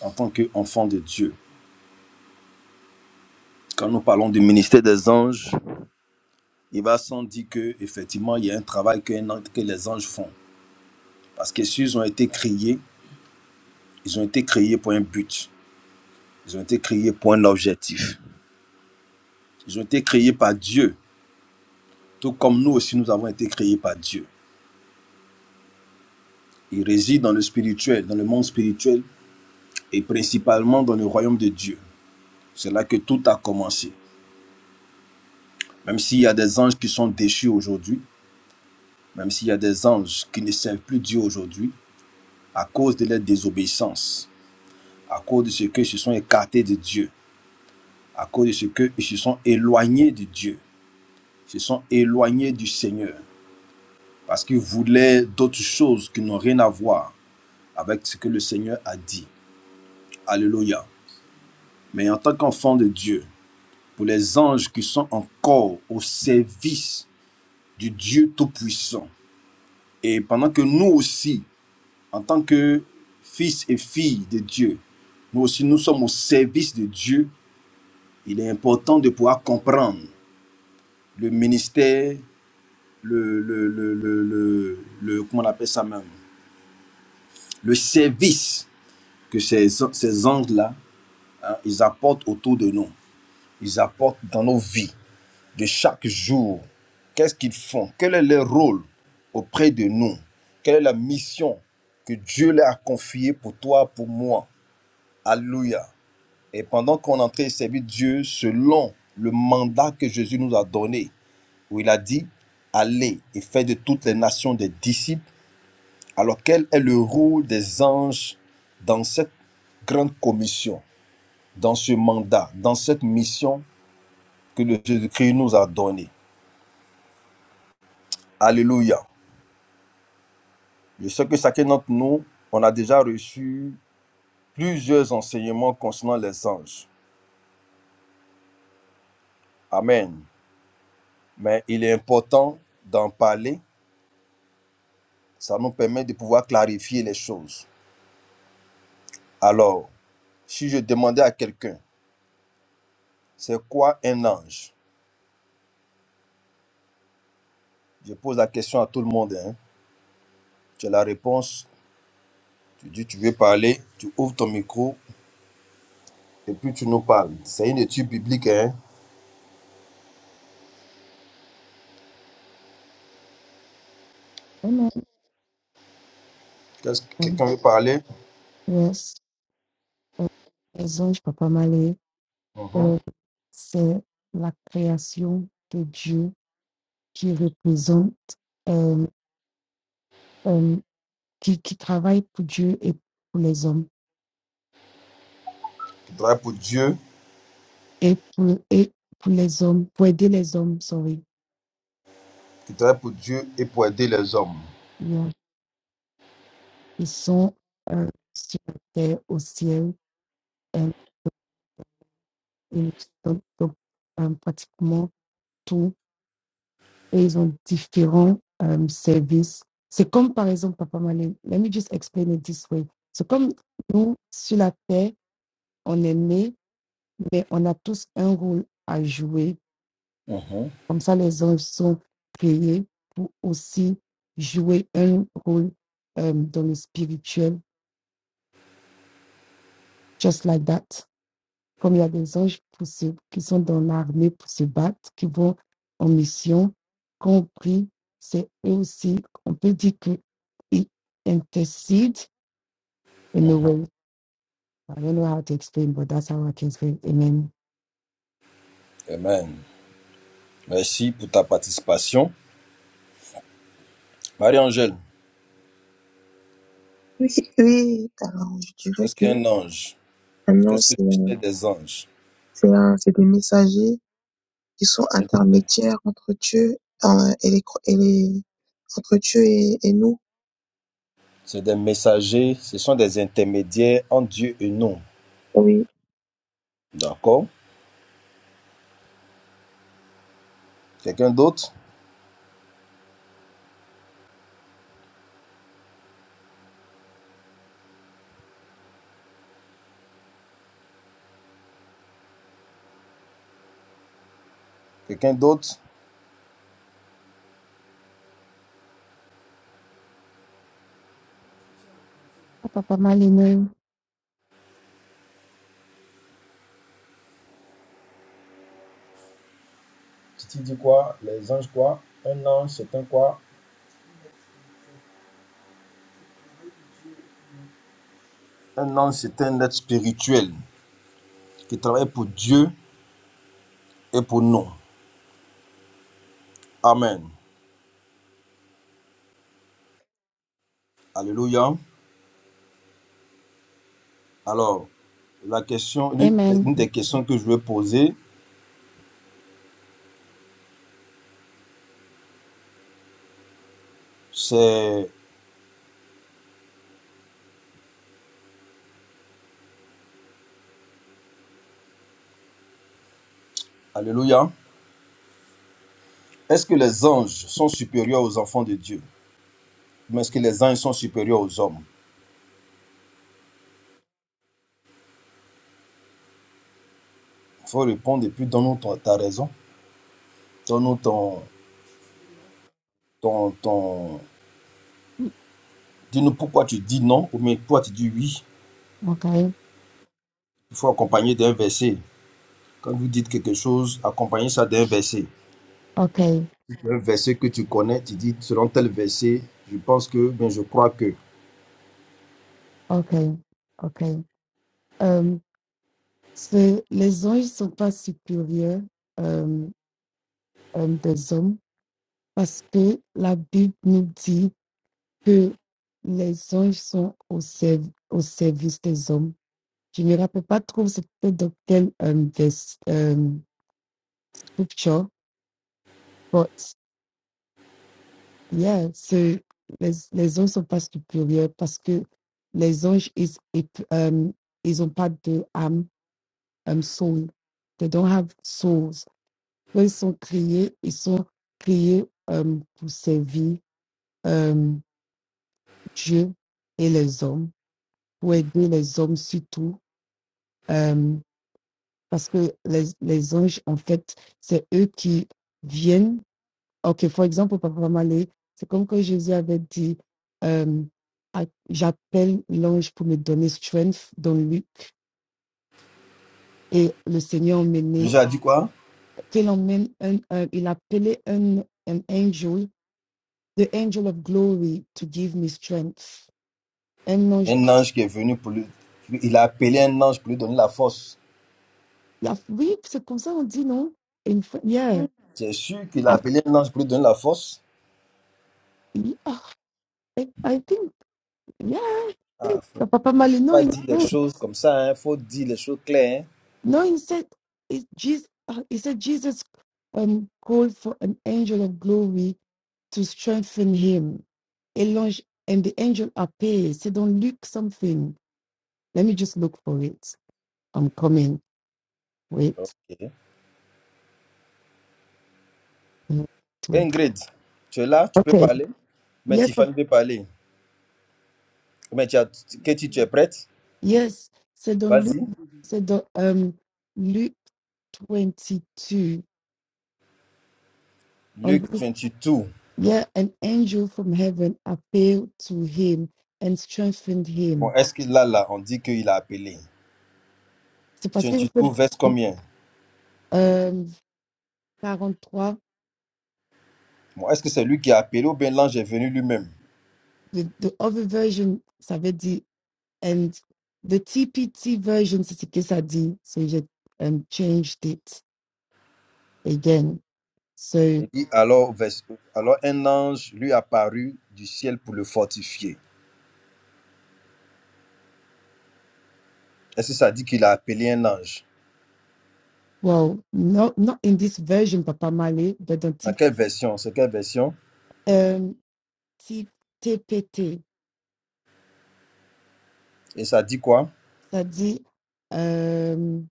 [SPEAKER 3] en tant qu'enfants de Dieu Quand nous parlons du ministère des anges, il va sans dire que effectivement il y a un travail que, que les anges font. Parce que s'ils ont été créés, ils ont été créés pour un but. Ils ont été créés pour un objectif. Ils ont été créés par Dieu. Tout comme nous aussi, nous avons été créés par Dieu. Ils résident dans le spirituel, dans le monde spirituel et principalement dans le royaume de Dieu. C'est là que tout a commencé. Même s'il y a des anges qui sont déchus aujourd'hui, même s'il y a des anges qui ne servent plus Dieu aujourd'hui, à cause de leur désobéissance, à cause de ce qu'ils se sont écartés de Dieu, à cause de ce qu'ils se sont éloignés de Dieu, se sont éloignés du Seigneur parce qu'ils voulaient d'autres choses qui n'ont rien à voir avec ce que le Seigneur a dit. Alléluia. Mais en tant qu'enfant de Dieu, pour les anges qui sont encore au service du Dieu Tout-Puissant, et pendant que nous aussi, en tant que fils et filles de Dieu, nous aussi nous sommes au service de Dieu, il est important de pouvoir comprendre le ministère, le, le, le, le, le, le- comment on appelle ça même, le service que ces, ces anges-là, hein, ils apportent autour de nous, ils apportent dans nos vies de chaque jour. Qu'est-ce qu'ils font Quel est leur rôle auprès de nous Quelle est la mission que Dieu leur a confiée pour toi, pour moi Alléluia. Et pendant qu'on est en train de servir Dieu selon le mandat que Jésus nous a donné, où il a dit, allez et faites de toutes les nations des disciples, alors quel est le rôle des anges dans cette grande commission dans ce mandat, dans cette mission que le Jésus-Christ nous a donnée. Alléluia. Je sais que chacun d'entre nous, on a déjà reçu plusieurs enseignements concernant les anges. Amen. Mais il est important d'en parler. Ça nous permet de pouvoir clarifier les choses. Alors, si je demandais à quelqu'un, c'est quoi un ange Je pose la question à tout le monde. hein. Tu as la réponse. Tu dis, tu veux parler. Tu ouvres ton micro et puis tu nous parles. C'est une étude biblique. hein.
[SPEAKER 2] name. Amen.
[SPEAKER 3] Qu'est-ce que
[SPEAKER 2] Um,
[SPEAKER 3] quelqu'un veut parler?
[SPEAKER 2] yes, euh, les anges, Papa Malé,
[SPEAKER 3] Mhm.
[SPEAKER 2] euh, c'est la création de Dieu qui représente, euh, euh, qui, qui travaille pour Dieu et pour les hommes.
[SPEAKER 3] Qui travaille pour Dieu,
[SPEAKER 2] Et pour, et pour les hommes, pour aider les hommes, sorry.
[SPEAKER 3] qui travaille pour Dieu et pour aider les hommes.
[SPEAKER 2] Yeah. Ils sont euh, sur la terre, au ciel. euh, ils- donc, donc, euh, pratiquement tout et ils ont différents euh, services. C'est comme par exemple, Papa Malé, let me just explain it this way. C'est comme nous, sur la terre, on est nés, mais on a tous un rôle à jouer.
[SPEAKER 3] Mhm, mhm.
[SPEAKER 2] Comme ça, les anges sont créés pour aussi jouer un rôle euh, dans le spirituel, just like that. comme il y a des anges pour se- qui sont dans l'armée pour se battre, qui vont en mission, qu'on prie, c'est eux aussi, on peut dire qu'ils intercedent in a way. I don't know how to explain, but that's how I can explain. Amen.
[SPEAKER 3] Amen. Merci pour ta participation. Marie-Angèle,
[SPEAKER 4] oui, car je dirais
[SPEAKER 3] qu'est-ce
[SPEAKER 4] que
[SPEAKER 3] qu'un ange
[SPEAKER 4] maintenant,
[SPEAKER 3] Qu'est-ce que
[SPEAKER 4] c'est
[SPEAKER 3] tu
[SPEAKER 4] un-
[SPEAKER 3] sais des anges
[SPEAKER 4] c'est un- c'est des messagers qui sont
[SPEAKER 3] C'est c'est-
[SPEAKER 4] intermédiaires entre Dieu euh, et les, cro- et les, entre Dieu et, et nous.
[SPEAKER 3] c'est des messagers, ce sont des intermédiaires entre Dieu et nous.
[SPEAKER 4] Oui,
[SPEAKER 3] D'accord Quelqu'un d'autre Quelqu'un d'autre
[SPEAKER 2] Ah, Papa Malino,
[SPEAKER 3] Tu dis quoi Les anges quoi Un ange, c'est un quoi Un ange, c'est un être spirituel qui travaille pour Dieu et pour nous. Amen. Alléluia. Alors, la question, l'une
[SPEAKER 2] Amen.
[SPEAKER 3] une des questions que je veux poser, c'est, alléluia, est-ce que les anges sont supérieurs aux enfants de Dieu? Mais est-ce que les anges sont supérieurs aux hommes? Il faut répondre et puis donne-nous ton- ta raison. Donne-nous ton, ton, ton... Dis-nous pourquoi tu dis non ou mais pourquoi tu dis oui.
[SPEAKER 2] Okay,
[SPEAKER 3] Il faut accompagner d'un verset. Quand vous dites quelque chose, accompagnez ça d'un verset.
[SPEAKER 2] okay,
[SPEAKER 3] Si tu as Un verset que tu connais, tu dis selon tel verset, je pense que, bien je crois que.
[SPEAKER 2] okay, okay. Um, c'est- les anges ne sont pas supérieurs um, um, des hommes parce que la Bible nous dit que les anges sont au, serv- au service des hommes. Je ne me rappelle pas trop c'était dans quel um, vers- um, scripture, but yeah, so les, les anges sont pas supérieurs parce que les anges, ils, ils, um, ils ont pas de âme, um, soul. They don't have souls. Quand ils sont créés, ils sont créés um, pour servir um, Dieu et les hommes, pour aider les hommes surtout. euh, parce que les, les anges, en fait, c'est eux qui viennent. Ok, for example, Papa Malé, c'est comme quand Jésus avait dit, euh, Ah, j'appelle l'ange pour me donner strength dans Luc, et le Seigneur emmenait,
[SPEAKER 3] Déjà dit quoi?
[SPEAKER 2] qu'il emmène un, un- il appelait un, un angel, the angel of glory, to give me strength. Un ange,
[SPEAKER 3] Un ange qui est venu pour lui. Il a appelé un ange pour lui donner la force.
[SPEAKER 2] la- oui, c'est comme ça on dit, non? Une fois- yeah.
[SPEAKER 3] C'est sûr qu'il a
[SPEAKER 2] Ah,
[SPEAKER 3] appelé un ange pour lui donner la force.
[SPEAKER 2] yeah, I, I think, yeah.
[SPEAKER 3] Ah, faut
[SPEAKER 2] Papa Malé,
[SPEAKER 3] pas
[SPEAKER 2] non,
[SPEAKER 3] dire des choses comme ça, hein. Faut dire les choses claires,
[SPEAKER 2] No, he said it, Jesus, uh, he said Jesus um, called for an angel of glory to strengthen him. A launch and the angel appears. Said on Luke something. Let me just look for it. I'm coming. Wait,
[SPEAKER 3] hein. Ok.
[SPEAKER 2] wait, wait.
[SPEAKER 3] Ingrid, tu es là, tu peux
[SPEAKER 2] Okay.
[SPEAKER 3] parler. Mais
[SPEAKER 2] Yes, of-
[SPEAKER 3] Tiffany peut parler. Mais tu as, Katie, tu es prête?
[SPEAKER 2] yes. Said on Luke.
[SPEAKER 3] Vas-y.
[SPEAKER 2] Said on, um Luke twenty two. On
[SPEAKER 3] Luc
[SPEAKER 2] Luke-
[SPEAKER 3] 22.
[SPEAKER 2] yeah, an angel from heaven appeared to him and strengthened
[SPEAKER 3] Bon,
[SPEAKER 2] him.
[SPEAKER 3] est-ce que là, là, on dit qu'il a appelé?
[SPEAKER 2] C'est parce que
[SPEAKER 3] 22 verse combien?
[SPEAKER 2] Euh, 43,
[SPEAKER 3] Bon, est-ce que c'est lui qui a appelé ou bien l'ange est venu lui-même?
[SPEAKER 2] the, the other version, ça veut dire, and the TPT version, c'est ce que ça dit. So j'ai um, changed it again. So,
[SPEAKER 3] Il dit alors, vers- alors un ange lui apparut du ciel pour le fortifier. Est-ce que ça dit qu'il a appelé un ange
[SPEAKER 2] well, not, not in this version, Papa Malé, but dans
[SPEAKER 3] Dans
[SPEAKER 2] T,
[SPEAKER 3] quelle version C'est quelle version
[SPEAKER 2] um, T, TPT,
[SPEAKER 3] Et ça dit quoi
[SPEAKER 2] ça dit, um,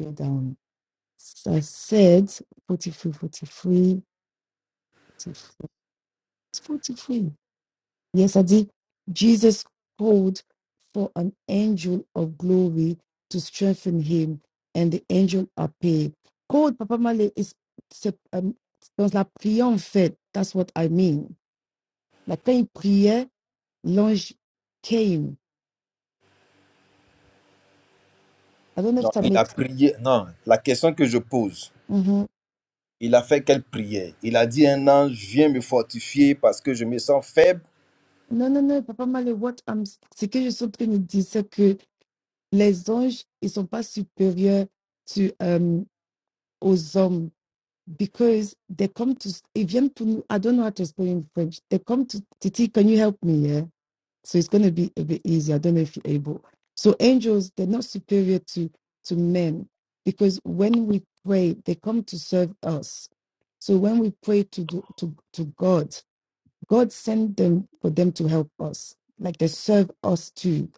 [SPEAKER 2] go down. Ça said, forty-three, forty-three, forty-three. 43, 43. Yes, I did. Jesus called for an angel of glory to strengthen him, and the angel appeared. Called Papa Male is c'est, um, dans la prière en fait. That's what I mean. Like quand il priait, l'ange came. I don't know if
[SPEAKER 3] Non,
[SPEAKER 2] that
[SPEAKER 3] il a
[SPEAKER 2] makes.
[SPEAKER 3] prié. Non, la question que je pose,
[SPEAKER 2] Mhm.
[SPEAKER 3] il a fait quelle prière Il a dit un ange, viens me fortifier parce que je me sens faible.
[SPEAKER 2] Non, non, non, Papa Male, what I'm, ce que je suis en train de dire, c'est que les anges, ils sont pas supérieurs to, um, aux hommes because they come to ils viennent pour nous. I don't know how to explain in French. They come to Titi, can you help me? Yeah. So it's gonna be a bit easier. I don't know if you're able. So angels, they're not superior to to men because when we pray, they come to serve us. So when we pray to do, to to God, God sent them for them to help us, like they serve us too,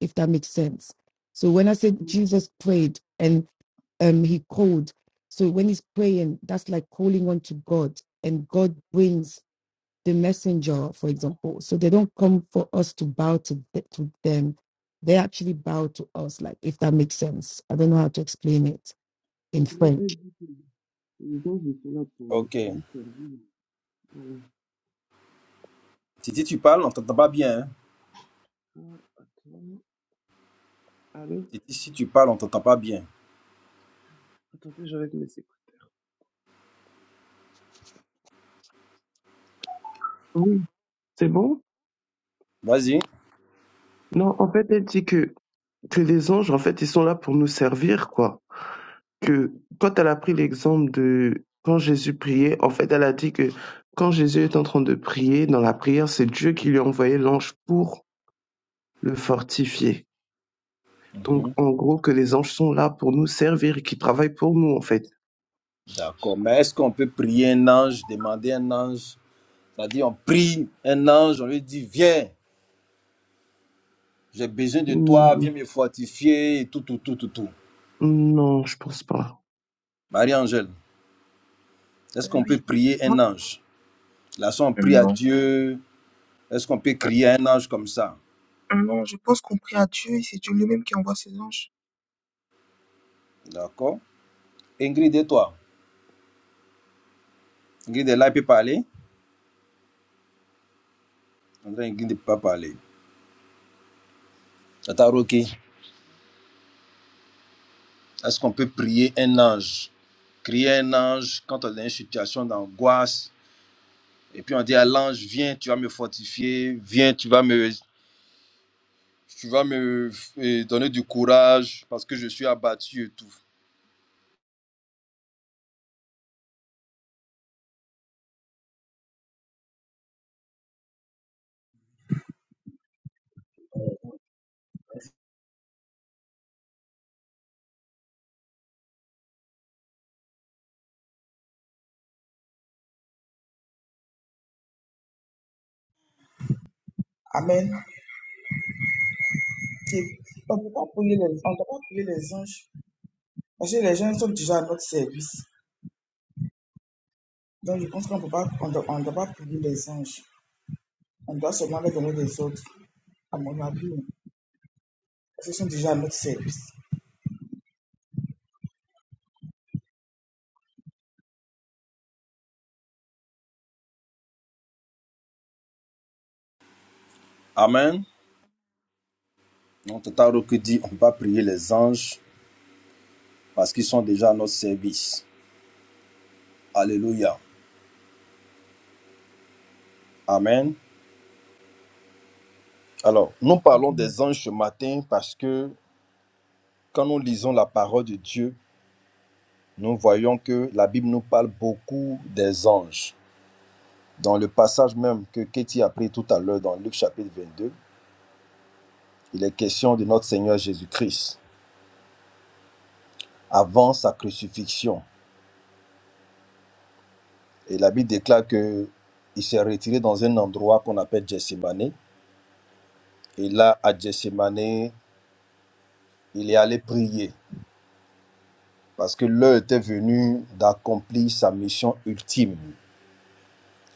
[SPEAKER 2] if that makes sense. So when I said Jesus prayed and um he called, so when he's praying, that's like calling on to God, and God brings the messenger, for example. So they don't come for us to bow to, th- to them. They actually bow to us, like if that makes sense. I don't know how to explain it
[SPEAKER 1] En
[SPEAKER 2] in
[SPEAKER 1] gros, elle
[SPEAKER 2] French.
[SPEAKER 1] dit, les anges sont là pour
[SPEAKER 3] Ok.
[SPEAKER 1] lui servir. Voilà.
[SPEAKER 3] Titi, tu parles, on t'entend pas bien. hein?
[SPEAKER 1] Ah, attends. Allô?
[SPEAKER 3] Titi, si tu parles, on t'entend pas bien.
[SPEAKER 1] Attendez, j'arrête mes écouteurs. Oui, c'est bon?
[SPEAKER 3] Vas-y.
[SPEAKER 1] Non, en fait, elle dit que, que les anges, en fait, ils sont là pour nous servir, quoi. que quand elle a pris l'exemple de quand Jésus priait, en fait, elle a dit que quand Jésus est en train de prier, dans la prière, c'est Dieu qui lui a envoyé l'ange pour le fortifier. Donc, en gros, que les anges sont là pour nous servir et qui travaillent pour nous, en fait.
[SPEAKER 3] D'accord. Mais est-ce qu'on peut prier un ange, demander un ange C'est-à-dire, on prie un ange, on lui dit, viens. J'ai besoin de toi,
[SPEAKER 1] Hmm,
[SPEAKER 3] viens me fortifier, et tout, tout, tout, tout, tout.
[SPEAKER 1] non, je pense pas.
[SPEAKER 3] Marie-Angèle, est-ce
[SPEAKER 4] euh,
[SPEAKER 3] qu'on peut
[SPEAKER 4] oui.
[SPEAKER 3] prier
[SPEAKER 4] Non,
[SPEAKER 3] un ange Là, si on prie à
[SPEAKER 4] non,
[SPEAKER 3] Dieu, est-ce qu'on peut crier un ange comme ça
[SPEAKER 4] non, je pense qu'on prie à Dieu et c'est Dieu lui-même qui envoie ses anges.
[SPEAKER 3] D'accord Ingrid et toi Ingrid est là, elle peut parler André, Ingrid ne peut pas parler. Tata Rocky, est-ce qu'on peut prier un ange Crier un ange quand on est dans une situation d'angoisse, et puis on dit à l'ange, viens, tu vas me fortifier, viens, tu vas me, tu vas me euh, donner du courage parce que je suis abattu et tout.
[SPEAKER 5] Amen. C'est- On ne peut pas prier les, on ne doit pas prier les anges parce que les gens sont déjà à notre service. Donc je pense qu'on peut pas, on doit, on doit pas prier les anges. On doit seulement les donner des autres, à mon avis. Parce qu'ils sont déjà à notre service.
[SPEAKER 3] Amen. Notre Taro dit, on va prier les anges parce qu'ils sont déjà à notre service. Alléluia. Amen. Alors, nous parlons des anges ce matin parce que quand nous lisons la parole de Dieu, nous voyons que la Bible nous parle beaucoup des anges. Dans le passage même que Katie a pris tout à l'heure dans Luc chapitre 22, il est question de notre Seigneur Jésus-Christ avant sa crucifixion. Et la Bible déclare que il s'est retiré dans un endroit qu'on appelle Gethsemane. Et là, à Gethsemane, Il est allé prier parce que l'heure était venue d'accomplir sa mission ultime.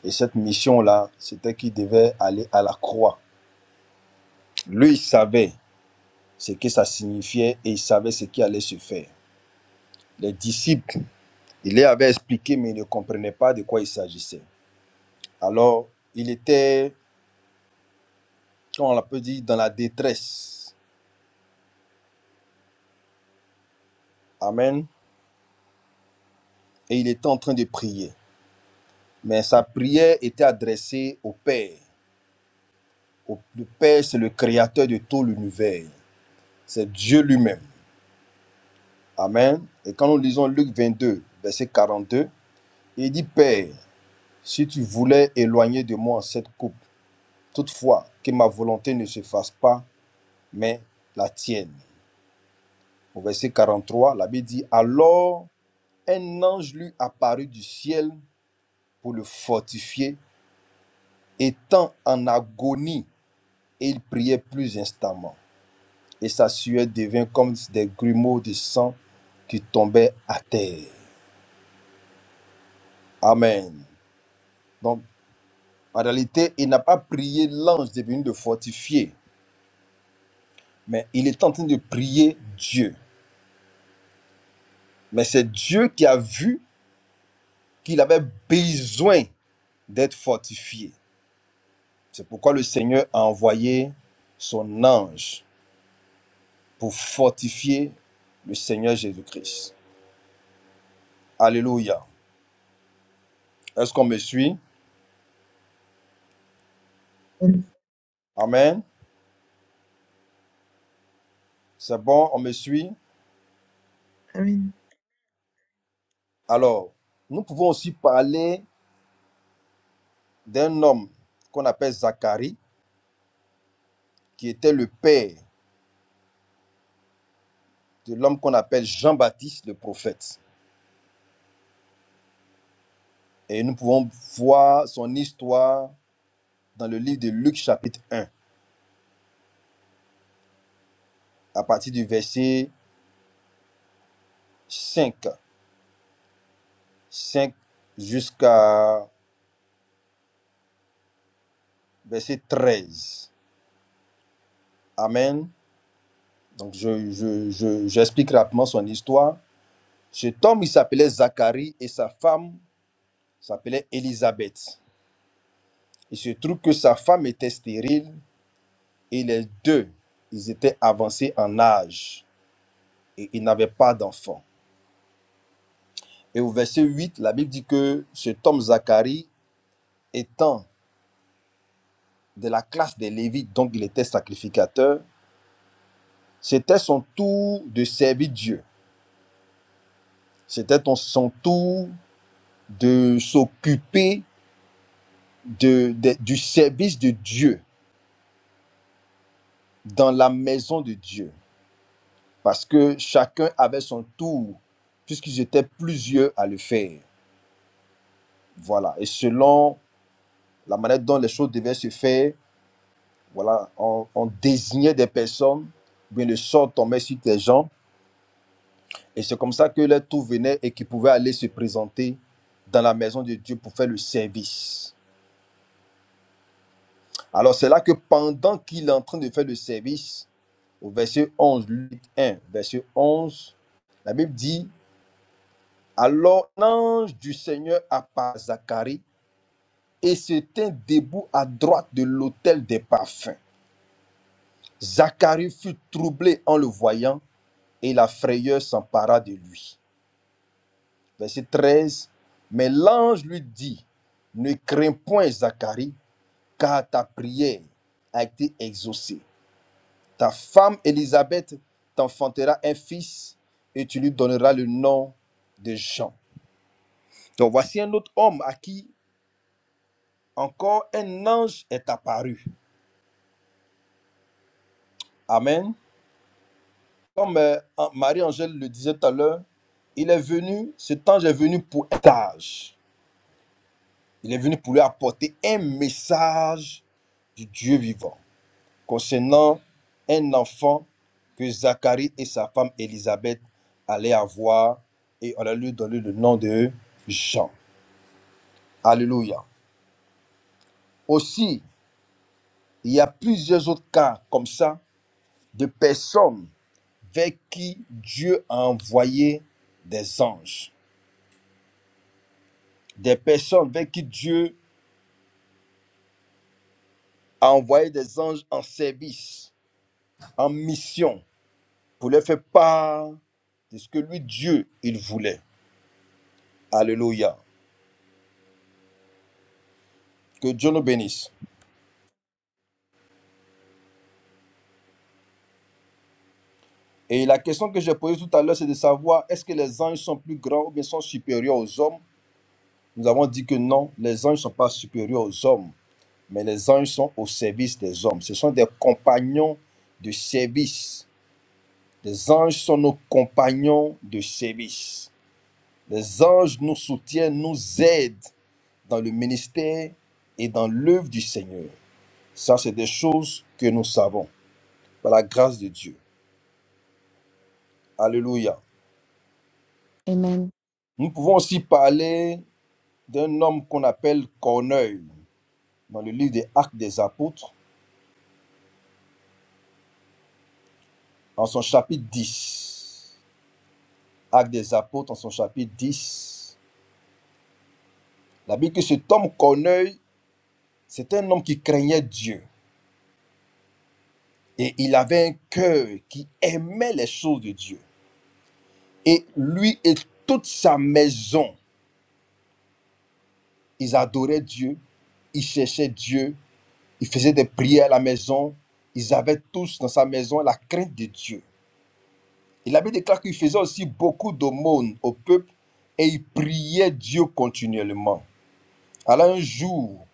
[SPEAKER 3] Et cette mission-là, c'était qu'il devait aller à la croix. Lui, il savait ce que ça signifiait et il savait ce qui allait se faire. Les disciples, il les avait expliqué, mais ils ne comprenaient pas de quoi il s'agissait. Alors, il était, comment on l'a peut dire, dans la détresse. Amen. Et il était en train de prier. Mais sa prière était adressée au Père. Au- Le Père, c'est le créateur de tout l'univers. c'est Dieu lui-même. Amen. Et quand nous lisons Luc 22, verset 42, il dit, Père, si tu voulais éloigner de moi cette coupe, toutefois, que ma volonté ne se fasse pas, mais la tienne. Au verset 43, la Bible dit, Alors un ange lui apparut du ciel pour le fortifier, étant en agonie, et il priait plus instamment. Et sa sueur devint comme des grumeaux de sang qui tombaient à terre. Amen. Donc, En réalité, il n'a pas prié l'ange de venir le fortifier, mais il est en train de prier Dieu. Mais c'est Dieu qui a vu qu'il avait besoin d'être fortifié. C'est pourquoi le Seigneur a envoyé son ange pour fortifier le Seigneur Jésus-Christ. Alléluia. Est-ce qu'on me suit?
[SPEAKER 4] Amen.
[SPEAKER 3] Amen. C'est bon, on me suit?
[SPEAKER 4] Amen.
[SPEAKER 3] Alors, nous pouvons aussi parler d'un homme qu'on appelle Zacharie, qui était le père de l'homme qu'on appelle Jean-Baptiste le prophète. Et nous pouvons voir son histoire dans le livre de Luc chapitre un à partir du verset 5 5 jusqu'à verset 13 Amen. Donc je, je, je- j'explique rapidement son histoire. Cet homme, il s'appelait Zacharie et sa femme s'appelait Élisabeth. Il se trouve que sa femme était stérile et les deux, ils étaient avancés en âge et ils n'avaient pas d'enfants. Et au verset 8, la Bible dit que cet homme Zacharie, étant de la classe des Lévites, donc il était sacrificateur, c'était son tour de servir Dieu. C'était ton- son tour de s'occuper de- de- du service de Dieu dans la maison de Dieu. Parce que chacun avait son tour, puisqu'ils étaient plusieurs à le faire. Voilà. Et selon la manière dont les choses devaient se faire, Voilà, on, on désignait des personnes, bien le sort tombait sur tes gens, et c'est comme ça que les tout venaient et qu'ils pouvaient aller se présenter dans la maison de Dieu pour faire le service. Alors c'est là que pendant qu'il est en train de faire le service, au verset onze Luc un, verset 11, la Bible dit, Alors l'ange du Seigneur apparut à Zacharie et se tint debout à droite de l'autel des parfums. Zacharie fut troublé en le voyant et la frayeur s'empara de lui. verset 13. Mais l'ange lui dit, ne crains point Zacharie, car ta prière a été exaucée. Ta femme Élisabeth t'enfantera un fils et tu lui donneras le nom de Jean. Donc voici un autre homme à qui encore un ange est apparu. Amen. Comme euh, Marie-Angèle le disait tout à l'heure, il est venu, cet ange est venu pour un âge. Il est venu pour lui apporter un message du Dieu vivant. concernant un enfant que Zacharie et sa femme Élisabeth allaient avoir et on allait lui donner le nom de Jean. Alléluia. Aussi, il y a plusieurs autres cas comme ça de personnes vers qui Dieu a envoyé des anges. Des personnes vers qui Dieu a envoyé des anges en service, en mission, pour leur faire part de ce que lui, Dieu, il voulait. Alléluia. Que Dieu nous bénisse. Et la question que j'ai posée tout à l'heure, c'est de savoir est-ce que les anges sont plus grands ou bien sont supérieurs aux hommes Nous avons dit que non, les anges ne sont pas supérieurs aux hommes, mais les anges sont au service des hommes. Ce sont des compagnons de service. Les anges sont nos compagnons de service. Les anges nous soutiennent, nous aident dans le ministère et dans l'œuvre du Seigneur. Ça, c'est des choses que nous savons par la grâce de Dieu. Alléluia.
[SPEAKER 2] Amen.
[SPEAKER 3] Nous pouvons aussi parler d'un homme qu'on appelle Corneille dans le livre des Actes des Apôtres, en son chapitre 10 Actes des Apôtres, en son chapitre 10 La Bible dit que cet homme Corneille, c'est un homme qui craignait Dieu. Et il avait un cœur qui aimait les choses de Dieu. Et lui et toute sa maison, ils adoraient Dieu, ils cherchaient Dieu, ils faisaient des prières à la maison. Ils avaient tous dans sa maison la crainte de Dieu. Et la Bible déclare qu'il faisait aussi beaucoup d'aumônes au peuple et il priait Dieu continuellement. Alors un jour,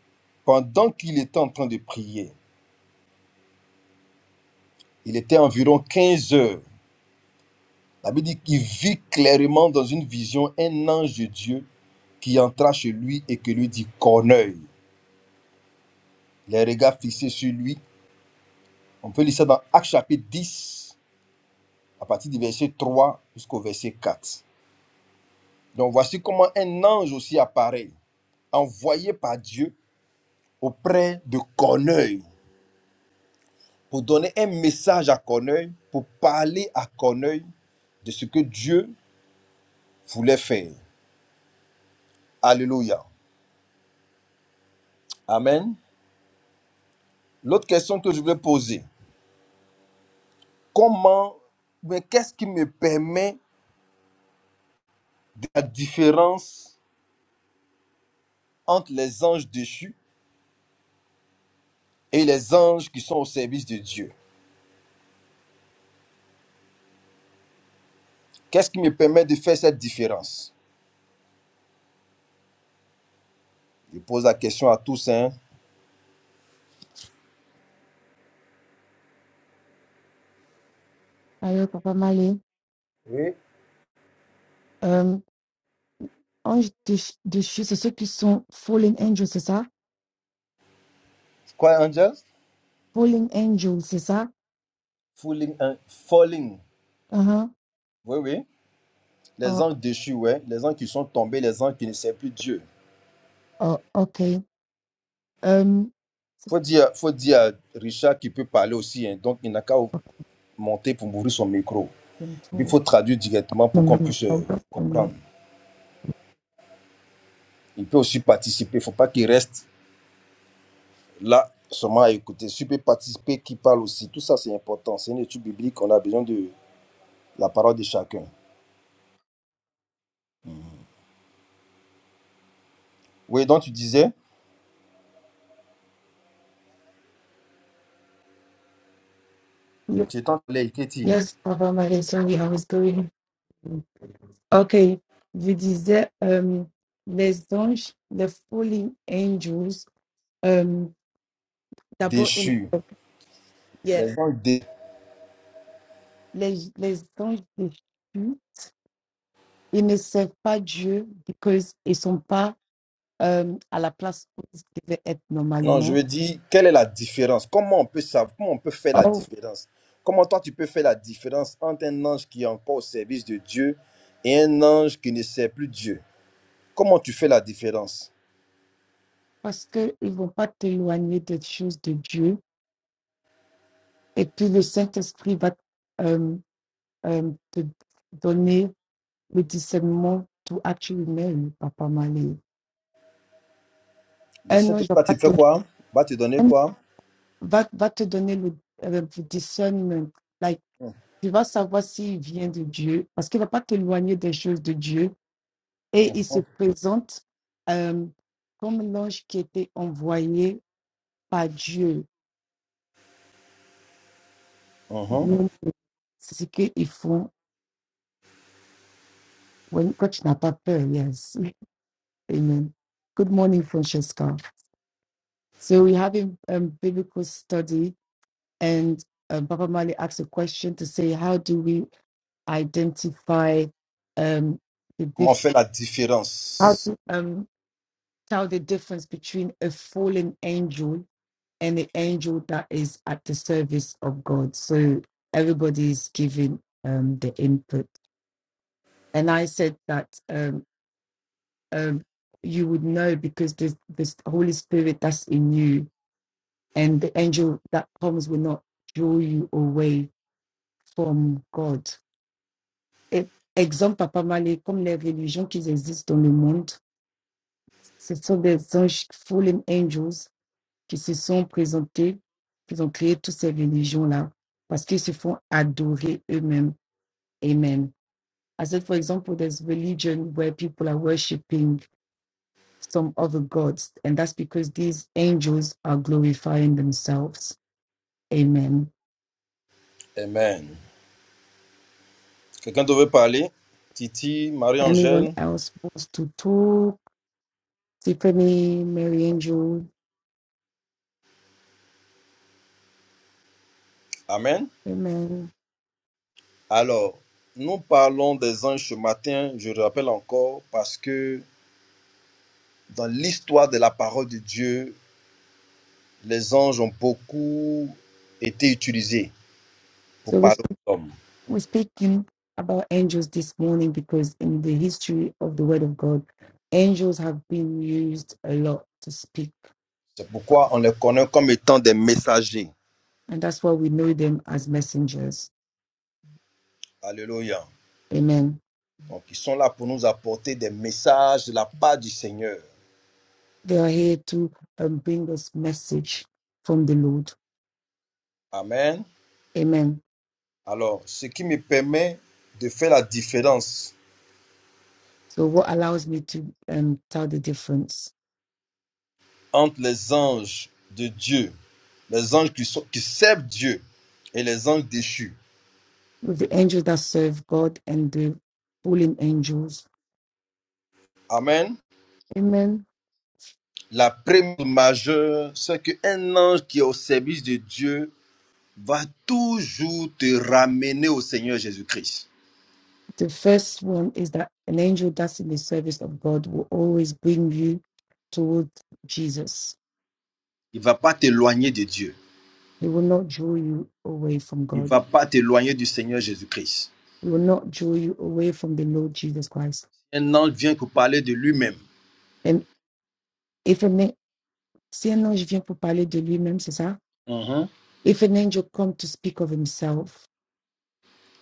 [SPEAKER 3] pendant qu'il était en train de prier, il était environ 15 heures. La Bible dit qu'il vit clairement dans une vision un ange de Dieu qui entra chez lui et qui lui dit Corneille. Les regards fixés sur lui. On peut lire ça dans Actes chapitre 10 à partir du verset 3 jusqu'au verset 4. Donc voici comment un ange aussi apparaît, envoyé par Dieu auprès de Corneuil pour donner un message à Corneuil, pour parler à Corneuil de ce que Dieu voulait faire. Alléluia. Amen. L'autre question que je voulais poser, comment, mais qu'est-ce qui me permet de la différence entre les anges déchus et les anges qui sont au service de Dieu? Qu'est-ce qui me permet de faire cette différence? Je pose la question à tous. Hein?
[SPEAKER 2] Ayo, Papa Mali.
[SPEAKER 3] Oui.
[SPEAKER 2] anges déch- déchus, c'est ceux qui sont fallen angels, c'est ça?
[SPEAKER 3] Quoi, Angels?
[SPEAKER 2] Fallen angels, c'est ça?
[SPEAKER 3] Falling. hein, falling.
[SPEAKER 2] Uh-huh.
[SPEAKER 3] Oui, oui. Les
[SPEAKER 2] Oh,
[SPEAKER 3] anges déchus, ouais. Les anges qui sont tombés, les anges qui ne servent plus Dieu.
[SPEAKER 2] oh, ok. Um,
[SPEAKER 3] Faut dire, faut dire à Richard qu'il peut parler aussi. hein. Donc, il n'a qu'à monter pour ouvrir son micro. Il faut traduire directement pour qu'on puisse euh, comprendre. Il peut aussi participer. Il ne faut pas qu'il reste là seulement à écouter. S'il peut participer, qu'il parle aussi. Tout ça, c'est important. C'est une étude biblique. On a besoin de la parole de chacun. Oui, donc tu disais, tu es en train de
[SPEAKER 2] yes, Papa Marie, sorry, I was going. Okay, je disais um, les anges, les fallen angels, um, d'abord, ils ne-
[SPEAKER 3] déchus.
[SPEAKER 2] servent- yeah,
[SPEAKER 3] Les gens déchus.
[SPEAKER 2] les, les anges déchus, ils ne servent pas Dieu parce qu'ils ne sont pas um, à la place où ils devaient être
[SPEAKER 3] Non, je
[SPEAKER 2] normalement
[SPEAKER 3] veux dire, quelle est la différence? Comment on peut savoir, comment on peut faire la
[SPEAKER 2] Oh,
[SPEAKER 3] différence? Comment toi tu peux faire la différence entre un ange qui est encore au service de Dieu et un ange qui ne sert plus Dieu? Comment tu fais la différence?
[SPEAKER 2] parce qu'ils ne vont pas t'éloigner des choses de Dieu. Et puis le Saint-Esprit va euh, euh, te donner le discernement to actually marry, Papa Malé.
[SPEAKER 3] Le
[SPEAKER 2] Un ange va,
[SPEAKER 3] Saint-Esprit tu
[SPEAKER 2] pas
[SPEAKER 3] fais
[SPEAKER 2] te,
[SPEAKER 3] quoi? Va te donner
[SPEAKER 2] un-
[SPEAKER 3] quoi?
[SPEAKER 2] va, va te donner le, euh, le discernment. Like,
[SPEAKER 3] Hum,
[SPEAKER 2] tu vas savoir s'il vient de Dieu, parce qu'il ne va pas t'éloigner des choses de Dieu.
[SPEAKER 3] hum,
[SPEAKER 2] Et il se
[SPEAKER 3] hum,
[SPEAKER 2] présente euh, comme l'ange qui était envoyé par Dieu.
[SPEAKER 3] hum.
[SPEAKER 2] Nous, C'est ce qu'ils font When Coach Napapel, yes. Amen. Good morning, Francesca. So we're having a um, biblical study, and um, Papa Mali asked a question to say, how do we identify um, the
[SPEAKER 3] Comment
[SPEAKER 2] diff-
[SPEAKER 3] faire la
[SPEAKER 2] how
[SPEAKER 3] différence?
[SPEAKER 2] do, um, tell the difference between a fallen angel and the angel that is at the service of God. So everybody is giving um, the input, and I said that. Um, um, you would know because there's this Holy Spirit that's in you, and the angel that comes will not draw you away from God. Et exemple, Papa Malé, comme les religions qui existent dans le monde, ce sont des anges, fallen angels, qui se sont présentés, qui ont créé toutes ces religions-là, parce qu'ils se font adorer eux-mêmes. Amen. I said, for example, there's religion where people are worshiping some other gods. And that's because these angels are glorifying themselves. Amen.
[SPEAKER 3] Amen. Quelqu'un devait parler? Titi,
[SPEAKER 2] Anyone
[SPEAKER 3] Marie-Angèle?
[SPEAKER 2] else wants to talk? Tiffany, Mary Angel.
[SPEAKER 3] Amen.
[SPEAKER 2] Amen.
[SPEAKER 3] Alors, nous parlons des anges ce matin, je le rappelle encore, parce que Dans l'histoire de la parole de Dieu, les anges ont beaucoup été utilisés pour
[SPEAKER 2] So we
[SPEAKER 3] parler
[SPEAKER 2] speak,
[SPEAKER 3] aux hommes.
[SPEAKER 2] we're speaking about angels this morning because in the history of the Word of God, angels have been used a lot to speak.
[SPEAKER 3] C'est pourquoi on les connaît comme étant des messagers.
[SPEAKER 2] And that's why we know them as messengers.
[SPEAKER 3] Alléluia.
[SPEAKER 2] Amen.
[SPEAKER 3] Donc, ils sont là pour nous apporter des messages de la part du Seigneur.
[SPEAKER 2] They are here to um, bring us message from the Lord.
[SPEAKER 3] Amen.
[SPEAKER 2] Amen.
[SPEAKER 3] Alors, ce qui me permet de faire la différence
[SPEAKER 2] So, what allows me to um, tell the difference
[SPEAKER 3] entre les anges de Dieu, les anges qui, sont, qui servent Dieu et les anges déchus.
[SPEAKER 2] with the angels that serve God and the fallen angels?
[SPEAKER 3] Amen.
[SPEAKER 2] Amen.
[SPEAKER 3] La première majeure, c'est qu'un ange qui est au service de Dieu va toujours te ramener au Seigneur Jésus-Christ.
[SPEAKER 2] The first one is that an angel that's in the service of God will always bring you toward Jesus.
[SPEAKER 3] Il ne va pas t'éloigner de Dieu.
[SPEAKER 2] He will not draw you away from
[SPEAKER 3] Il ne
[SPEAKER 2] God.
[SPEAKER 3] va pas t'éloigner du Seigneur Jésus-Christ.
[SPEAKER 2] He will not draw you away from the Lord Jesus Christ.
[SPEAKER 3] Un ange vient pour parler de lui-même
[SPEAKER 2] And if an, si un ange vient pour parler de lui-même, c'est ça?
[SPEAKER 3] Mhm.
[SPEAKER 2] If an angel comes to speak of himself,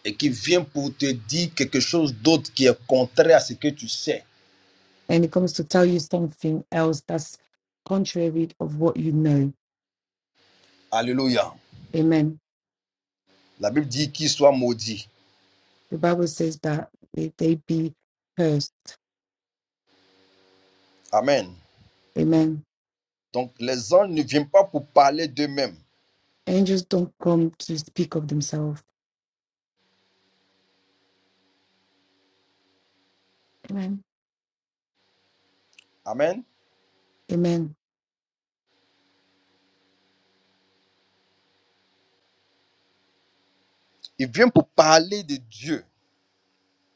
[SPEAKER 3] et qui vient pour te dire quelque chose d'autre qui est contraire à ce que tu sais.
[SPEAKER 2] and it comes to tell you something else that's contrary of what you know.
[SPEAKER 3] Alléluia.
[SPEAKER 2] Amen.
[SPEAKER 3] La Bible dit qu'il soit maudit.
[SPEAKER 2] The Bible says that they, they be cursed.
[SPEAKER 3] Amen.
[SPEAKER 2] Amen.
[SPEAKER 3] Donc les anges ne viennent pas pour parler d'eux-mêmes.
[SPEAKER 2] Angels don't come to speak of themselves. Amen.
[SPEAKER 3] Amen.
[SPEAKER 2] Amen.
[SPEAKER 3] Ils viennent pour parler de Dieu.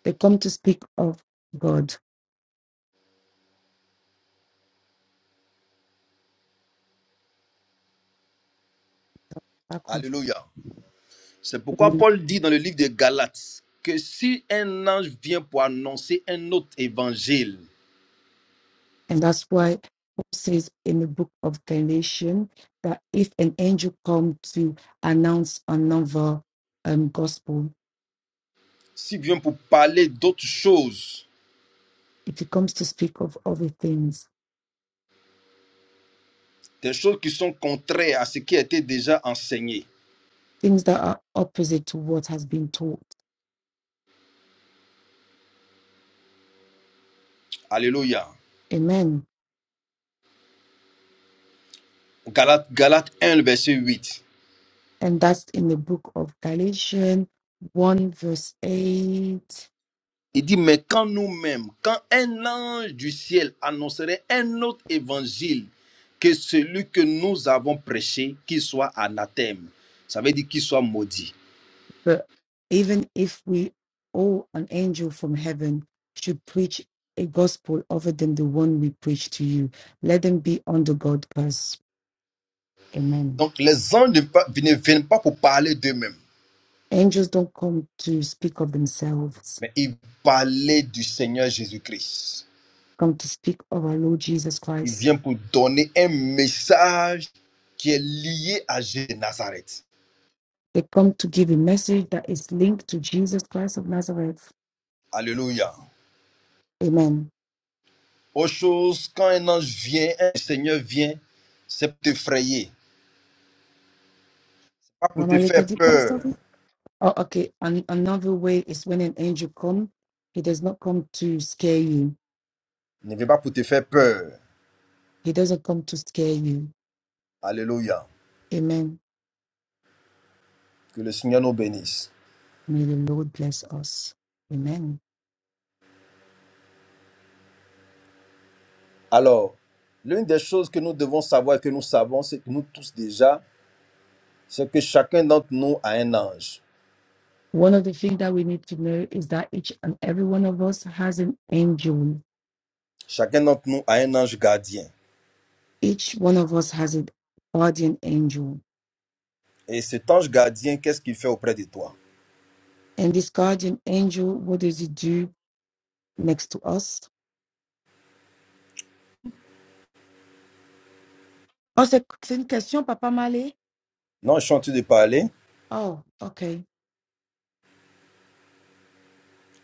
[SPEAKER 2] They come to speak of God. I confess.
[SPEAKER 3] Alléluia. C'est pourquoi
[SPEAKER 2] Amen.
[SPEAKER 3] Paul dit dans le livre de Galates que si un ange vient pour annoncer un autre évangile,
[SPEAKER 2] And that's why Paul says in the book of Galatians that if an angel comes to announce another um, gospel,
[SPEAKER 3] s'il vient pour parler d'autres choses,
[SPEAKER 2] it comes to speak of other things
[SPEAKER 3] des choses qui sont contraires à ce qui a été déjà enseigné.
[SPEAKER 2] things that are opposite to what has been taught.
[SPEAKER 3] Alléluia.
[SPEAKER 2] Amen.
[SPEAKER 3] Galates, Galates un le verset 8.
[SPEAKER 2] And that's in the book of Galatians 1, verse 8.
[SPEAKER 3] Il dit, mais quand nous-mêmes, quand un ange du ciel annoncerait un autre évangile que celui que nous avons prêché, qu'il soit anathème, ça veut dire qu'il soit maudit.
[SPEAKER 2] But even if we or an angel from heaven should preach a gospel other than the one we preach to you, let them be under God's curse. Amen.
[SPEAKER 3] Donc les anges ne viennent pas pour parler d'eux-mêmes.
[SPEAKER 2] Angels don't come to speak of themselves,
[SPEAKER 3] Mais il parlait du Seigneur Jésus-Christ.
[SPEAKER 2] come to speak of our Lord Jesus
[SPEAKER 3] Il
[SPEAKER 2] Christ.
[SPEAKER 3] vient pour donner un message qui est lié à Jésus de Nazareth.
[SPEAKER 2] They come to give a message that is linked to Jesus Christ of Nazareth.
[SPEAKER 3] Alléluia.
[SPEAKER 2] Amen
[SPEAKER 3] Autre chose, quand un ange vient, un Seigneur vient, c'est pour t'effrayer, pas pour te
[SPEAKER 2] Ramalita
[SPEAKER 3] faire
[SPEAKER 2] di Pastor.
[SPEAKER 3] peur.
[SPEAKER 2] Oh, okay. An another way is when an angel come, he does not come to scare you.
[SPEAKER 3] Il ne vient pas pour te faire peur.
[SPEAKER 2] He doesn't come to scare you.
[SPEAKER 3] Alléluia.
[SPEAKER 2] Amen.
[SPEAKER 3] Que le Seigneur nous bénisse.
[SPEAKER 2] May the Lord bless us. Amen.
[SPEAKER 3] Alors, l'une des choses que nous devons savoir et que nous savons, c'est que nous tous déjà, c'est que chacun d'entre nous a un ange.
[SPEAKER 2] One of the things that we need to know is that each and every one of us has an angel.
[SPEAKER 3] Chacun d'entre nous a un ange gardien.
[SPEAKER 2] Each one of us has a guardian angel.
[SPEAKER 3] Et cet ange gardien, qu'est-ce qu'il fait auprès de toi
[SPEAKER 2] And this guardian angel, what does it do next to us? Oh, c'est c'est une question, Papa Malé?
[SPEAKER 3] Non, je suis en train de parler.
[SPEAKER 2] Oh, okay.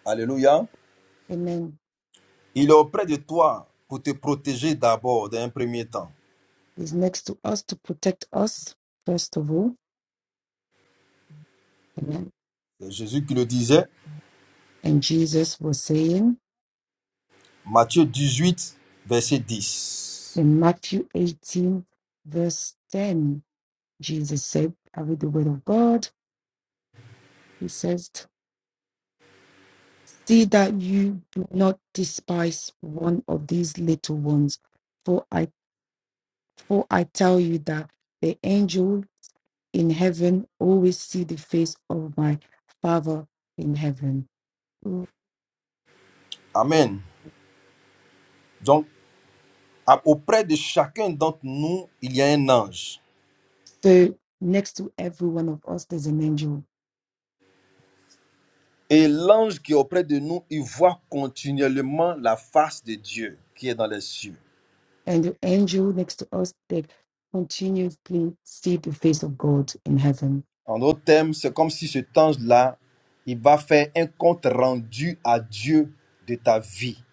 [SPEAKER 3] Alléluia.
[SPEAKER 2] Amen.
[SPEAKER 3] Il est auprès de toi pour te protéger d'abord, d'un premier temps.
[SPEAKER 2] is next to us to protect us, first of all. Amen.
[SPEAKER 3] C'est Jésus qui le disait,
[SPEAKER 2] And Jesus was saying
[SPEAKER 3] Matthieu 18, verset 10.
[SPEAKER 2] in Matthew 18, verse 10, Jesus said, I read the word of God. He says, See that you do not despise one of these little ones, for I for I tell you that the angel in heaven always see the face of my father in heaven.
[SPEAKER 3] Amen. Donc, à- auprès de chacun d'entre nous, il y a un ange.
[SPEAKER 2] So next to every one of us there's an angel
[SPEAKER 3] Et l'ange qui est auprès de nous, il voit continuellement la face de Dieu qui est dans les cieux.
[SPEAKER 2] and the angel next to us that continuously see the face of God in heaven.
[SPEAKER 3] En d'autres termes, c'est comme si cet ange-là, il va faire un compte rendu à Dieu de ta vie.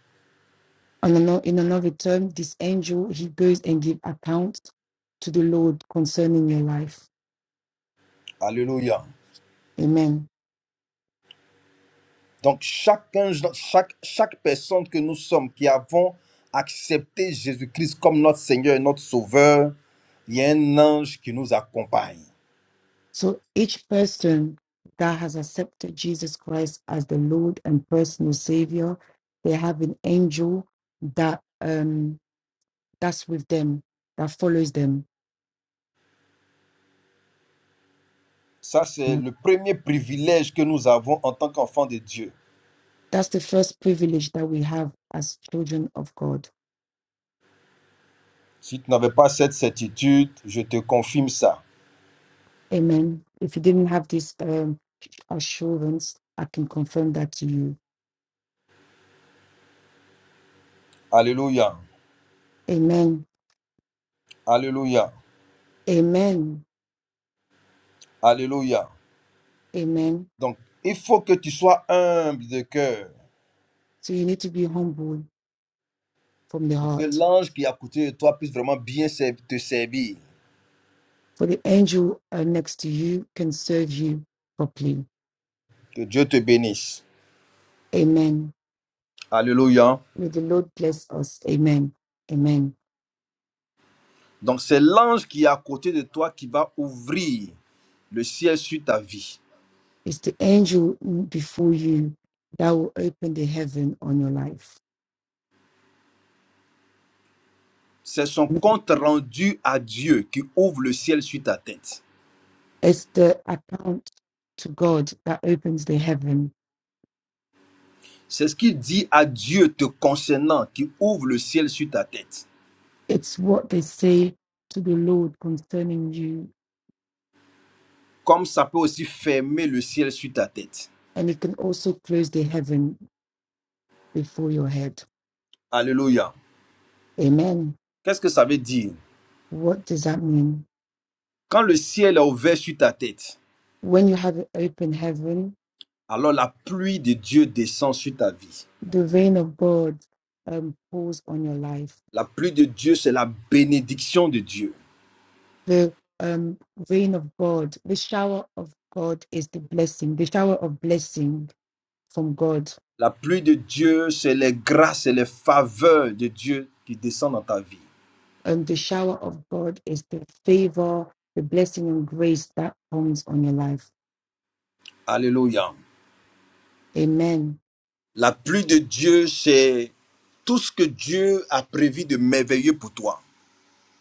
[SPEAKER 2] And ano- in another term, this angel he goes and gives account to the Lord concerning your life.
[SPEAKER 3] Alléluia.
[SPEAKER 2] Amen.
[SPEAKER 3] Donc, chacun, chaque, chaque personne que nous sommes, qui avons accepté Jésus-Christ comme notre Seigneur et notre Sauveur, il y a un ange qui nous accompagne.
[SPEAKER 2] So each person that has accepted Jesus Christ as the Lord and personal Savior, they have an angel that um that's with them, that follows them.
[SPEAKER 3] Ça, c'est le premier privilège que nous avons en tant qu'enfants de Dieu.
[SPEAKER 2] That's the first privilege that we have as children of God
[SPEAKER 3] Si tu n'avais pas cette certitude, je te confirme ça.
[SPEAKER 2] Amen. If you didn't have this um, assurance, I can confirm that to you.
[SPEAKER 3] Alléluia.
[SPEAKER 2] Amen.
[SPEAKER 3] Alléluia.
[SPEAKER 2] Amen.
[SPEAKER 3] Alléluia.
[SPEAKER 2] Amen.
[SPEAKER 3] Donc, il faut que tu sois humble de cœur
[SPEAKER 2] So you need to be humble from the
[SPEAKER 3] pour que
[SPEAKER 2] heart,
[SPEAKER 3] l'ange qui est à côté de toi puisse vraiment bien ser- te servir.
[SPEAKER 2] for the angel uh, next to you can serve you properly.
[SPEAKER 3] Que Dieu te bénisse.
[SPEAKER 2] Amen.
[SPEAKER 3] Alléluia.
[SPEAKER 2] May the Lord bless us. Amen. Amen.
[SPEAKER 3] Donc, c'est l'ange qui est à côté de toi qui va ouvrir le ciel sur ta vie.
[SPEAKER 2] It's the angel before you that will open the heaven on your life.
[SPEAKER 3] C'est son compte rendu à Dieu qui ouvre le ciel sur ta tête.
[SPEAKER 2] It's the account to God that opens the heaven
[SPEAKER 3] C'est ce qu'il dit à Dieu te concernant qui ouvre le ciel sur ta tête.
[SPEAKER 2] It's what they say to the Lord concerning you,
[SPEAKER 3] Comme ça peut aussi fermer le ciel sur ta tête.
[SPEAKER 2] and it can also close the heaven before your head.
[SPEAKER 3] Alléluia.
[SPEAKER 2] Amen.
[SPEAKER 3] Qu'est-ce que ça veut dire?
[SPEAKER 2] What does that mean?
[SPEAKER 3] Quand le ciel est ouvert sur ta tête,
[SPEAKER 2] When you have an open heaven,
[SPEAKER 3] alors la pluie de Dieu descend sur ta vie.
[SPEAKER 2] the rain of God um, pours on your life.
[SPEAKER 3] La pluie de Dieu, c'est la bénédiction de Dieu.
[SPEAKER 2] The um, rain of God, the shower of God is the blessing, the shower of blessing from God.
[SPEAKER 3] La pluie de Dieu, c'est les grâces et les faveurs de Dieu qui descendent dans ta vie.
[SPEAKER 2] And the shower of God is the favor, the blessing and grace that comes on your life.
[SPEAKER 3] Alléluia.
[SPEAKER 2] Amen.
[SPEAKER 3] La pluie de Dieu, c'est tout ce que Dieu a prévu de merveilleux pour toi.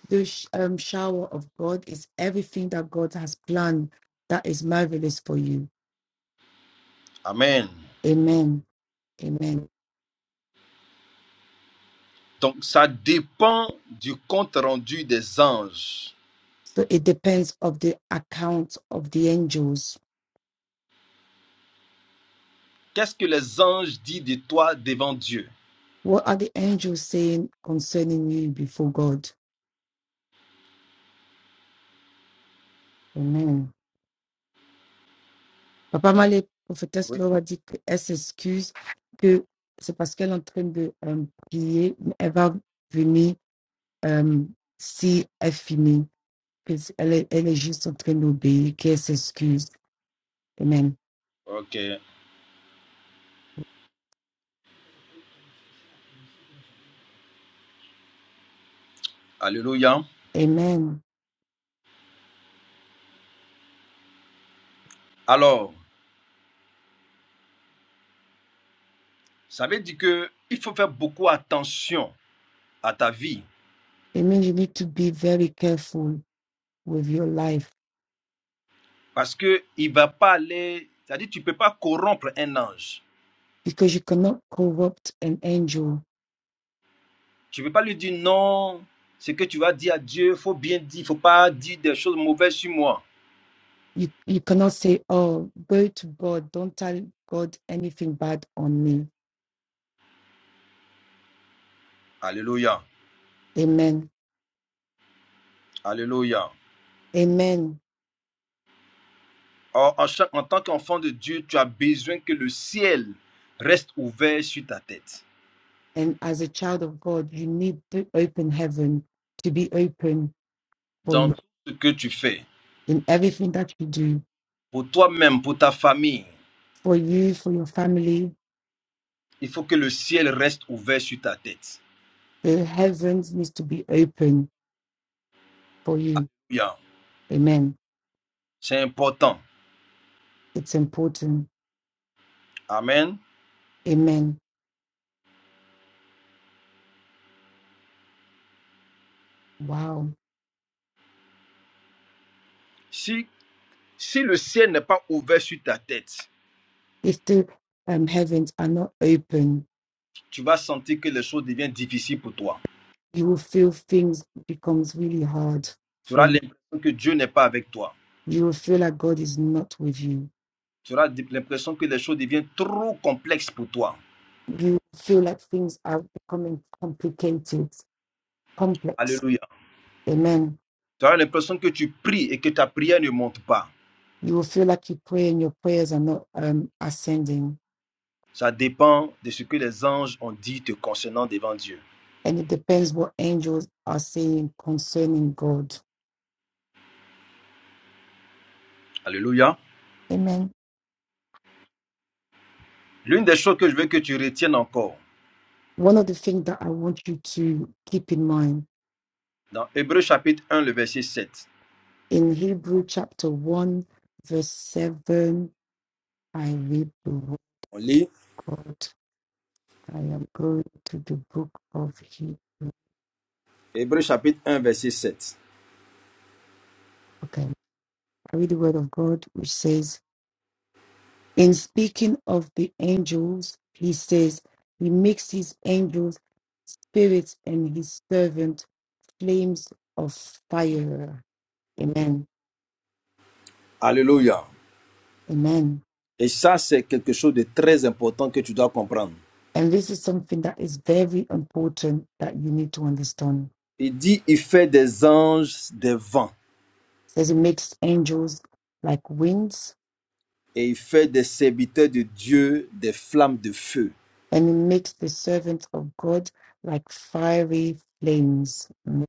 [SPEAKER 2] The sh- um, shower of God is everything that God has planned that is marvelous for you.
[SPEAKER 3] Amen.
[SPEAKER 2] Amen. Amen.
[SPEAKER 3] Donc ça dépend du compte rendu des anges.
[SPEAKER 2] So it depends of the account of the angels.
[SPEAKER 3] Qu'est-ce que les anges disent de toi devant Dieu?
[SPEAKER 2] What are the angels saying concerning you before God? Amen. Papa Malé, prophétesse
[SPEAKER 3] Oui.
[SPEAKER 2] Laura dit qu'elle s'excuse, que c'est parce qu'elle est en train de euh, prier, mais elle va venir euh, si elle finit. que Elle est, elle est juste en train d'obéir, qu'elle s'excuse. Amen.
[SPEAKER 3] Ok. Alléluia.
[SPEAKER 2] Amen.
[SPEAKER 3] Alors, Ça veut dire que il faut faire beaucoup attention à ta vie
[SPEAKER 2] It means you need to be very careful with your life
[SPEAKER 3] parce que il va pas aller. C'est-à-dire, que tu ne peux pas corrompre un ange.
[SPEAKER 2] because you cannot corrupt an angel.
[SPEAKER 3] Tu ne peux pas lui dire non. Ce que tu vas dire à Dieu, il faut bien dire. il ne Faut pas dire des choses mauvaises sur moi.
[SPEAKER 2] You you cannot say, Oh, go to God, don't tell God anything bad on me.
[SPEAKER 3] Alléluia.
[SPEAKER 2] Amen.
[SPEAKER 3] Alléluia.
[SPEAKER 2] Amen.
[SPEAKER 3] Or, en, en tant qu'enfant de Dieu, tu as besoin que le ciel reste ouvert sur ta tête.
[SPEAKER 2] And as a child of God, you need to open heaven to be open for
[SPEAKER 3] Dans
[SPEAKER 2] you
[SPEAKER 3] tout ce que tu fais,
[SPEAKER 2] in everything that you do.
[SPEAKER 3] pour toi-même, pour ta famille,
[SPEAKER 2] For you, for your family,
[SPEAKER 3] il faut que le ciel reste ouvert sur ta tête.
[SPEAKER 2] the heavens needs to be open for you.
[SPEAKER 3] Alléluia.
[SPEAKER 2] Amen.
[SPEAKER 3] C'est important.
[SPEAKER 2] It's important.
[SPEAKER 3] Amen.
[SPEAKER 2] Amen. Wow.
[SPEAKER 3] Si, si le ciel n'est pas ouvert sur ta tête,
[SPEAKER 2] if the um, heavens are not open,
[SPEAKER 3] tu vas sentir que les choses deviennent difficiles pour toi.
[SPEAKER 2] you will feel things becomes really hard
[SPEAKER 3] Tu
[SPEAKER 2] for
[SPEAKER 3] auras
[SPEAKER 2] you.
[SPEAKER 3] l'impression que Dieu n'est pas avec toi.
[SPEAKER 2] You will feel like God is not with you.
[SPEAKER 3] Tu auras l'impression que les choses deviennent trop complexes pour toi.
[SPEAKER 2] You feel like things are becoming complicated, complex.
[SPEAKER 3] Alléluia.
[SPEAKER 2] Amen.
[SPEAKER 3] Tu auras l'impression que tu pries et que ta prière ne monte pas.
[SPEAKER 2] You will feel like you pray and your prayers are not um, ascending.
[SPEAKER 3] Ça dépend de ce que les anges ont dit te concernant devant Dieu.
[SPEAKER 2] And it depends what angels are saying concerning God.
[SPEAKER 3] Alléluia.
[SPEAKER 2] Amen.
[SPEAKER 3] L'une des choses que je veux que tu retiennes encore,
[SPEAKER 2] One of the things that I want you to keep in mind
[SPEAKER 3] dans Hébreux chapitre un le verset sept.
[SPEAKER 2] in Hebrew chapter 1, verse 7 I read the word
[SPEAKER 3] On lit
[SPEAKER 2] of God. I am going to the book of Hebrew.
[SPEAKER 3] Hébreux chapitre un verset 7.
[SPEAKER 2] Okay. I read the word of God, which says, In speaking of the angels, he says, He makes his angels spirits and his servant flames of fire. Amen.
[SPEAKER 3] Alléluia.
[SPEAKER 2] Amen.
[SPEAKER 3] Et ça, c'est quelque chose de très important que tu dois comprendre.
[SPEAKER 2] And this is something that is very important that you need to understand.
[SPEAKER 3] Il dit, il fait des anges des vents
[SPEAKER 2] It says it makes angels like winds
[SPEAKER 3] et il fait des serviteurs de Dieu des flammes de feu.
[SPEAKER 2] and it makes the servants of God like fiery flames. Mm.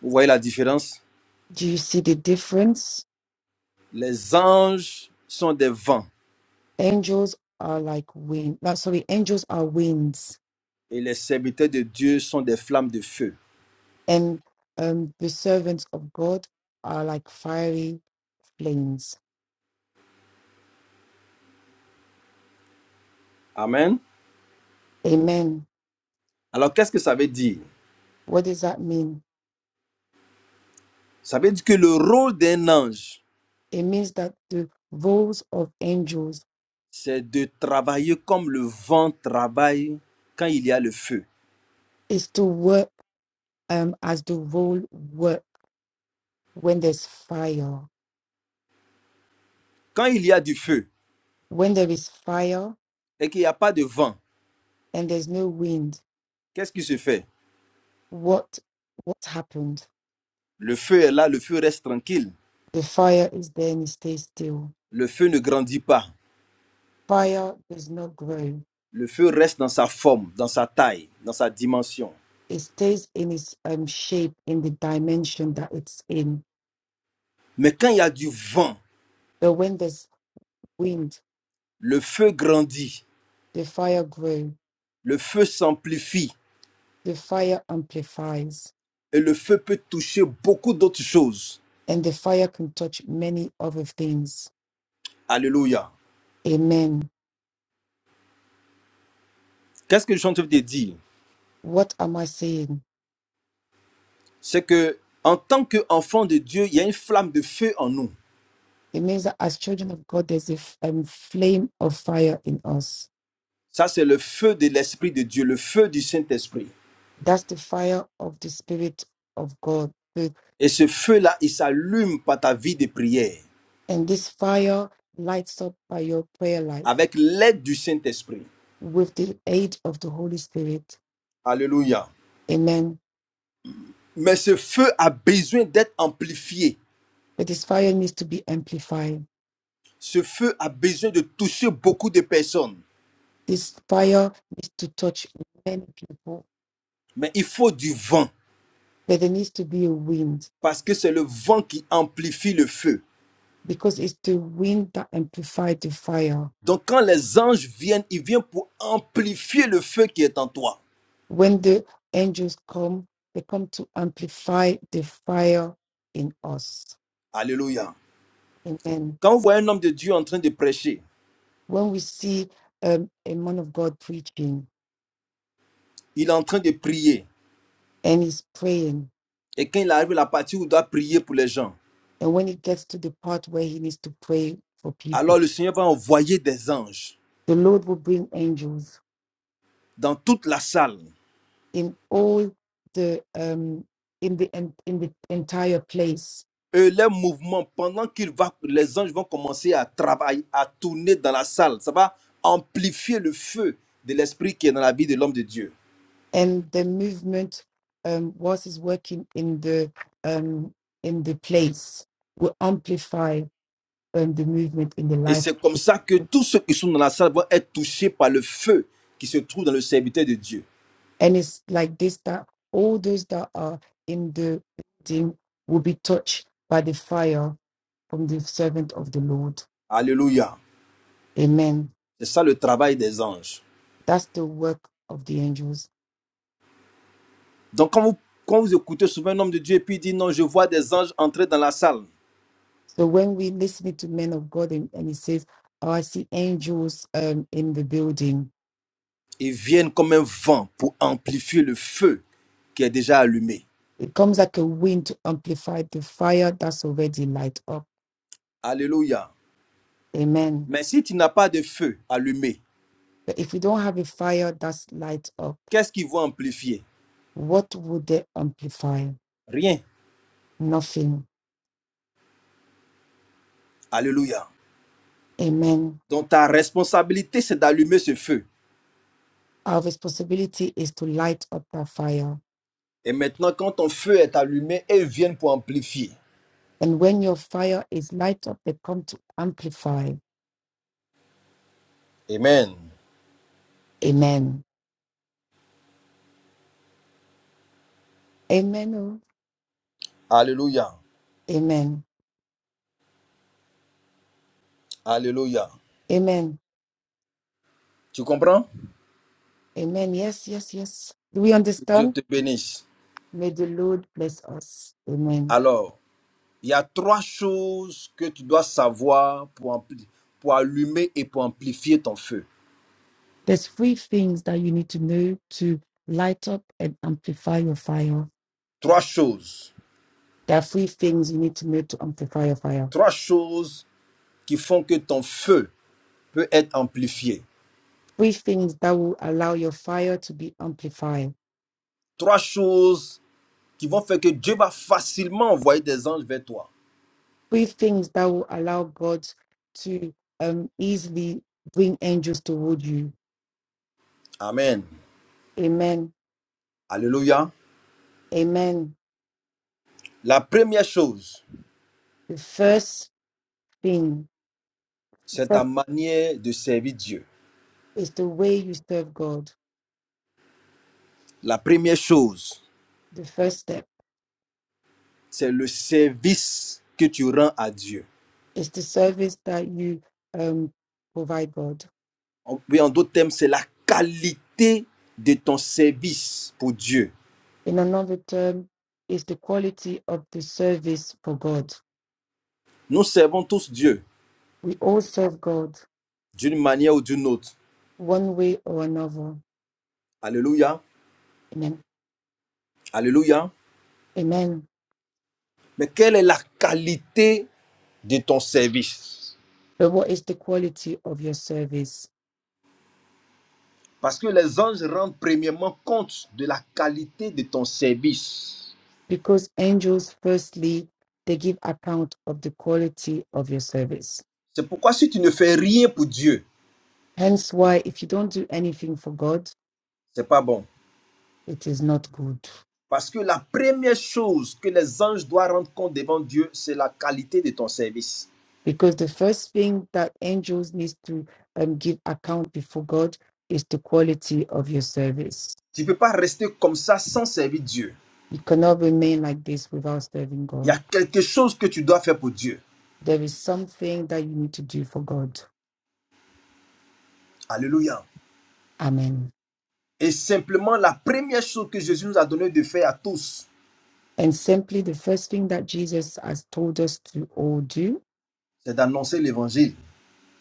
[SPEAKER 3] Vous voyez la différence
[SPEAKER 2] Do you see the difference?
[SPEAKER 3] Les anges sont des vents
[SPEAKER 2] Angels are like wind. No, sorry, angels are winds,
[SPEAKER 3] et les serviteurs de Dieu sont des flammes de feu.
[SPEAKER 2] and um, the servants of God are like fiery flames.
[SPEAKER 3] Amen.
[SPEAKER 2] Amen.
[SPEAKER 3] Alors, qu'est-ce que ça veut dire
[SPEAKER 2] What does that mean?
[SPEAKER 3] Ça veut dire que le rôle d'un ange,
[SPEAKER 2] It means that the roles of angels
[SPEAKER 3] c'est de travailler comme le vent travaille quand il y a le feu.
[SPEAKER 2] is to work um, as the role work when there's fire.
[SPEAKER 3] Quand il y a du feu
[SPEAKER 2] When there is fire
[SPEAKER 3] et qu'il n'y a pas de vent,
[SPEAKER 2] and there's no wind,
[SPEAKER 3] qu'est-ce qui se fait
[SPEAKER 2] What what happened?
[SPEAKER 3] Le feu est là, le feu reste tranquille.
[SPEAKER 2] The fire is there and it stays still.
[SPEAKER 3] Le feu ne grandit pas.
[SPEAKER 2] Fire does not grow.
[SPEAKER 3] Le feu reste dans sa forme, dans sa taille, dans sa dimension.
[SPEAKER 2] It stays in its um, shape in the dimension that it's in.
[SPEAKER 3] Mais quand il y a du vent,
[SPEAKER 2] But when there's wind,
[SPEAKER 3] le feu grandit,
[SPEAKER 2] the fire grows,
[SPEAKER 3] le feu s'amplifie
[SPEAKER 2] the fire amplifies,
[SPEAKER 3] et le feu peut toucher beaucoup d'autres choses.
[SPEAKER 2] and the fire can touch many other things.
[SPEAKER 3] Alléluia.
[SPEAKER 2] Amen.
[SPEAKER 3] Qu'est-ce que je suis en train de dire
[SPEAKER 2] What am I saying?
[SPEAKER 3] C'est que en tant qu'enfant de Dieu, il y a une flamme de feu en nous.
[SPEAKER 2] It means that as children of God, there's a f- um, flame of fire in us.
[SPEAKER 3] Ça, c'est le feu de l'Esprit de Dieu, le feu du Saint-Esprit.
[SPEAKER 2] That's the fire of the Spirit of God So
[SPEAKER 3] Et ce feu-là, il s'allume par ta vie de prière
[SPEAKER 2] And this fire lights up by your prayer life
[SPEAKER 3] avec l'aide du Saint-Esprit.
[SPEAKER 2] with the aid of the Holy Spirit.
[SPEAKER 3] Alléluia.
[SPEAKER 2] Amen.
[SPEAKER 3] Mais ce feu a besoin d'être amplifié.
[SPEAKER 2] But this fire needs to be amplified.
[SPEAKER 3] Ce feu a besoin de toucher beaucoup de personnes.
[SPEAKER 2] This fire needs to touch many people.
[SPEAKER 3] Mais il faut du vent,
[SPEAKER 2] But there needs to be a wind
[SPEAKER 3] parce que c'est le vent qui amplifie le feu.
[SPEAKER 2] because it's the wind that amplifies the fire.
[SPEAKER 3] Donc quand les anges viennent, ils viennent pour amplifier le feu qui est en toi.
[SPEAKER 2] When the angels come, they come to amplify the fire in us.
[SPEAKER 3] Alléluia.
[SPEAKER 2] Amen.
[SPEAKER 3] Quand vous voyez un homme de Dieu en train de prêcher,
[SPEAKER 2] When we see um, a man of God preaching
[SPEAKER 3] il est en train de prier.
[SPEAKER 2] and he's praying,
[SPEAKER 3] Et quand il arrive à la partie où il doit prier pour les gens,
[SPEAKER 2] And when it gets to the part where he needs to pray for people,
[SPEAKER 3] alors le Seigneur va envoyer des anges
[SPEAKER 2] the Lord will bring angels
[SPEAKER 3] dans toute la salle
[SPEAKER 2] in all the um in the en- in the entire place.
[SPEAKER 3] Et les mouvements, pendant qu'il va, les anges vont commencer à travailler, à tourner dans la salle. Ça va amplifier le feu de l'esprit qui est dans la vie de l'homme de Dieu.
[SPEAKER 2] And the movement um whilst he's working in the um in the place will amplify um, the movement in the
[SPEAKER 3] Et
[SPEAKER 2] life.
[SPEAKER 3] c'est comme ça que tous ceux qui sont dans la salle vont être touchés par le feu qui se trouve dans le serviteur de Dieu.
[SPEAKER 2] And it's like this that all those that are in the building will be touched by the fire from the servant of the Lord.
[SPEAKER 3] Alléluia.
[SPEAKER 2] Amen.
[SPEAKER 3] C'est ça le travail des anges.
[SPEAKER 2] That's the work of the angels.
[SPEAKER 3] Donc quand vous, quand vous écoutez souvent un homme de Dieu et puis il dit non, je vois des anges entrer dans la salle,
[SPEAKER 2] So when we listen to men of God and, and he says, Oh, I see angels um, in the building,
[SPEAKER 3] ils viennent comme un vent pour amplifier le feu qui est déjà allumé.
[SPEAKER 2] it comes like a wind to amplify the fire that's already light up.
[SPEAKER 3] Alléluia.
[SPEAKER 2] Amen.
[SPEAKER 3] Mais si tu n'as pas de feu allumé,
[SPEAKER 2] But if we don't have a fire that's light up,
[SPEAKER 3] Qu'est-ce qu'ils vont amplifier
[SPEAKER 2] what would they amplify?
[SPEAKER 3] Rien.
[SPEAKER 2] Nothing.
[SPEAKER 3] Alléluia.
[SPEAKER 2] Amen.
[SPEAKER 3] Donc ta responsabilité, c'est d'allumer ce feu.
[SPEAKER 2] Our responsibility is to light up that fire.
[SPEAKER 3] Et maintenant, quand ton feu est allumé, ils viennent pour amplifier.
[SPEAKER 2] And when your fire is light up, they come to amplify.
[SPEAKER 3] Amen.
[SPEAKER 2] Amen. Amen. oh.
[SPEAKER 3] Alléluia.
[SPEAKER 2] Amen.
[SPEAKER 3] Alléluia.
[SPEAKER 2] Amen.
[SPEAKER 3] Tu comprends
[SPEAKER 2] Amen. Yes, yes, yes. Do we
[SPEAKER 3] Dieu
[SPEAKER 2] understand?
[SPEAKER 3] te bénisse.
[SPEAKER 2] May the Lord bless us. Amen.
[SPEAKER 3] Alors, il y a trois choses que tu dois savoir pour, ampli- pour allumer et pour amplifier ton feu.
[SPEAKER 2] There's three things that you need to know to light up and amplify your fire.
[SPEAKER 3] Trois choses.
[SPEAKER 2] There are three things you need to know to amplify your fire.
[SPEAKER 3] Trois choses qui font que ton feu peut être amplifié.
[SPEAKER 2] Three things that will allow your fire to be amplified.
[SPEAKER 3] Trois choses qui vont faire que Dieu va facilement envoyer des anges vers toi.
[SPEAKER 2] Three things that will allow God to um, easily bring angels toward you.
[SPEAKER 3] Amen.
[SPEAKER 2] Amen.
[SPEAKER 3] Alléluia.
[SPEAKER 2] Amen.
[SPEAKER 3] La première chose,
[SPEAKER 2] The first thing, the
[SPEAKER 3] c'est ta
[SPEAKER 2] first
[SPEAKER 3] manière de servir Dieu.
[SPEAKER 2] is the way you serve God.
[SPEAKER 3] La première chose,
[SPEAKER 2] The first step
[SPEAKER 3] c'est le service que tu rends à Dieu.
[SPEAKER 2] It's the service that you um, provide God.
[SPEAKER 3] En, oui, en d'autres termes, c'est la qualité de ton service pour Dieu.
[SPEAKER 2] In another term, it's the quality of the service for God.
[SPEAKER 3] Nous servons tous Dieu
[SPEAKER 2] We all serve God
[SPEAKER 3] d'une manière ou d'une autre.
[SPEAKER 2] one way or another.
[SPEAKER 3] Alléluia.
[SPEAKER 2] Amen.
[SPEAKER 3] Alléluia.
[SPEAKER 2] Amen.
[SPEAKER 3] Mais quelle est la qualité de ton service
[SPEAKER 2] But what is the quality of your service?
[SPEAKER 3] Parce que les anges rendent premièrement compte de la qualité de ton service.
[SPEAKER 2] Because angels, firstly, they give account of the quality of your service.
[SPEAKER 3] C'est pourquoi si tu ne fais rien pour Dieu,
[SPEAKER 2] Hence, why if you don't do anything for God,
[SPEAKER 3] c'est pas bon.
[SPEAKER 2] it is not good.
[SPEAKER 3] Parce que la première chose que les anges doivent rendre compte devant Dieu, c'est la qualité de ton service.
[SPEAKER 2] because the first thing that angels needs to um, give account before God is the quality of your service.
[SPEAKER 3] Tu ne peux pas rester comme ça sans servir Dieu.
[SPEAKER 2] You cannot remain like this without serving
[SPEAKER 3] Il y a
[SPEAKER 2] God.
[SPEAKER 3] quelque chose que tu dois faire pour Dieu.
[SPEAKER 2] There is something that you need to do for God.
[SPEAKER 3] Alléluia.
[SPEAKER 2] Amen.
[SPEAKER 3] Et simplement, la première chose que Jésus nous a donné de faire à tous,
[SPEAKER 2] And simply the first thing that Jesus has told us to all do
[SPEAKER 3] c'est d'annoncer l'évangile.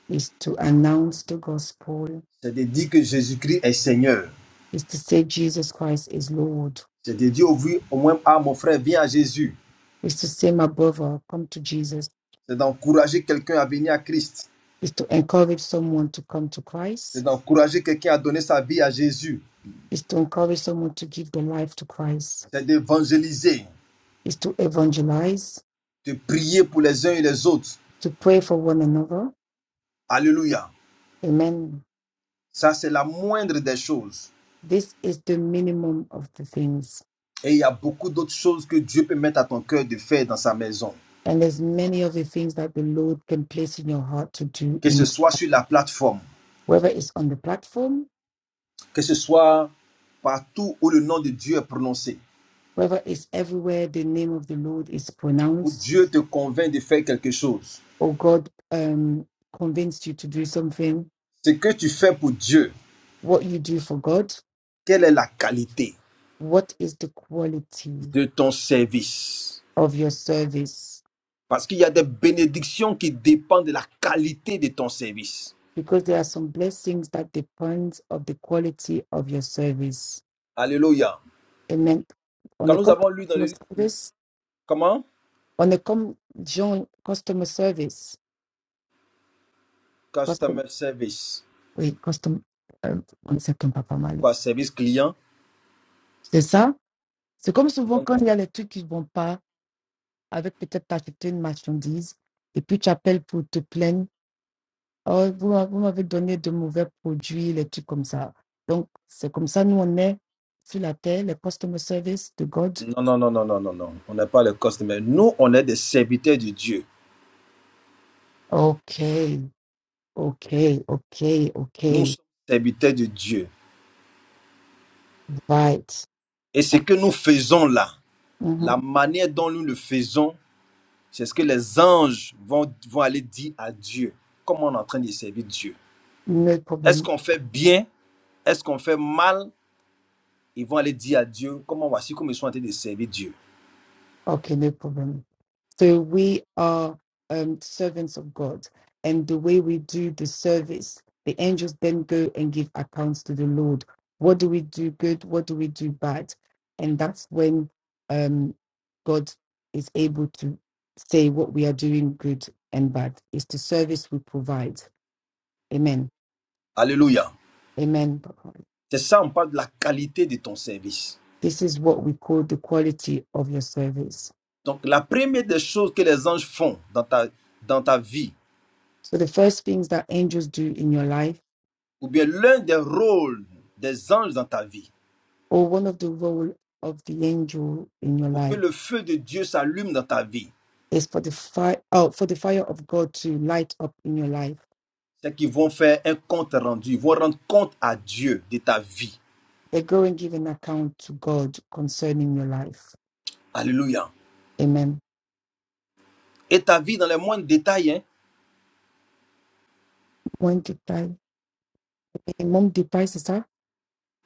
[SPEAKER 2] is to announce the gospel,
[SPEAKER 3] C'est de dire que Jésus-Christ est Seigneur.
[SPEAKER 2] is to say Jesus Christ is Lord,
[SPEAKER 3] C'est de dire au, au moins, ah mon frère, viens à Jésus.
[SPEAKER 2] is to say my brother, come to Jesus,
[SPEAKER 3] c'est d'encourager quelqu'un à venir à Christ,
[SPEAKER 2] is to encourage someone to come to Christ
[SPEAKER 3] c'est d'encourager quelqu'un à donner sa vie à Jésus,
[SPEAKER 2] is to encourage someone to give their life to Christ,
[SPEAKER 3] c'est d'évangéliser,
[SPEAKER 2] is to evangelize,
[SPEAKER 3] de prier pour les uns et les autres.
[SPEAKER 2] to pray for one another.
[SPEAKER 3] Alléluia.
[SPEAKER 2] Amen.
[SPEAKER 3] Ça, c'est la moindre des choses.
[SPEAKER 2] This is the minimum of the things.
[SPEAKER 3] Et il y a beaucoup d'autres choses que Dieu peut mettre à ton cœur de faire dans sa maison,
[SPEAKER 2] And there's many of the things that the Lord can place in your heart to do
[SPEAKER 3] que ce
[SPEAKER 2] in
[SPEAKER 3] soit sur la plateforme,
[SPEAKER 2] whether it's on the platform,
[SPEAKER 3] que ce soit partout où le nom de Dieu est prononcé,
[SPEAKER 2] whether it's everywhere the name of the Lord is
[SPEAKER 3] où
[SPEAKER 2] pronounced,
[SPEAKER 3] Dieu te convainc de faire quelque chose.
[SPEAKER 2] or God um, convinced you to do something,
[SPEAKER 3] Ce que tu fais pour Dieu,
[SPEAKER 2] what you do for God,
[SPEAKER 3] quelle est la qualité
[SPEAKER 2] what is the quality
[SPEAKER 3] de ton service
[SPEAKER 2] of your service
[SPEAKER 3] Parce qu'il y a des bénédictions qui dépendent de la qualité de ton service.
[SPEAKER 2] because there are some blessings that depends of the quality of your service.
[SPEAKER 3] Alléluia.
[SPEAKER 2] Amen. On
[SPEAKER 3] Quand
[SPEAKER 2] the
[SPEAKER 3] nous avons lu dans
[SPEAKER 2] customer
[SPEAKER 3] le...
[SPEAKER 2] service,
[SPEAKER 3] Comment
[SPEAKER 2] on the com- John customer service, custom,
[SPEAKER 3] Customer service.
[SPEAKER 2] oui, custom, euh, on s'entend pas pas mal.
[SPEAKER 3] Quoi, service client
[SPEAKER 2] C'est ça? C'est comme souvent
[SPEAKER 3] Non,
[SPEAKER 2] quand il y a les trucs qui ne vont pas, avec peut-être t'acheter une marchandise, et puis tu appelles pour te plaindre. Oh, vous m'a- vous m'avez donné de mauvais produits, les trucs comme ça. Donc, c'est comme ça, nous, on est sur la terre, le customer service de God.
[SPEAKER 3] non, non, non, non, non. non. non. On n'est pas les customers. Nous, on est des serviteurs de Dieu.
[SPEAKER 2] OK, Okay, okay,
[SPEAKER 3] Nous
[SPEAKER 2] okay.
[SPEAKER 3] sommes serviteurs de Dieu.
[SPEAKER 2] Right.
[SPEAKER 3] Et ce que nous faisons là,
[SPEAKER 2] Mhm.
[SPEAKER 3] la manière dont nous le faisons, c'est ce que les anges vont, vont aller dire à Dieu. Comment on est en train de servir Dieu.
[SPEAKER 2] No
[SPEAKER 3] Est-ce
[SPEAKER 2] problem.
[SPEAKER 3] qu'on fait bien Est-ce qu'on fait mal ils vont aller dire à Dieu, comment voici comme ils sont en train de servir Dieu.
[SPEAKER 2] Okay, no problem. So we are um, servants of God, and the way we do the service, the angels then go and give accounts to the Lord. What do we do good? What do we do bad? And that's when um, God is able to say what we are doing good and bad. It's the service we provide. Amen.
[SPEAKER 3] Alléluia.
[SPEAKER 2] Amen.
[SPEAKER 3] C'est ça, on parle de la qualité de ton service.
[SPEAKER 2] This is what we call the quality of your service.
[SPEAKER 3] Donc, la première des choses que les anges font dans ta, dans ta vie,
[SPEAKER 2] So the first things that angels do in your life,
[SPEAKER 3] ou bien l'un des rôles des anges dans ta vie,
[SPEAKER 2] or one of the role of the angel in your
[SPEAKER 3] pour que
[SPEAKER 2] life,
[SPEAKER 3] le feu de Dieu s'allume dans ta vie,
[SPEAKER 2] is for the fire oh, for the fire of God to light up in your life.
[SPEAKER 3] c'est qu'ils vont faire un compte rendu. Ils vont rendre compte à Dieu de ta vie.
[SPEAKER 2] They go and give an account to God concerning your life.
[SPEAKER 3] Alléluia.
[SPEAKER 2] Amen.
[SPEAKER 3] Et ta vie dans les moindres détails, hein?
[SPEAKER 2] When did I? eh, Mom, did I, sister?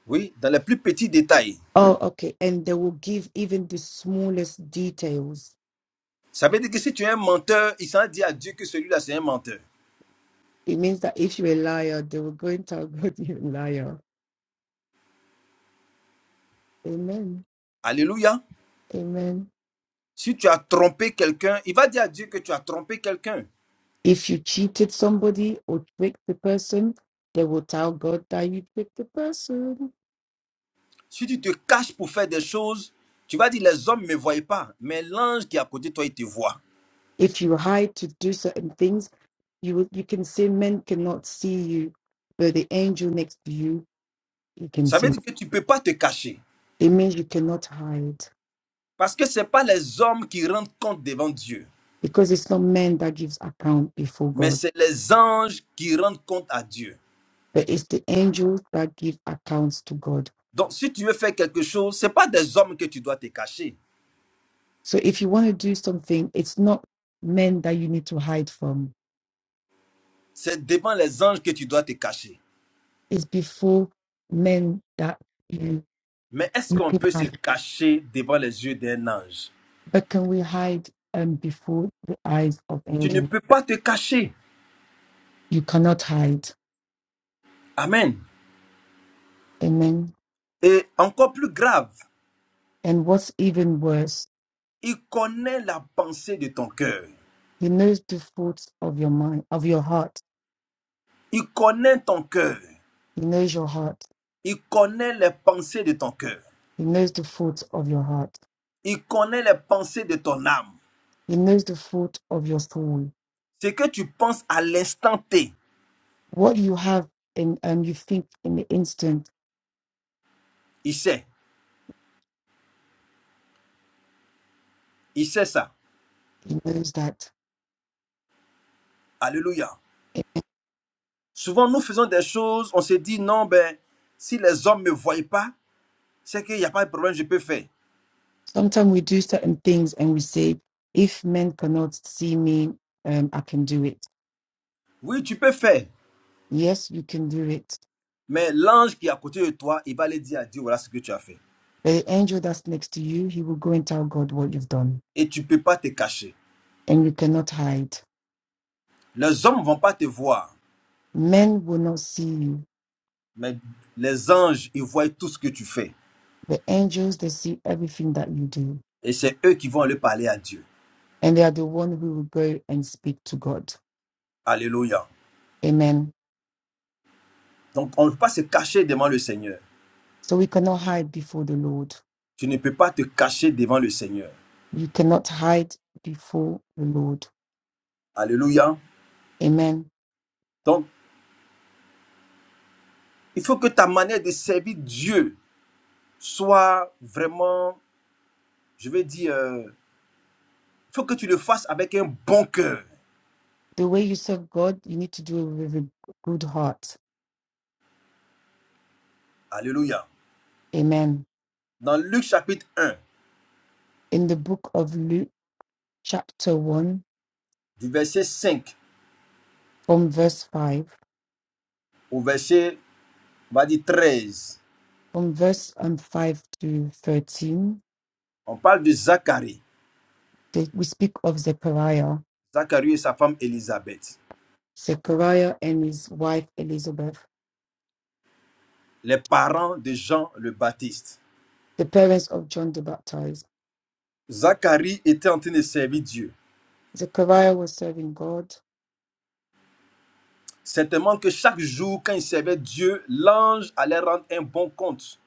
[SPEAKER 3] oui, dans les plus petits détails.
[SPEAKER 2] Oh, okay. And they will give even the smallest details.
[SPEAKER 3] Ça veut dire que si tu es un menteur, il s'en dit à Dieu que celui-là, c'est un menteur.
[SPEAKER 2] It means that if you're a liar, they will go and tell God you're a liar. Amen.
[SPEAKER 3] Alléluia.
[SPEAKER 2] Amen.
[SPEAKER 3] Si tu as trompé quelqu'un, il va dire à Dieu que tu as trompé quelqu'un.
[SPEAKER 2] If you cheated somebody or tricked the person, they will tell God that you tricked the person.
[SPEAKER 3] Si tu te caches pour faire des choses, tu vas dire les hommes ne me voient pas, mais l'ange qui est à côté de toi, il te voit.
[SPEAKER 2] If you hide to do certain things, you will, you can say men cannot see you, but the angel next to you, you can
[SPEAKER 3] Ça veut
[SPEAKER 2] see.
[SPEAKER 3] dire que tu ne peux pas te cacher.
[SPEAKER 2] It means you cannot hide
[SPEAKER 3] Parce que ce n'est pas les hommes qui rendent compte devant Dieu,
[SPEAKER 2] because it's not men that gives account before
[SPEAKER 3] mais
[SPEAKER 2] God,
[SPEAKER 3] c'est les anges qui rendent compte à Dieu.
[SPEAKER 2] but it's the angels that give accounts to God.
[SPEAKER 3] Donc si tu veux faire quelque chose, ce n'est pas des hommes que tu dois te cacher,
[SPEAKER 2] So if you want to do something, it's not men that you need to hide from.
[SPEAKER 3] c'est devant les anges que tu dois te cacher.
[SPEAKER 2] It's before men that you
[SPEAKER 3] Mais est-ce
[SPEAKER 2] you
[SPEAKER 3] qu'on
[SPEAKER 2] can
[SPEAKER 3] peut se
[SPEAKER 2] hide.
[SPEAKER 3] cacher devant les yeux d'un ange
[SPEAKER 2] But can we hide um, before the eyes of
[SPEAKER 3] Tu ne
[SPEAKER 2] angels?
[SPEAKER 3] peux pas te cacher.
[SPEAKER 2] You cannot hide.
[SPEAKER 3] Amen.
[SPEAKER 2] Amen.
[SPEAKER 3] Et encore plus grave,
[SPEAKER 2] And what's even worse,
[SPEAKER 3] il connaît la pensée de ton cœur.
[SPEAKER 2] he knows the thoughts of your mind, of your heart.
[SPEAKER 3] Il connaît ton cœur.
[SPEAKER 2] He knows your heart.
[SPEAKER 3] Il connaît les pensées de ton cœur.
[SPEAKER 2] He knows the thoughts of your heart.
[SPEAKER 3] Il connaît les pensées de ton âme.
[SPEAKER 2] He knows the thought of your soul.
[SPEAKER 3] Ce que tu penses à l'instant T,
[SPEAKER 2] What you have in and um, you think in the instant,
[SPEAKER 3] il sait. Il sait ça.
[SPEAKER 2] he knows that.
[SPEAKER 3] Alléluia. Souvent, nous faisons des choses, on se dit, non, ben, si les hommes ne me voient pas, c'est qu'il n'y a pas de problème, je peux faire.
[SPEAKER 2] Sometimes we do certain things and we say, if men cannot see me, um, I can do it.
[SPEAKER 3] Oui, tu peux faire.
[SPEAKER 2] Yes, you can do it
[SPEAKER 3] Mais l'ange qui est à côté de toi, il va aller dire à Dieu, voilà ce que tu as fait.
[SPEAKER 2] The angel that's next to you, he will go and tell God what you've done,
[SPEAKER 3] Et tu ne peux pas te cacher.
[SPEAKER 2] and you cannot hide.
[SPEAKER 3] Les hommes ne vont pas te voir.
[SPEAKER 2] Men will not see you.
[SPEAKER 3] Mais les anges, ils voient tout ce que tu fais.
[SPEAKER 2] The angels, they see everything that you do,
[SPEAKER 3] Et c'est eux qui vont aller parler à Dieu.
[SPEAKER 2] and they are the one who will go and speak to God.
[SPEAKER 3] Alléluia.
[SPEAKER 2] Amen.
[SPEAKER 3] Donc, on ne peut pas se cacher devant le Seigneur.
[SPEAKER 2] So we cannot hide before the Lord.
[SPEAKER 3] Tu ne peux pas te cacher devant le Seigneur.
[SPEAKER 2] You cannot hide before the Lord.
[SPEAKER 3] Alléluia.
[SPEAKER 2] Amen.
[SPEAKER 3] Donc, il faut que ta manière de servir Dieu soit vraiment, je vais dire, euh, il faut que tu le fasses avec un bon cœur.
[SPEAKER 2] The way you serve God, you need to do it with a good heart.
[SPEAKER 3] Alléluia.
[SPEAKER 2] Amen.
[SPEAKER 3] Dans Luc chapitre un
[SPEAKER 2] In the book of Luke, chapter 1,
[SPEAKER 3] du verset 5
[SPEAKER 2] from verse 5,
[SPEAKER 3] au verset, on va dire 13,
[SPEAKER 2] from verse um, 5 to 13,
[SPEAKER 3] on parle de Zacharie.
[SPEAKER 2] the- we speak of Zechariah,
[SPEAKER 3] Zacharie et sa femme Élisabeth.
[SPEAKER 2] Zechariah and his wife Elizabeth,
[SPEAKER 3] les parents de Jean le Baptiste.
[SPEAKER 2] the parents of John the Baptist.
[SPEAKER 3] Zacharie était en train de servir Dieu.
[SPEAKER 2] Zechariah was serving God.
[SPEAKER 3] Certainement que chaque jour, quand il servait Dieu, l'ange allait rendre un bon compte.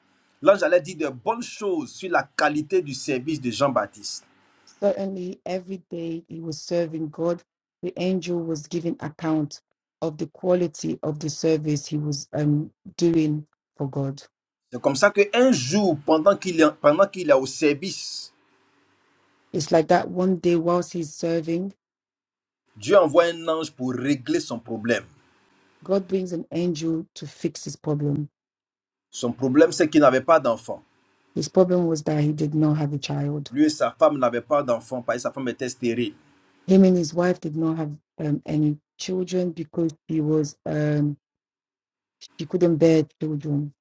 [SPEAKER 3] L'ange allait dire de bonnes choses sur la qualité du service de Jean-Baptiste.
[SPEAKER 2] Certainly, every day he was serving God, the angel was giving account of the quality of the service he was um, doing for God.
[SPEAKER 3] C'est comme ça qu'un jour, pendant qu'il est, pendant qu'il est au service,
[SPEAKER 2] It's like that one day, whilst he's serving,
[SPEAKER 3] Dieu envoie un ange pour régler son problème.
[SPEAKER 2] God brings an angel to fix his problem.
[SPEAKER 3] Son problème, c'est qu'il n'avait pas d'enfant.
[SPEAKER 2] His problem was that he did not have a child
[SPEAKER 3] Lui et sa femme n'avaient pas d'enfant parce que sa femme était stérile.
[SPEAKER 2] him and his wife did not have um, any children because he was um, she couldn't bear children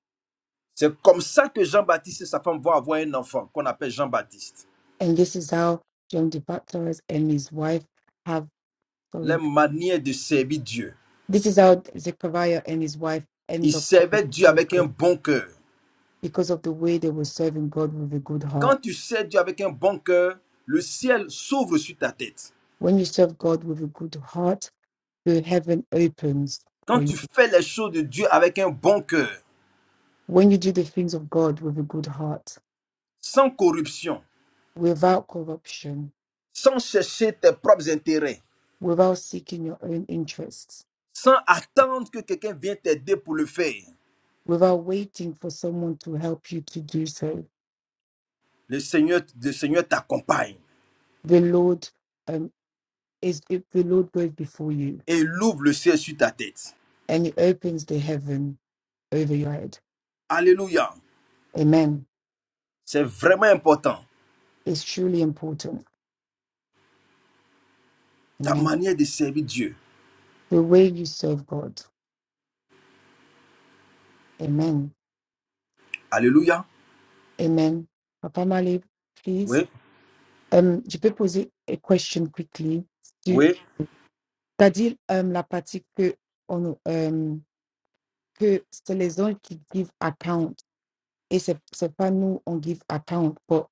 [SPEAKER 3] C'est comme ça que Jean-Baptiste et sa femme vont avoir un enfant qu'on appelle Jean-Baptiste.
[SPEAKER 2] and this is how john de Patras and his wife have
[SPEAKER 3] les
[SPEAKER 2] sorry
[SPEAKER 3] manières de servir Dieu.
[SPEAKER 2] this is how zechariah and his wife
[SPEAKER 3] Il
[SPEAKER 2] end up
[SPEAKER 3] servait Dieu avec un bon cœur.
[SPEAKER 2] because of the way they were serving god with a good
[SPEAKER 3] Quand
[SPEAKER 2] heart
[SPEAKER 3] tu sers Dieu avec un bon cœur, le ciel s'ouvre sur ta tête.
[SPEAKER 2] when you serve god with a good heart the heaven opens
[SPEAKER 3] Quand
[SPEAKER 2] for
[SPEAKER 3] tu
[SPEAKER 2] you
[SPEAKER 3] fais les choses de Dieu avec un bon cœur,
[SPEAKER 2] when you do the things of god with a good heart
[SPEAKER 3] sans corruption,
[SPEAKER 2] without corruption
[SPEAKER 3] sans chercher tes propres intérêts,
[SPEAKER 2] without seeking your own interests
[SPEAKER 3] sans attendre que quelqu'un vienne t'aider pour le faire,
[SPEAKER 2] without waiting for someone to help you to do so.
[SPEAKER 3] le Seigneur, le Seigneur t'accompagne
[SPEAKER 2] The Lord um, is if the Lord goes before you
[SPEAKER 3] et il ouvre le ciel sur ta tête.
[SPEAKER 2] and He opens the heaven over your head.
[SPEAKER 3] Alléluia.
[SPEAKER 2] Amen.
[SPEAKER 3] C'est vraiment important.
[SPEAKER 2] It's truly important.
[SPEAKER 3] Ta
[SPEAKER 2] Amen.
[SPEAKER 3] manière de servir Dieu.
[SPEAKER 2] The way you serve God. Amen.
[SPEAKER 3] Alléluia.
[SPEAKER 2] Amen. Papa Mali, please.
[SPEAKER 3] Oui,
[SPEAKER 2] Um, je peux poser a question quickly. Tu
[SPEAKER 3] oui.
[SPEAKER 2] as dit um, la partie que on um, que c'est les anges qui give account et c'est c'est pas nous on give account. but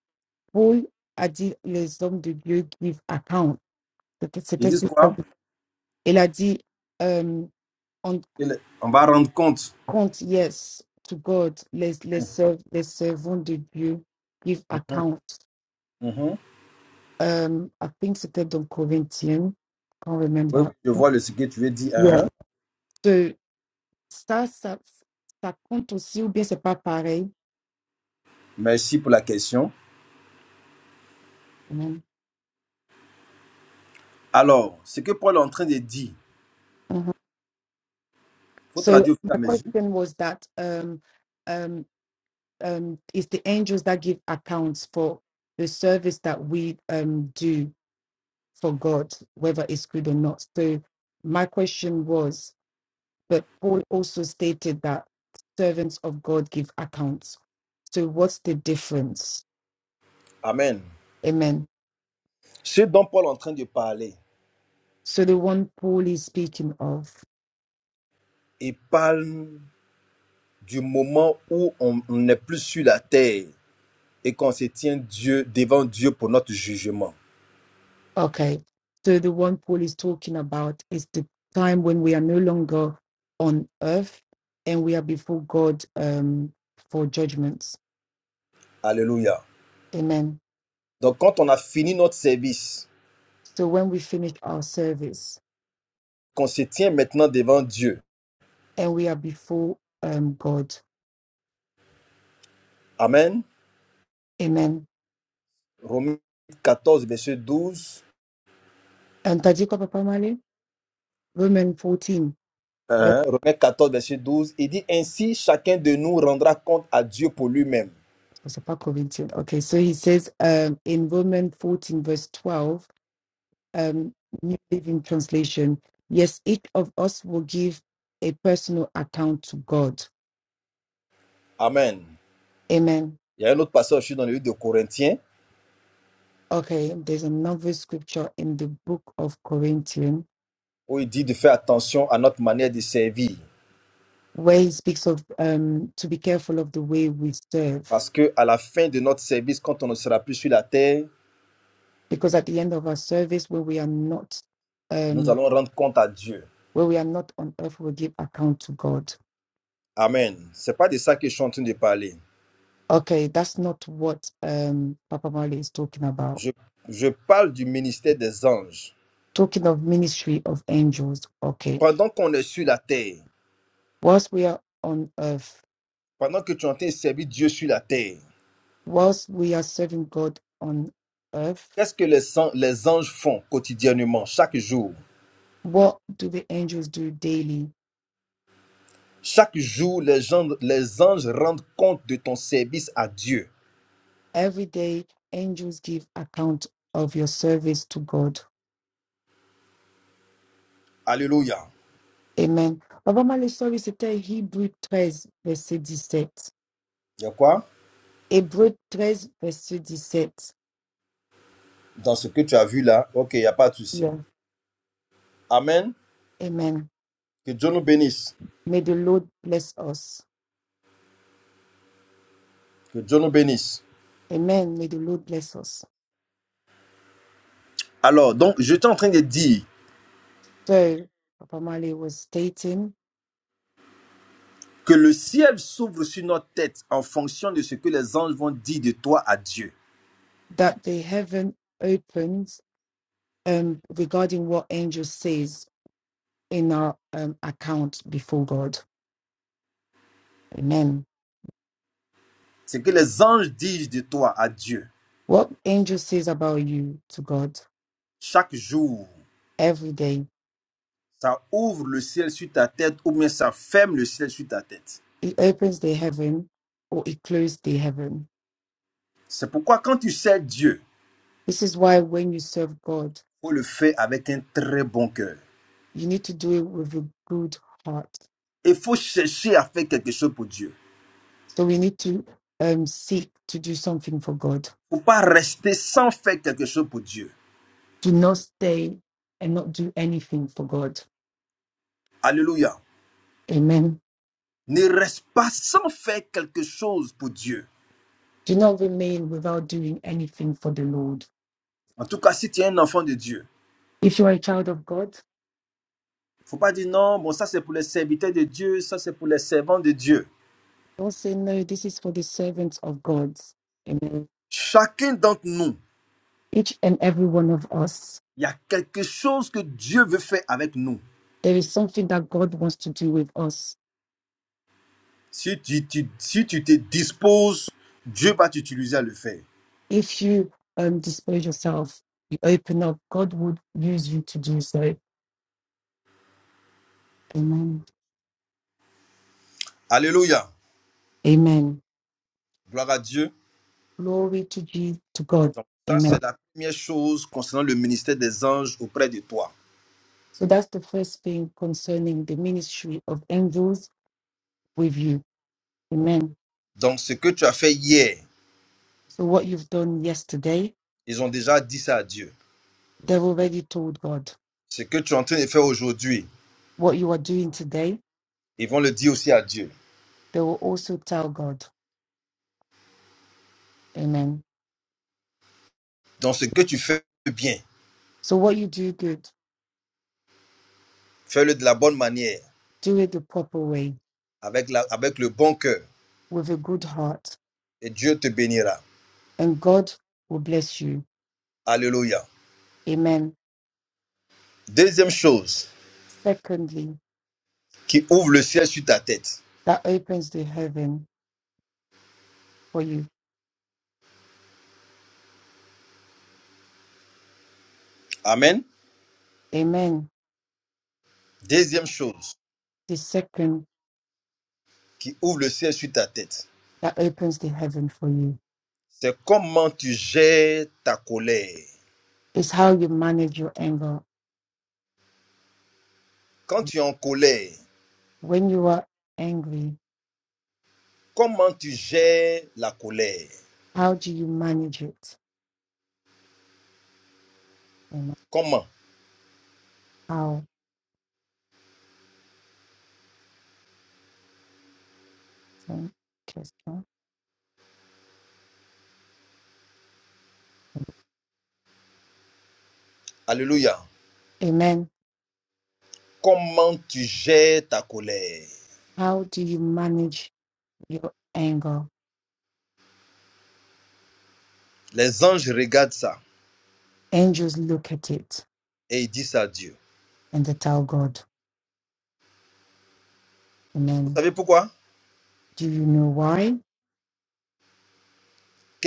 [SPEAKER 2] Paul a dit les hommes de Dieu give account. C'était
[SPEAKER 3] Ils
[SPEAKER 2] c'était ce
[SPEAKER 3] disent
[SPEAKER 2] qu'il a
[SPEAKER 3] quoi?
[SPEAKER 2] dit. Il a dit euh, on
[SPEAKER 3] Il- On va rendre compte.
[SPEAKER 2] compte yes to God. Les les serv- les servants de Dieu give
[SPEAKER 3] Mhm,
[SPEAKER 2] account.
[SPEAKER 3] mhm.
[SPEAKER 2] Um, I think c'était dans Corinthiens. Can't
[SPEAKER 3] Oui, oui,
[SPEAKER 2] remember.
[SPEAKER 3] je vois le- ce que tu veux dire. hein,
[SPEAKER 2] Yeah.
[SPEAKER 3] hein.
[SPEAKER 2] So, ça, ça ça compte aussi ou bien c'est pas pareil.
[SPEAKER 3] Merci pour la question.
[SPEAKER 2] Amen.
[SPEAKER 3] Alors, ce que Paul est en train de dire,
[SPEAKER 2] Mhm.
[SPEAKER 3] il faut
[SPEAKER 2] So
[SPEAKER 3] traduire au fur
[SPEAKER 2] my
[SPEAKER 3] et à mesure.
[SPEAKER 2] question was that um, um, um, it's the angels that give accounts for the service that we um, do for God, whether it's good or not. So my question was, but Paul also stated that servants of God give accounts. So what's the difference?
[SPEAKER 3] Amen.
[SPEAKER 2] Amen.
[SPEAKER 3] Ce dont Paul est en train de parler,
[SPEAKER 2] So the one Paul is speaking of,
[SPEAKER 3] il parle du moment où on on n'est plus sur la terre et qu'on se tient Dieu, devant Dieu pour notre jugement.
[SPEAKER 2] okay. So the one Paul is talking about is the time when we are no longer on earth and we are before God um, for judgments.
[SPEAKER 3] Alléluia.
[SPEAKER 2] Amen.
[SPEAKER 3] Donc, quand on a fini notre service,
[SPEAKER 2] So when we finish our service
[SPEAKER 3] qu'on se tient maintenant devant Dieu.
[SPEAKER 2] and we are before um, God,
[SPEAKER 3] Amen.
[SPEAKER 2] Amen.
[SPEAKER 3] Romains 14, verset 12.
[SPEAKER 2] And t'as dit quoi, papa Papamale, Romans 14, verse
[SPEAKER 3] Hein, Romains 14 verset 12, il dit Ainsi, chacun de nous rendra compte à Dieu pour lui-même.
[SPEAKER 2] was it part Corinthian. Okay, so he says um, in Romans 14, verse 12, um, New Living Translation, yes, each of us will give a personal account to God.
[SPEAKER 3] Amen.
[SPEAKER 2] Amen.
[SPEAKER 3] Il y a un autre passage aussi dans le livre de Corinthiens
[SPEAKER 2] Okay, there's another scripture in the book of Corinthian
[SPEAKER 3] où il dit de faire attention à notre manière de servir.
[SPEAKER 2] where he speaks of um, to be careful of the way we serve
[SPEAKER 3] Parce que à la fin de notre service, quand on ne sera plus sur la terre,
[SPEAKER 2] because at the end of our service where we are not
[SPEAKER 3] nous
[SPEAKER 2] um
[SPEAKER 3] allons rendre compte à Dieu.
[SPEAKER 2] where we are not on earth we give account to god
[SPEAKER 3] Amen. C'est pas de ça que je suis en train de parler.
[SPEAKER 2] okay that's not what um papa mali is talking about
[SPEAKER 3] Je, je parle du ministère des anges.
[SPEAKER 2] talking of ministry of angels okay
[SPEAKER 3] Pendant qu'on est sur la terre,
[SPEAKER 2] whilst we are on earth
[SPEAKER 3] pendant que tu es en train de servir Dieu sur la terre,
[SPEAKER 2] whilst we are serving god on earth
[SPEAKER 3] qu'est-ce que les, an- les anges font quotidiennement, chaque jour
[SPEAKER 2] what do the angels do daily
[SPEAKER 3] Chaque jour, les, gens- les anges rendent compte de ton service à Dieu.
[SPEAKER 2] every day angels give account of your service to god
[SPEAKER 3] Alléluia.
[SPEAKER 2] amen papa mali sorry c'était hebrew 13 verset 17
[SPEAKER 3] Il y a quoi
[SPEAKER 2] Hébreux 13, verset 17.
[SPEAKER 3] Dans ce que tu as vu là, ok, il n'y a pas de souci.
[SPEAKER 2] Yeah.
[SPEAKER 3] Amen.
[SPEAKER 2] Amen.
[SPEAKER 3] Que Dieu nous bénisse.
[SPEAKER 2] May the Lord bless us.
[SPEAKER 3] Que Dieu nous bénisse.
[SPEAKER 2] Amen. May the Lord bless us.
[SPEAKER 3] Alors, donc, je suis en train de dire
[SPEAKER 2] So, Papa Mali was stating
[SPEAKER 3] que le ciel s'ouvre sur notre tête en fonction de ce que les anges vont dire de toi à Dieu.
[SPEAKER 2] that the heaven opens um, regarding what angel says in our um, account before God. Amen.
[SPEAKER 3] Ce que les anges disent de toi à Dieu.
[SPEAKER 2] What angel says about you to God
[SPEAKER 3] Chaque jour,
[SPEAKER 2] every day,
[SPEAKER 3] ça ouvre le ciel sur ta tête ou bien ça ferme le ciel sur ta tête.
[SPEAKER 2] it opens the heaven or it closes the heaven.
[SPEAKER 3] C'est pourquoi quand tu sers Dieu,
[SPEAKER 2] This is why when you serve God,
[SPEAKER 3] faut le faire avec un très bon cœur.
[SPEAKER 2] you need to do it with a good heart
[SPEAKER 3] Il faut chercher à faire quelque chose pour Dieu.
[SPEAKER 2] So we need to um, seek to do something for God.
[SPEAKER 3] Il ne Faut pas rester sans faire quelque chose pour Dieu.
[SPEAKER 2] Do not stay and not do anything for God.
[SPEAKER 3] Alléluia.
[SPEAKER 2] Amen.
[SPEAKER 3] Ne reste pas sans faire quelque chose pour Dieu.
[SPEAKER 2] Do not remain without doing anything for the Lord.
[SPEAKER 3] En tout cas, si tu es un enfant de Dieu,
[SPEAKER 2] If you are a child of God,
[SPEAKER 3] il ne faut pas dire non, bon, ça c'est pour les serviteurs de Dieu, ça c'est pour les servants de Dieu.
[SPEAKER 2] don't say, no, this is for the servants of God. Amen.
[SPEAKER 3] Chacun d'entre nous,
[SPEAKER 2] Each and every one of us,
[SPEAKER 3] il y a quelque chose que Dieu veut faire avec nous.
[SPEAKER 2] there is something that God wants to do with us.
[SPEAKER 3] Si tu, tu- si tu te disposes, Dieu va t'utiliser à le faire.
[SPEAKER 2] If you um, dispose yourself, you open up, God would use you to do so. Amen.
[SPEAKER 3] Alléluia.
[SPEAKER 2] Amen.
[SPEAKER 3] Gloire à Dieu.
[SPEAKER 2] Glory to Jesus, to God.
[SPEAKER 3] Ça,
[SPEAKER 2] Amen.
[SPEAKER 3] c'est la première chose concernant le ministère des anges auprès de toi.
[SPEAKER 2] So that's the first thing concerning the ministry of angels with you. Amen.
[SPEAKER 3] Donc, ce que tu as fait hier,
[SPEAKER 2] So what you've done yesterday,
[SPEAKER 3] ils ont déjà dit ça à Dieu.
[SPEAKER 2] they've already told God.
[SPEAKER 3] Ce que tu es en train de faire aujourd'hui,
[SPEAKER 2] What you are doing today,
[SPEAKER 3] ils vont le dire aussi à Dieu.
[SPEAKER 2] they will also tell God. Amen.
[SPEAKER 3] Donc, ce que tu fais bien,
[SPEAKER 2] So what you do good,
[SPEAKER 3] fais-le de la bonne manière,
[SPEAKER 2] do it the proper way
[SPEAKER 3] avec, la- avec le bon cœur,
[SPEAKER 2] with a good heart,
[SPEAKER 3] et Dieu te bénira.
[SPEAKER 2] and God will bless you.
[SPEAKER 3] Alléluia.
[SPEAKER 2] Amen.
[SPEAKER 3] Deuxième chose,
[SPEAKER 2] Secondly,
[SPEAKER 3] qui ouvre le ciel sur ta tête.
[SPEAKER 2] that opens the heaven for you.
[SPEAKER 3] Amen.
[SPEAKER 2] Amen.
[SPEAKER 3] Deuxième chose,
[SPEAKER 2] The second
[SPEAKER 3] qui ouvre le ciel sur ta tête,
[SPEAKER 2] that opens the heaven for you
[SPEAKER 3] c'est comment tu gères ta colère.
[SPEAKER 2] is how you manage your anger
[SPEAKER 3] Quand tu es en colère,
[SPEAKER 2] when you are angry,
[SPEAKER 3] Comment tu gères la colère
[SPEAKER 2] how do you manage it? Amen.
[SPEAKER 3] Comment
[SPEAKER 2] How? um, question.
[SPEAKER 3] Alléluia.
[SPEAKER 2] Amen.
[SPEAKER 3] Comment tu gères ta colère
[SPEAKER 2] How do you manage your anger?
[SPEAKER 3] Les anges regardent ça
[SPEAKER 2] Angels look at it
[SPEAKER 3] et ils disent ça à Dieu.
[SPEAKER 2] and they tell God.
[SPEAKER 3] Vous
[SPEAKER 2] Amen.
[SPEAKER 3] savez pourquoi
[SPEAKER 2] Do you know why?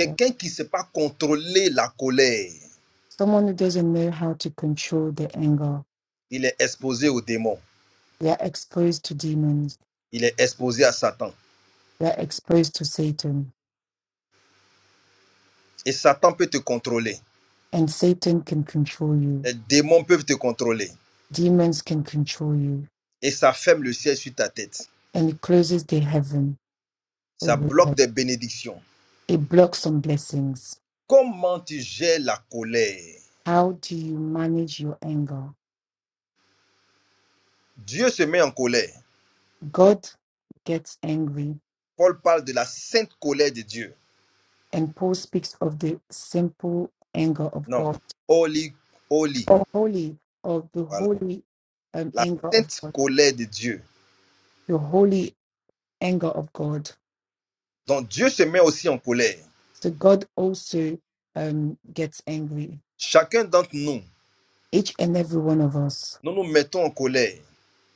[SPEAKER 2] Yeah.
[SPEAKER 3] qui ne sait pas contrôler la colère,
[SPEAKER 2] Someone who doesn't know how to control their anger,
[SPEAKER 3] il est exposé aux démons.
[SPEAKER 2] they are exposed to demons,
[SPEAKER 3] Il est exposé à Satan.
[SPEAKER 2] they are exposed to Satan,
[SPEAKER 3] Et Satan peut te contrôler.
[SPEAKER 2] and Satan can control you.
[SPEAKER 3] Les démons peuvent te contrôler.
[SPEAKER 2] Demons can control you,
[SPEAKER 3] Et ça ferme le ciel sur ta tête.
[SPEAKER 2] and it closes the heaven.
[SPEAKER 3] Ça bloque des bénédictions.
[SPEAKER 2] It blocks some blessings
[SPEAKER 3] Comment tu gères la colère
[SPEAKER 2] How do you manage your anger?
[SPEAKER 3] Dieu se met en colère.
[SPEAKER 2] God gets angry,
[SPEAKER 3] Paul parle de la sainte colère de Dieu.
[SPEAKER 2] and Paul speaks of the simple anger of
[SPEAKER 3] Non.
[SPEAKER 2] God,
[SPEAKER 3] Holy, holy.
[SPEAKER 2] or holy, or the
[SPEAKER 3] Voilà.
[SPEAKER 2] holy um,
[SPEAKER 3] La
[SPEAKER 2] anger of
[SPEAKER 3] sainte
[SPEAKER 2] God,
[SPEAKER 3] colère de Dieu.
[SPEAKER 2] the holy anger of God.
[SPEAKER 3] Donc Dieu se met aussi en colère.
[SPEAKER 2] So God also um, gets angry.
[SPEAKER 3] Chacun d'entre nous,
[SPEAKER 2] Each and every one of us,
[SPEAKER 3] nous nous mettons en colère.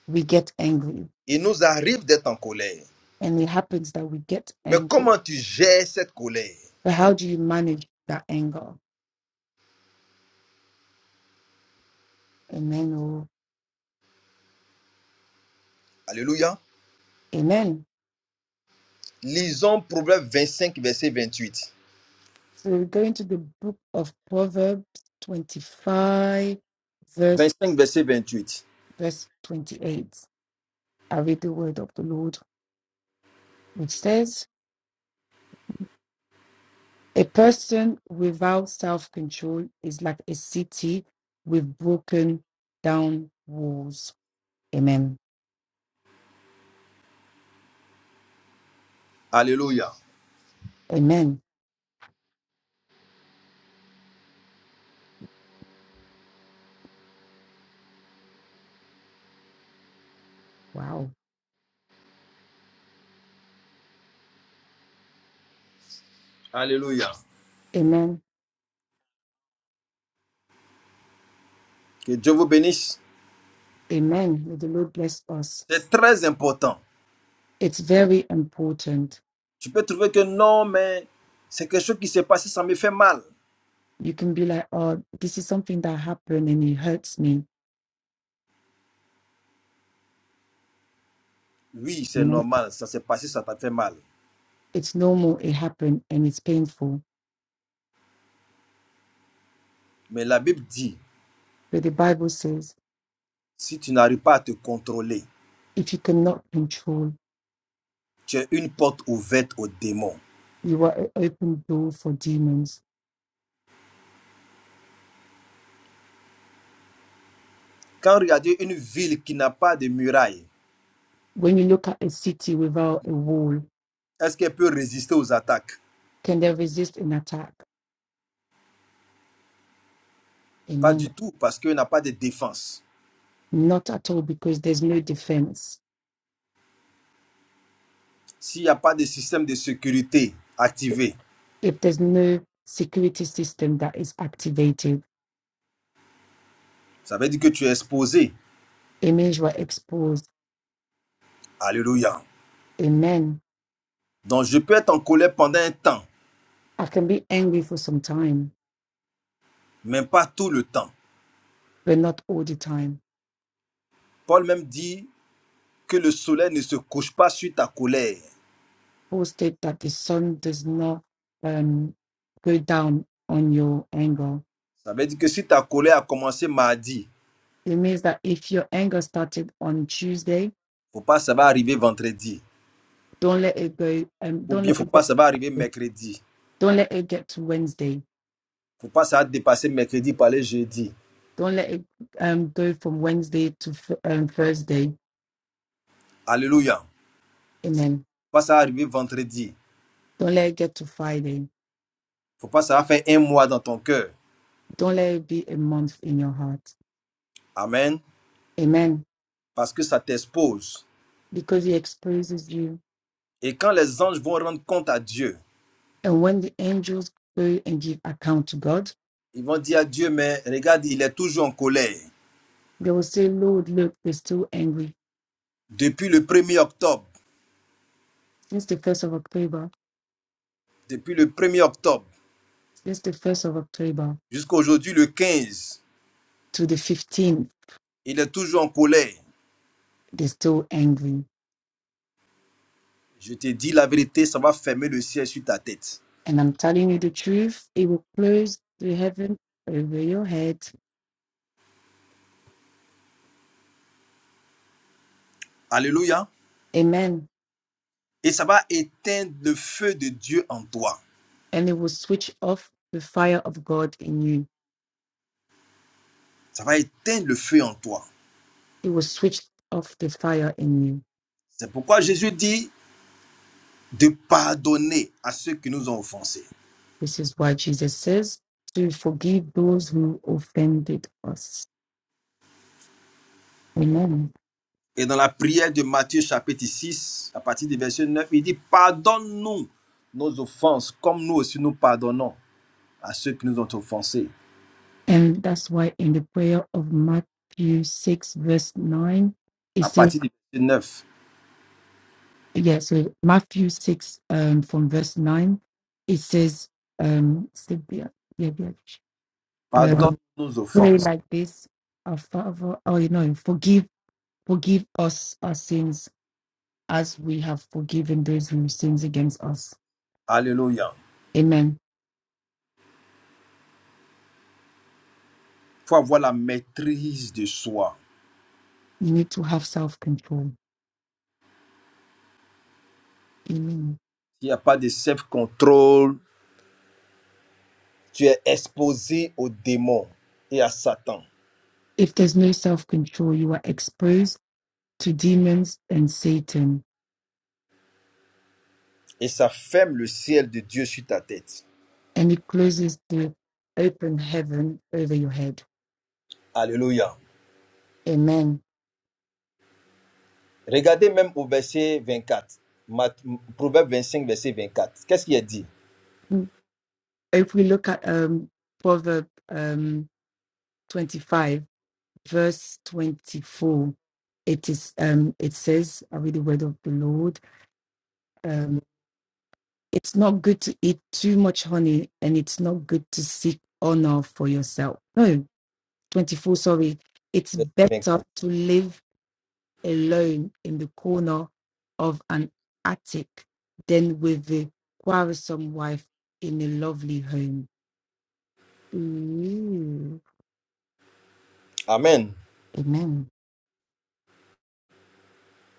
[SPEAKER 2] we get angry,
[SPEAKER 3] Il nous arrive d'être en colère.
[SPEAKER 2] and it happens that we get
[SPEAKER 3] Mais
[SPEAKER 2] angry.
[SPEAKER 3] comment tu gères cette colère
[SPEAKER 2] But how do you manage that anger? Amen. Oh,
[SPEAKER 3] Alléluia.
[SPEAKER 2] amen.
[SPEAKER 3] Lisons Proverbe cinq verset vingt-huit.
[SPEAKER 2] So we're going to the book of Proverbs 25, verse,
[SPEAKER 3] Vingt-cinq verset vingt-huit.
[SPEAKER 2] verse 28. I read the word of the Lord, which says, A person without self control is like a city with broken down walls. Amen.
[SPEAKER 3] Alléluia.
[SPEAKER 2] Amen. Wow.
[SPEAKER 3] Alléluia.
[SPEAKER 2] Amen.
[SPEAKER 3] Que Dieu vous bénisse.
[SPEAKER 2] Amen. May the Lord bless us.
[SPEAKER 3] C'est très important.
[SPEAKER 2] It's very important.
[SPEAKER 3] Tu peux trouver que non, mais c'est quelque chose qui s'est passé, ça me fait mal.
[SPEAKER 2] You can be like, oh, this is something that happened and it hurts me.
[SPEAKER 3] Oui, c'est normal, ça s'est passé, ça t'a fait mal.
[SPEAKER 2] It's normal, it happened, and it's painful.
[SPEAKER 3] Mais la Bible dit,
[SPEAKER 2] But the Bible says
[SPEAKER 3] si tu n'arrives pas à te contrôler,
[SPEAKER 2] if you cannot control,
[SPEAKER 3] tu es une porte ouverte aux démons.
[SPEAKER 2] you are an open door for demons.
[SPEAKER 3] Quand regardez une ville qui n'a pas de muraille,
[SPEAKER 2] When you look at a city without a wall,
[SPEAKER 3] est-ce qu'elle peut résister aux attaques
[SPEAKER 2] can they resist an attack?
[SPEAKER 3] Pas
[SPEAKER 2] Amen.
[SPEAKER 3] du tout, parce qu'elle n'a pas de défense.
[SPEAKER 2] Not at all, because there's no defense.
[SPEAKER 3] S'il n'y a pas de système de sécurité activé,
[SPEAKER 2] If there's no security system that is activated,
[SPEAKER 3] ça veut dire que tu es exposé.
[SPEAKER 2] it means you exposed.
[SPEAKER 3] Alléluia.
[SPEAKER 2] Amen.
[SPEAKER 3] Donc je peux être en colère pendant un temps,
[SPEAKER 2] I can be angry for some time,
[SPEAKER 3] mais pas tout le temps.
[SPEAKER 2] but not all the time
[SPEAKER 3] Paul même dit que le soleil ne se couche pas sur ta colère.
[SPEAKER 2] posted that the sun does not um, go down on your anger.
[SPEAKER 3] Ça veut dire que si ta colère a commencé mardi, il ne
[SPEAKER 2] It means that if your anger started on Tuesday,
[SPEAKER 3] faut pas que ça va arriver vendredi.
[SPEAKER 2] don't let it go. Um,
[SPEAKER 3] Ou
[SPEAKER 2] don't
[SPEAKER 3] bien,
[SPEAKER 2] let
[SPEAKER 3] faut
[SPEAKER 2] it
[SPEAKER 3] pas,
[SPEAKER 2] get.
[SPEAKER 3] ça va arriver mercredi.
[SPEAKER 2] Don't let it get to Wednesday.
[SPEAKER 3] Faut pas, ça va dépasser mercredi pour aller jeudi.
[SPEAKER 2] Don't let it um, go from Wednesday to f- um, Thursday.
[SPEAKER 3] Alléluia. Faut
[SPEAKER 2] Amen.
[SPEAKER 3] pas, ça va arriver vendredi.
[SPEAKER 2] Don't let it get to Friday.
[SPEAKER 3] Faut pas, ça va faire un mois dans ton cœur.
[SPEAKER 2] Don't let it be a month in your heart.
[SPEAKER 3] Amen.
[SPEAKER 2] Amen.
[SPEAKER 3] Parce que ça t'expose.
[SPEAKER 2] Because He exposes you,
[SPEAKER 3] Et quand les anges vont rendre compte à Dieu,
[SPEAKER 2] and when the angels go and give account to God,
[SPEAKER 3] ils vont dire à Dieu, mais regarde, il est toujours en colère.
[SPEAKER 2] they will say, "Lord, look, they're still angry
[SPEAKER 3] Depuis le premier octobre,
[SPEAKER 2] since the 1st of October,
[SPEAKER 3] depuis le premier octobre
[SPEAKER 2] since the 1st of October
[SPEAKER 3] jusqu'à aujourd'hui, le 15,
[SPEAKER 2] to the 15th,
[SPEAKER 3] il est toujours en colère.
[SPEAKER 2] they're still angry.
[SPEAKER 3] Je te dis la vérité, ça va fermer le ciel sur ta tête.
[SPEAKER 2] And I'm telling you the truth, it will close the heaven over your head.
[SPEAKER 3] Alléluia.
[SPEAKER 2] Amen.
[SPEAKER 3] Et ça va éteindre le feu de Dieu en toi.
[SPEAKER 2] And it will switch off the fire of God in you.
[SPEAKER 3] Ça va éteindre le feu en toi.
[SPEAKER 2] It will switch off the fire in you.
[SPEAKER 3] C'est pourquoi Jésus dit de pardonner à ceux qui nous ont offensés.
[SPEAKER 2] This is why Jesus says to forgive those who offended us. Amen.
[SPEAKER 3] Et dans la prière de Matthieu chapitre 6, à partir du verset 9, il dit, pardonne-nous nos offenses, comme nous aussi nous pardonnons à ceux qui nous ont offensés.
[SPEAKER 2] And that's why in the prayer of Matthew 6, verse 9, it
[SPEAKER 3] À
[SPEAKER 2] says.
[SPEAKER 3] partir du verset neuf,
[SPEAKER 2] yeah, so Matthew 6 um, from verse 9, it says, um, say, be- yeah, be-
[SPEAKER 3] pardonne
[SPEAKER 2] um,
[SPEAKER 3] nos
[SPEAKER 2] pray
[SPEAKER 3] offenses.
[SPEAKER 2] like this, our Father, oh, you know, forgive, forgive us our sins as we have forgiven those who sins against us.
[SPEAKER 3] Alléluia.
[SPEAKER 2] Amen.
[SPEAKER 3] Il faut avoir la maîtrise de soi.
[SPEAKER 2] You need to have self-control. Amen.
[SPEAKER 3] Il n'y a pas de self-control. Tu es exposé aux démons et à Satan.
[SPEAKER 2] If there's no self-control, you are exposed to demons and Satan,
[SPEAKER 3] Et ça ferme le ciel de Dieu sur ta tête.
[SPEAKER 2] and it closes the open heaven over your head.
[SPEAKER 3] Alléluia.
[SPEAKER 2] Amen.
[SPEAKER 3] Regardez même au verset 24. Mat- Proverbe 25, verset 24. Qu'est-ce qu'il est dit?
[SPEAKER 2] if we look at um proverb um 25 verse 24 it is um it says i read the word of the lord um it's not good to eat too much honey and it's not good to seek honor for yourself no 24 sorry it's
[SPEAKER 3] Verset 24.
[SPEAKER 2] better to live alone in the corner of an attic than with the quarrelsome wife in a lovely home Ooh,
[SPEAKER 3] Amen.
[SPEAKER 2] amen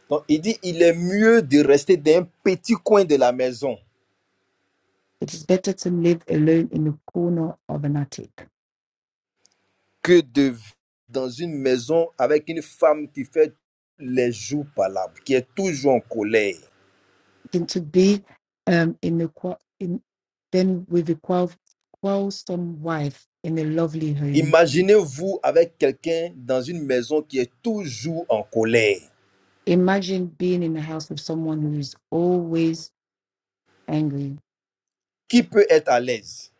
[SPEAKER 3] Donc, il dit, il est mieux de rester dans un petit coin de la maison
[SPEAKER 2] It is better to live alone in the corner of an attic
[SPEAKER 3] que de vivre dans une maison avec une femme qui fait les jours palabres, qui est toujours en colère.
[SPEAKER 2] than to be um, in the qua- in, than with a qual- quarrelsome wife in a lovely home.
[SPEAKER 3] Imaginez-vous avec quelqu'un dans une maison qui est toujours en colère.
[SPEAKER 2] Imagine being in a house with someone who is always angry,
[SPEAKER 3] Qui peut être à l'aise?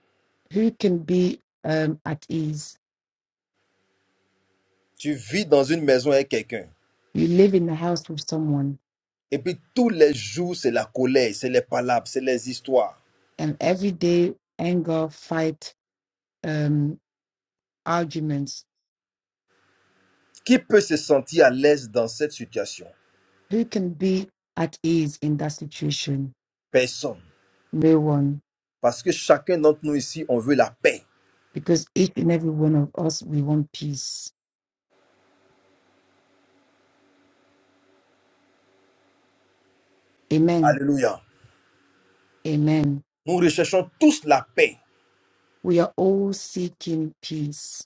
[SPEAKER 2] who can be um, at ease.
[SPEAKER 3] Tu vis dans une maison avec quelqu'un.
[SPEAKER 2] You live in a house with someone,
[SPEAKER 3] Et puis tous les jours, c'est la colère, c'est les palabres, c'est les histoires.
[SPEAKER 2] and every day anger, fight, um, arguments.
[SPEAKER 3] Qui peut se sentir à l'aise dans cette situation
[SPEAKER 2] Who can be at ease in that situation?
[SPEAKER 3] Personne.
[SPEAKER 2] No one
[SPEAKER 3] Parce que chacun d'entre nous ici, on veut la paix.
[SPEAKER 2] because each and every one of us, we want peace. Amen.
[SPEAKER 3] Alléluia.
[SPEAKER 2] Amen.
[SPEAKER 3] Nous recherchons tous la paix,
[SPEAKER 2] We are all seeking peace,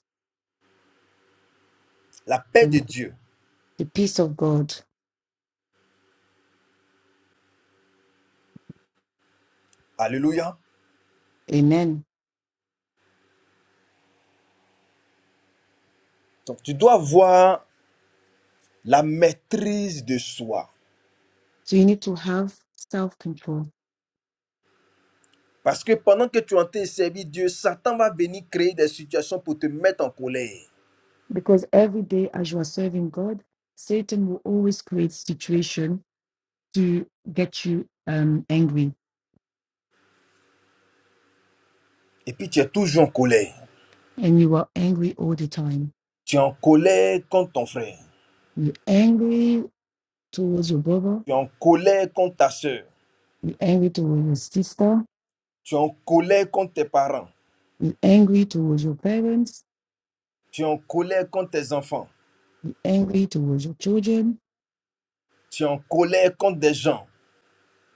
[SPEAKER 3] la paix de
[SPEAKER 2] um,
[SPEAKER 3] Dieu.
[SPEAKER 2] the peace of God.
[SPEAKER 3] Alléluia.
[SPEAKER 2] Amen.
[SPEAKER 3] Donc tu dois avoir la maîtrise de soi.
[SPEAKER 2] So you need to have self control
[SPEAKER 3] Parce que pendant que tu es en train de servir Dieu, Satan va venir créer des situations pour te mettre en colère.
[SPEAKER 2] because every day as you are serving God, Satan will always create situation to get you um, angry,
[SPEAKER 3] Et puis tu es toujours en colère.
[SPEAKER 2] and you are angry all the time.
[SPEAKER 3] Tu es en colère contre ton frère.
[SPEAKER 2] You're angry towards your brother,
[SPEAKER 3] Tu es en colère contre ta sœur.
[SPEAKER 2] you're angry towards your sister,
[SPEAKER 3] Tu es en colère contre tes parents.
[SPEAKER 2] you're angry towards your parents,
[SPEAKER 3] Tu es en colère contre tes enfants.
[SPEAKER 2] you're angry towards your children,
[SPEAKER 3] Tu es en colère contre des gens.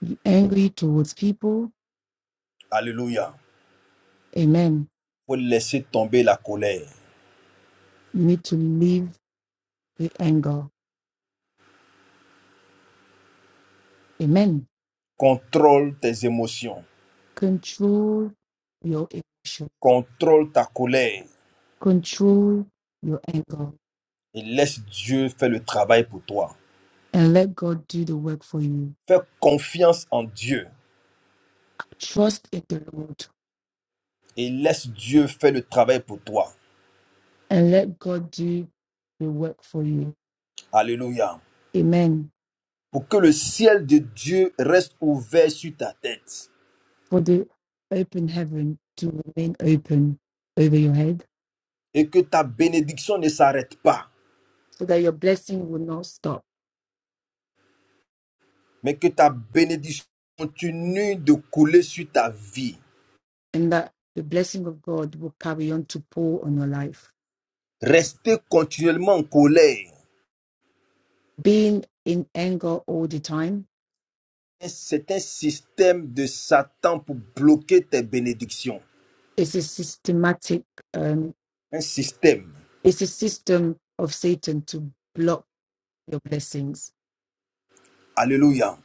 [SPEAKER 2] be angry towards people.
[SPEAKER 3] Alléluia.
[SPEAKER 2] Amen.
[SPEAKER 3] Faut laisser tomber la colère.
[SPEAKER 2] You need to leave the anger. Amen.
[SPEAKER 3] Contrôle tes émotions.
[SPEAKER 2] Control your emotion.
[SPEAKER 3] Contrôle ta colère.
[SPEAKER 2] Control your anger
[SPEAKER 3] Et laisse Dieu faire le travail pour toi.
[SPEAKER 2] and let God do the work for you.
[SPEAKER 3] Fais confiance en Dieu.
[SPEAKER 2] Trust in the Lord
[SPEAKER 3] Et laisse Dieu faire le travail pour toi.
[SPEAKER 2] and let God do the work for you.
[SPEAKER 3] Alléluia.
[SPEAKER 2] Amen.
[SPEAKER 3] Pour que le ciel de Dieu reste ouvert sur ta tête.
[SPEAKER 2] For the open heaven to remain open over your head
[SPEAKER 3] Et que ta bénédiction ne s'arrête pas.
[SPEAKER 2] so that your blessing will not stop
[SPEAKER 3] mais que ta bénédiction continue de couler sur ta vie.
[SPEAKER 2] and that the blessing of God will carry on to pour on your life.
[SPEAKER 3] Rester continuellement en colère,
[SPEAKER 2] being in anger all the time
[SPEAKER 3] c'est un système de Satan pour bloquer tes bénédictions.
[SPEAKER 2] is a systematic um
[SPEAKER 3] Un système.
[SPEAKER 2] it's a system of satan to block your blessings
[SPEAKER 3] Alléluia.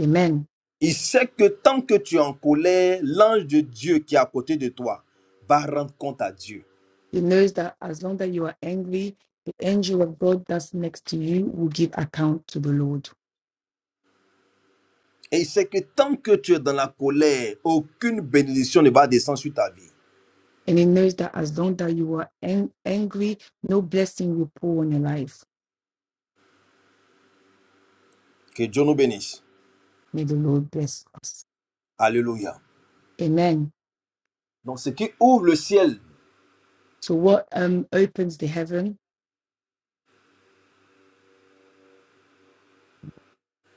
[SPEAKER 2] amen
[SPEAKER 3] Il sait que tant que tu es en colère, l'ange de Dieu qui est à côté de toi va rendre compte à Dieu.
[SPEAKER 2] he knows that as long that you are angry the angel of god that's next to you will give account to the lord
[SPEAKER 3] Et il sait que tant que tu es dans la colère, aucune bénédiction ne va descendre sur ta vie.
[SPEAKER 2] and he knows that as long that you are ang- angry no blessing will pour on your life
[SPEAKER 3] Que Dieu nous bénisse.
[SPEAKER 2] may the lord bless us
[SPEAKER 3] Alléluia.
[SPEAKER 2] amen
[SPEAKER 3] Donc ce qui ouvre le ciel,
[SPEAKER 2] so what um opens the heaven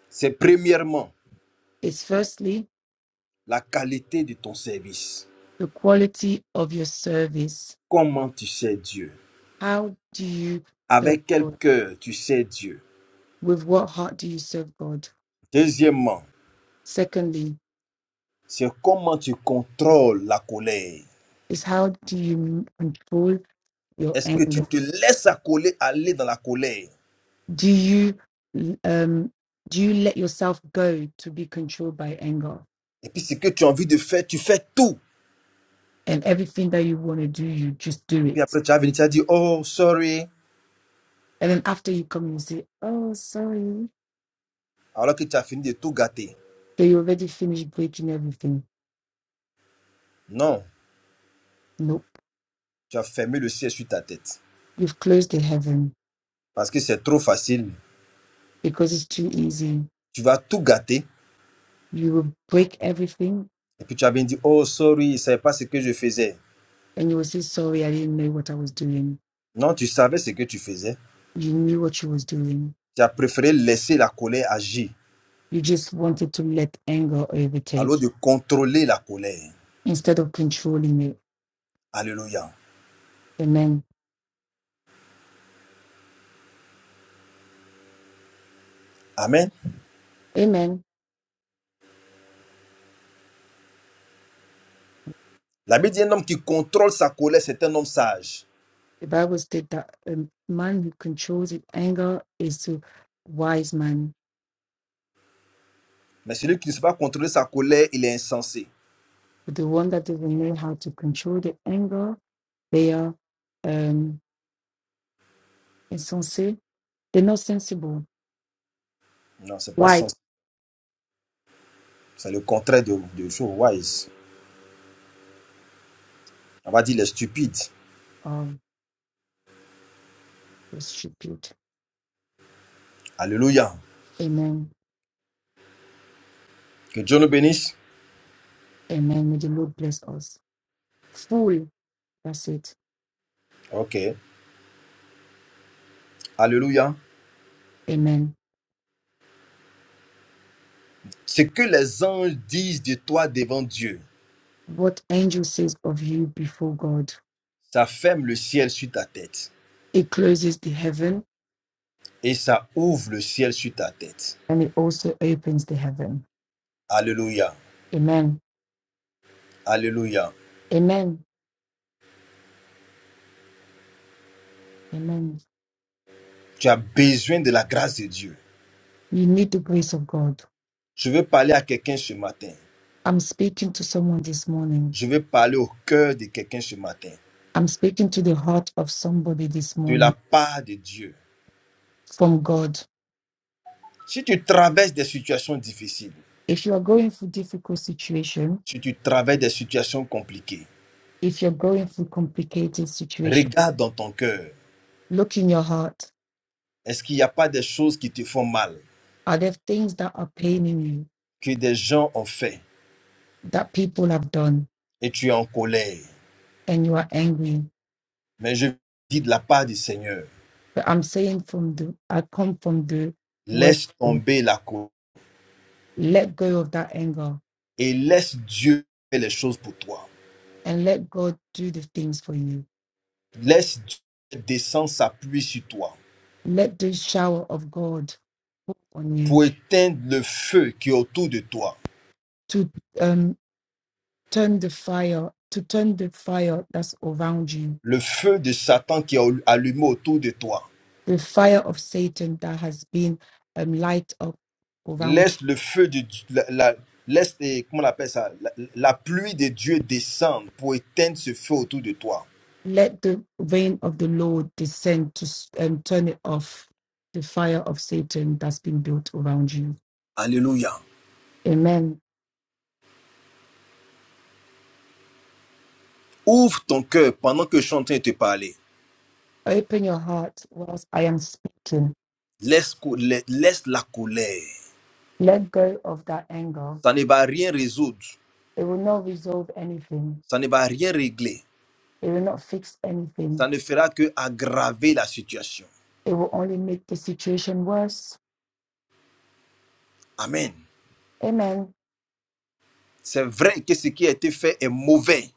[SPEAKER 3] c'est premièrement
[SPEAKER 2] is firstly
[SPEAKER 3] la qualité de ton service.
[SPEAKER 2] the quality of your service
[SPEAKER 3] Comment tu sais Dieu
[SPEAKER 2] How do you serve
[SPEAKER 3] Avec quel
[SPEAKER 2] God?
[SPEAKER 3] cœur tu sais Dieu
[SPEAKER 2] With what heart do you serve God?
[SPEAKER 3] Deuxièmement,
[SPEAKER 2] Secondly,
[SPEAKER 3] c'est comment tu contrôles la colère.
[SPEAKER 2] is how do you control your
[SPEAKER 3] Est-ce que tu
[SPEAKER 2] anger?
[SPEAKER 3] te laisses accoler, aller dans la colère
[SPEAKER 2] Do you um do you let yourself go to be controlled by anger?
[SPEAKER 3] Et puis ce que tu as envie de faire, tu fais tout.
[SPEAKER 2] And everything that you want to do, you just do
[SPEAKER 3] Et puis
[SPEAKER 2] it.
[SPEAKER 3] après, tu as venu, tu as dit, oh, sorry,
[SPEAKER 2] And then after you come, you say, "Oh, sorry,"
[SPEAKER 3] alors que tu as fini de tout gâter.
[SPEAKER 2] So you already finished breaking everything.
[SPEAKER 3] Non,
[SPEAKER 2] Nope,
[SPEAKER 3] tu as fermé le ciel sur ta tête.
[SPEAKER 2] you've closed the heaven
[SPEAKER 3] Parce que c'est trop facile.
[SPEAKER 2] because it's too easy.
[SPEAKER 3] Tu vas tout gâter.
[SPEAKER 2] You will break everything,
[SPEAKER 3] Et puis tu as bien dit, oh, sorry, je ne savais pas ce que je faisais.
[SPEAKER 2] and you will say, "Sorry, I didn't know what I was doing."
[SPEAKER 3] Non, tu savais ce que tu faisais.
[SPEAKER 2] You knew what you was doing.
[SPEAKER 3] Tu as préféré laisser la colère agir,
[SPEAKER 2] You just wanted to let anger overtake
[SPEAKER 3] alors de contrôler la colère.
[SPEAKER 2] instead of controlling it.
[SPEAKER 3] Alléluia.
[SPEAKER 2] Amen.
[SPEAKER 3] Amen.
[SPEAKER 2] Amen.
[SPEAKER 3] La Bible dit un homme qui contrôle sa colère, c'est un homme sage.
[SPEAKER 2] The Bible states that a man who controls his anger is a wise man.
[SPEAKER 3] Mais celui qui ne sait pas contrôler sa colère, il est insensé.
[SPEAKER 2] But the one that doesn't know how to control the anger, they are um insensate. They're not sensible.
[SPEAKER 3] Non, c'est pas
[SPEAKER 2] Why?
[SPEAKER 3] sensé. C'est le contraire de, de show wise. On va dire les stupides.
[SPEAKER 2] Um, they're stupid.
[SPEAKER 3] Alléluia.
[SPEAKER 2] Amen.
[SPEAKER 3] Que Dieu nous bénisse.
[SPEAKER 2] Amen. May the Lord bless us. Fool. That's it.
[SPEAKER 3] Ok. Alléluia.
[SPEAKER 2] Amen.
[SPEAKER 3] Ce que les anges disent de toi devant Dieu,
[SPEAKER 2] What angel says of you before God.
[SPEAKER 3] ça ferme le ciel sur ta tête
[SPEAKER 2] He closes the heaven
[SPEAKER 3] et ça ouvre le ciel sur ta tête.
[SPEAKER 2] and he also opens the heaven.
[SPEAKER 3] Alléluia.
[SPEAKER 2] Amen.
[SPEAKER 3] Alléluia.
[SPEAKER 2] Amen. Amen.
[SPEAKER 3] Tu as besoin de la grâce de Dieu.
[SPEAKER 2] You need the grace of God.
[SPEAKER 3] Je veux parler à quelqu'un ce matin.
[SPEAKER 2] I'm speaking to someone this morning.
[SPEAKER 3] Je veux parler au cœur de quelqu'un ce matin.
[SPEAKER 2] I'm speaking to the heart of somebody this
[SPEAKER 3] De la
[SPEAKER 2] morning
[SPEAKER 3] part de Dieu.
[SPEAKER 2] from God.
[SPEAKER 3] Si tu traverses des situations difficiles,
[SPEAKER 2] If you are going through difficult situation,
[SPEAKER 3] si tu traverses des situations compliquées,
[SPEAKER 2] if you're going through complicated situation,
[SPEAKER 3] regarde dans ton cœur.
[SPEAKER 2] look in your heart.
[SPEAKER 3] Est-ce qu'il n'y a pas des choses qui te font mal,
[SPEAKER 2] Are there things that are paining you
[SPEAKER 3] que des gens ont fait
[SPEAKER 2] that people have done
[SPEAKER 3] et tu es en colère?
[SPEAKER 2] and you are angry?
[SPEAKER 3] Mais je dis de la part du Seigneur,
[SPEAKER 2] But I'm saying from the I come from the word
[SPEAKER 3] laisse tomber la colère
[SPEAKER 2] Let go of that anger
[SPEAKER 3] et laisse Dieu faire les choses pour toi.
[SPEAKER 2] and let God do the things for you.
[SPEAKER 3] Laisse Dieu descendre sa pluie sur toi.
[SPEAKER 2] Let the shower of God fall on
[SPEAKER 3] pour
[SPEAKER 2] you
[SPEAKER 3] éteindre le feu qui est autour de toi,
[SPEAKER 2] to um, turn the fire, to turn the fire that's around you,
[SPEAKER 3] le feu de Satan qui est allumé autour de toi.
[SPEAKER 2] the fire of Satan that has been um, light up around.
[SPEAKER 3] Laisse le feu de la, la- laisse eh, comment on appelle ça, la, la pluie de Dieu descendre pour éteindre ce feu autour de toi.
[SPEAKER 2] Let the rain of the Lord descend to s- um, turn it off, the fire of Satan that's been built around you.
[SPEAKER 3] Alléluia.
[SPEAKER 2] Amen.
[SPEAKER 3] Ouvre ton cœur pendant que je suis en train de te parler.
[SPEAKER 2] Open your heart whilst I am speaking.
[SPEAKER 3] Laisse, cou- la- laisse la colère.
[SPEAKER 2] Let go of that anger
[SPEAKER 3] Ça ne va rien résoudre.
[SPEAKER 2] It will not resolve anything.
[SPEAKER 3] Ça ne va rien régler.
[SPEAKER 2] It will not fix
[SPEAKER 3] Ça
[SPEAKER 2] anything.
[SPEAKER 3] ne fera que aggraver la situation.
[SPEAKER 2] It will only make the situation worse.
[SPEAKER 3] Amen.
[SPEAKER 2] Amen.
[SPEAKER 3] C'est vrai que ce qui a été fait est mauvais.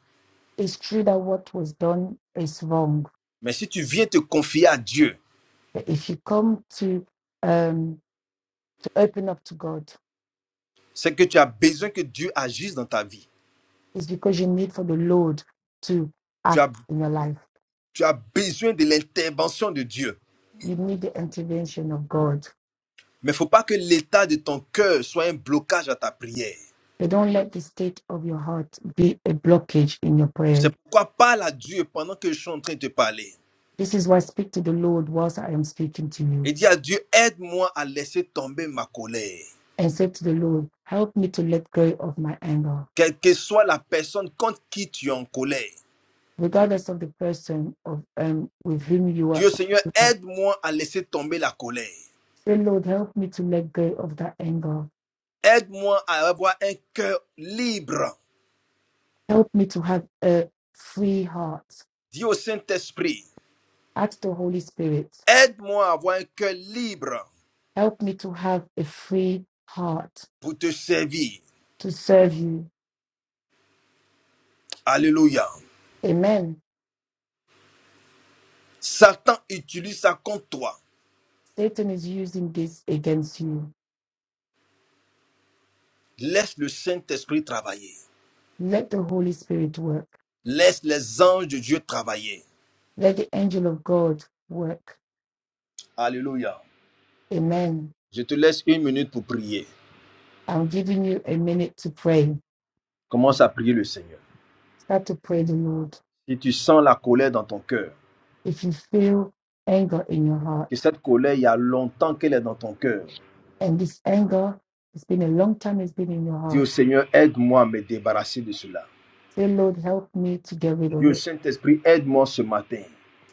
[SPEAKER 2] It's true that what was done is wrong.
[SPEAKER 3] Mais si tu viens te confier à Dieu,
[SPEAKER 2] But if you come to um to open up to God,
[SPEAKER 3] c'est que tu as besoin que Dieu agisse dans ta vie.
[SPEAKER 2] it's because you need for the Lord to
[SPEAKER 3] Tu
[SPEAKER 2] act
[SPEAKER 3] as,
[SPEAKER 2] in your life.
[SPEAKER 3] tu as besoin de l'intervention de Dieu.
[SPEAKER 2] You need the intervention of God.
[SPEAKER 3] Mais il ne faut pas que l'état de ton cœur soit un blocage à ta prière.
[SPEAKER 2] But don't let the state of your heart be a blockage in your prayer.
[SPEAKER 3] C'est pourquoi parle à Dieu pendant que je suis en train de te parler.
[SPEAKER 2] This is why speak to the Lord whilst I am speaking to you
[SPEAKER 3] Et dis à Dieu, aide-moi à laisser tomber ma colère.
[SPEAKER 2] and say to the Lord, Help me to let go of my anger.
[SPEAKER 3] Quelle que soit la personne contre qui tu es en colère.
[SPEAKER 2] regardless of the person of um with whom you are
[SPEAKER 3] Dieu Seigneur, aide-moi à laisser tomber la colère.
[SPEAKER 2] Say, Lord, help me to let go of that anger.
[SPEAKER 3] Aide-moi à avoir un cœur libre.
[SPEAKER 2] Help me to have a free heart.
[SPEAKER 3] Dis au Saint-Esprit,
[SPEAKER 2] Ask the Holy Spirit.
[SPEAKER 3] Aide-moi à avoir un cœur libre
[SPEAKER 2] Help me to have a free heart
[SPEAKER 3] pour te servir.
[SPEAKER 2] to serve you.
[SPEAKER 3] Alléluia.
[SPEAKER 2] Amen.
[SPEAKER 3] Satan utilise ça contre toi.
[SPEAKER 2] Satan is using this against you.
[SPEAKER 3] Laisse le Saint-Esprit travailler.
[SPEAKER 2] Let the Holy Spirit work.
[SPEAKER 3] Laisse les anges de Dieu travailler.
[SPEAKER 2] Let the angel of God work.
[SPEAKER 3] Alléluia.
[SPEAKER 2] Amen.
[SPEAKER 3] Je te laisse une minute pour prier.
[SPEAKER 2] I'm giving you a minute to pray.
[SPEAKER 3] Commence à prier le Seigneur.
[SPEAKER 2] Start to pray the Lord.
[SPEAKER 3] Si tu sens la colère dans ton cœur,
[SPEAKER 2] If you feel anger in your
[SPEAKER 3] que
[SPEAKER 2] heart,
[SPEAKER 3] cette colère, il y a longtemps qu'elle est dans ton cœur,
[SPEAKER 2] And this anger, it's been a long time, it's been in your
[SPEAKER 3] dis au
[SPEAKER 2] heart.
[SPEAKER 3] Seigneur, aide-moi à me débarrasser de cela.
[SPEAKER 2] Say, Lord, help me to get rid
[SPEAKER 3] Dis
[SPEAKER 2] of
[SPEAKER 3] au
[SPEAKER 2] it.
[SPEAKER 3] Saint-Esprit, aide-moi ce matin.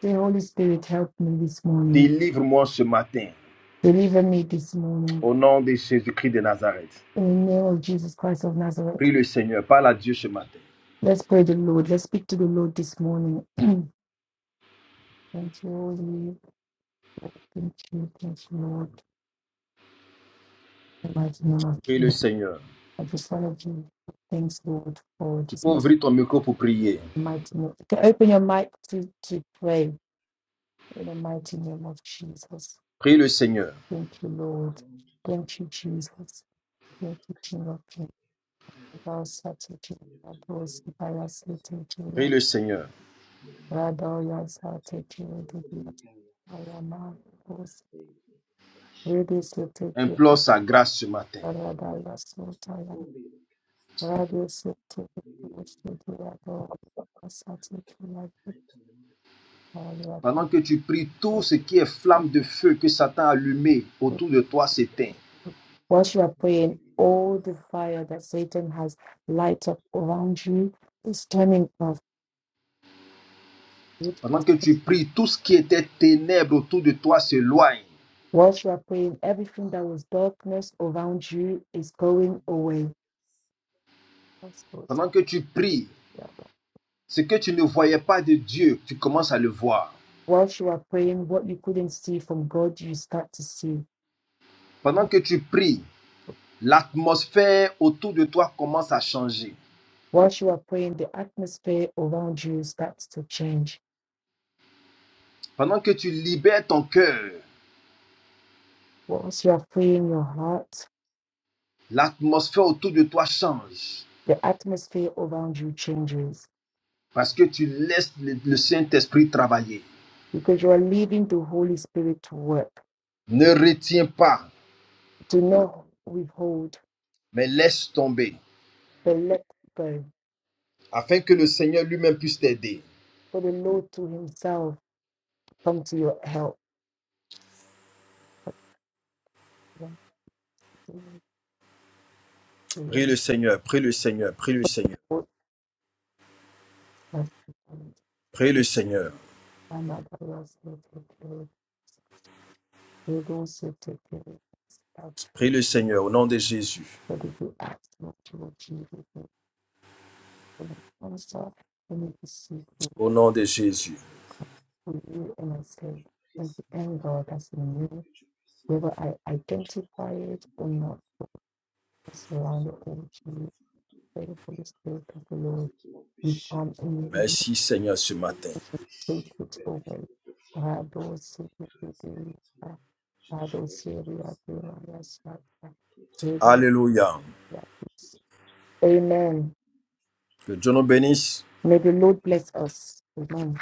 [SPEAKER 2] Say, Holy Spirit, help me this morning.
[SPEAKER 3] Délivre-moi ce matin.
[SPEAKER 2] Deliver me this morning.
[SPEAKER 3] Au nom de Jésus-Christ de Nazareth.
[SPEAKER 2] In the name of Jesus Christ of Nazareth.
[SPEAKER 3] Prie le Seigneur. Parle à Dieu ce matin.
[SPEAKER 2] Let's pray the Lord. Let's speak to the Lord this morning. Thank you, Holy. Thank you, thank you, Lord. In the mighty name of
[SPEAKER 3] Prie le
[SPEAKER 2] Jesus.
[SPEAKER 3] Seigneur.
[SPEAKER 2] I just want to give thanks, Lord, for
[SPEAKER 3] Tu
[SPEAKER 2] this
[SPEAKER 3] peux
[SPEAKER 2] message.
[SPEAKER 3] ouvrir ton micro pour prier.
[SPEAKER 2] in the Mighty name. You Can open your mic to, to pray in the mighty name of Jesus.
[SPEAKER 3] Prie le Seigneur.
[SPEAKER 2] Thank you, Lord. Thank you, Jesus. Thank you, King of Kings. Thou art taking the blows, by us taking
[SPEAKER 3] Prie
[SPEAKER 2] the
[SPEAKER 3] le Seigneur.
[SPEAKER 2] Radha, yes, are taking the blood. I am not those. Radius will take you,
[SPEAKER 3] Implore sa grâce ce matin.
[SPEAKER 2] Radha, yes, no tire. Radius will take the blows to the Radha. Yes, are taking the blood.
[SPEAKER 3] Pendant que tu pries, tout ce qui est flamme de feu que Satan a allumé autour de toi s'éteint.
[SPEAKER 2] What you are praying, all the fire that Satan has light up around you is turning off.
[SPEAKER 3] Pendant que tu pries, tout ce qui était ténèbres autour de toi s'éloigne.
[SPEAKER 2] Whilst you are praying, everything that was darkness around you is going away.
[SPEAKER 3] Pendant que tu pries,
[SPEAKER 2] Yeah,
[SPEAKER 3] ce que tu ne voyais pas de Dieu, tu commences à le voir.
[SPEAKER 2] Whilst you are praying, what you couldn't see from God, you start to see.
[SPEAKER 3] Pendant que tu pries, l'atmosphère autour de toi commence à changer.
[SPEAKER 2] Whilst you are praying, the atmosphere around you starts to change.
[SPEAKER 3] Pendant que tu libères ton cœur,
[SPEAKER 2] Whilst you are praying your heart,
[SPEAKER 3] L'atmosphère autour de toi change
[SPEAKER 2] the atmosphere around you changes
[SPEAKER 3] parce que tu laisses le, le Saint-Esprit travailler.
[SPEAKER 2] because you are leaving the Holy Spirit to work.
[SPEAKER 3] Ne retiens pas,
[SPEAKER 2] Do not withhold,
[SPEAKER 3] mais laisse tomber
[SPEAKER 2] but let go.
[SPEAKER 3] afin que le Seigneur lui-même puisse t'aider.
[SPEAKER 2] For the Lord to Himself come to your help.
[SPEAKER 3] Prie le Seigneur, prie le Seigneur, prie le Seigneur,
[SPEAKER 2] You
[SPEAKER 3] prie le Seigneur,
[SPEAKER 2] don't sit to carry stuff,
[SPEAKER 3] prie le Seigneur au nom de Jésus,
[SPEAKER 2] but if you ask not to achieve it, and I also and if you need to seek for
[SPEAKER 3] au nom de
[SPEAKER 1] Je
[SPEAKER 3] Jésus.
[SPEAKER 1] précise,
[SPEAKER 2] you and I say,
[SPEAKER 1] je
[SPEAKER 2] thank
[SPEAKER 1] précise,
[SPEAKER 2] you, and
[SPEAKER 1] ma
[SPEAKER 2] the end
[SPEAKER 1] tante
[SPEAKER 2] God
[SPEAKER 1] mère,
[SPEAKER 2] that's in you,
[SPEAKER 1] que je puisse
[SPEAKER 2] whether I
[SPEAKER 1] enlever toute
[SPEAKER 2] identify
[SPEAKER 1] colère
[SPEAKER 2] it
[SPEAKER 1] de mon
[SPEAKER 2] or
[SPEAKER 1] cœur,
[SPEAKER 2] not, I
[SPEAKER 1] que tu puisses
[SPEAKER 2] surround it all
[SPEAKER 1] enlever
[SPEAKER 2] to
[SPEAKER 1] tout
[SPEAKER 2] you.
[SPEAKER 1] fardeau dans
[SPEAKER 2] Thank
[SPEAKER 1] mon
[SPEAKER 2] for the
[SPEAKER 1] cœur,
[SPEAKER 2] Spirit of the
[SPEAKER 1] tout ce
[SPEAKER 2] Lord.
[SPEAKER 1] qui
[SPEAKER 2] You
[SPEAKER 1] m'empêchait
[SPEAKER 2] come
[SPEAKER 1] de voir ta
[SPEAKER 2] and you will
[SPEAKER 1] gloire,
[SPEAKER 3] Merci Seigneur
[SPEAKER 1] tout ce
[SPEAKER 3] ce
[SPEAKER 1] qui
[SPEAKER 3] matin.
[SPEAKER 2] take
[SPEAKER 1] m'empêchait,
[SPEAKER 2] it
[SPEAKER 1] Père,
[SPEAKER 2] over.
[SPEAKER 1] de voir
[SPEAKER 2] I don't see
[SPEAKER 1] grâce, Père
[SPEAKER 2] it.
[SPEAKER 1] éternel. Je te-
[SPEAKER 2] I don't
[SPEAKER 1] J'enlève
[SPEAKER 2] see it.
[SPEAKER 1] tout ce qui est dans mon
[SPEAKER 2] I
[SPEAKER 1] cœur.
[SPEAKER 2] don't
[SPEAKER 1] Tout trois quarts.
[SPEAKER 3] Alléluia.
[SPEAKER 2] Yes. Amen.
[SPEAKER 3] Que Dieu nous bénisse.
[SPEAKER 2] May the Lord bless us. Amen.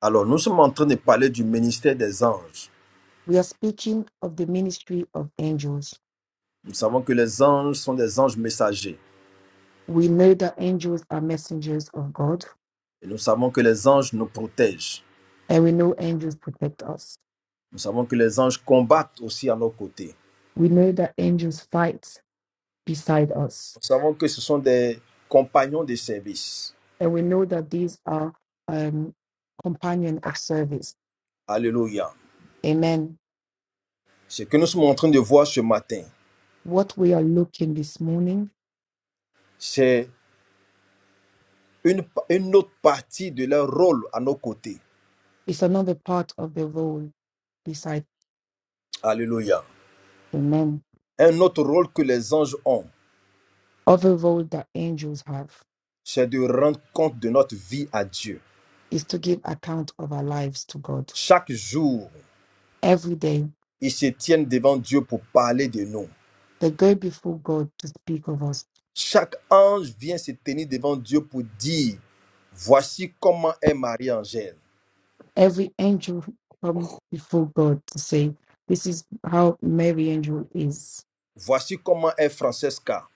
[SPEAKER 3] Alors nous sommes en train de parler du ministère des anges.
[SPEAKER 2] We are speaking of the ministry of angels.
[SPEAKER 3] Nous savons que les anges sont des anges messagers
[SPEAKER 2] We know that angels are messengers of God,
[SPEAKER 3] et nous savons que les anges nous protègent.
[SPEAKER 2] and we know angels protect us.
[SPEAKER 3] Nous savons que les anges combattent aussi à nos côtés.
[SPEAKER 2] We know that angels fight beside us,
[SPEAKER 3] Nous savons que ce sont des compagnons de service.
[SPEAKER 2] and we know that these are um, companion of service.
[SPEAKER 3] Alléluia.
[SPEAKER 2] Amen.
[SPEAKER 3] Ce que nous sommes en train de voir ce matin,
[SPEAKER 2] What we are looking this morning
[SPEAKER 3] c'est une, une autre partie de leur rôle à nos côtés.
[SPEAKER 2] is another part of the role beside
[SPEAKER 3] Alléluia.
[SPEAKER 2] the men,
[SPEAKER 3] Un autre rôle que les anges ont,
[SPEAKER 2] other role that angels have.
[SPEAKER 3] c'est de rendre compte de notre vie à Dieu.
[SPEAKER 2] is to give account of our lives to God
[SPEAKER 3] Chaque jour,
[SPEAKER 2] every day.
[SPEAKER 3] ils se tiennent devant Dieu pour parler de nous.
[SPEAKER 2] They go before God to speak of us.
[SPEAKER 3] Chaque ange vient se tenir devant Dieu pour dire, voici comment est Marie-Angèle.
[SPEAKER 2] Every angel come before God to say, "This is how Mary angel is.
[SPEAKER 3] Voici comment est Francesca.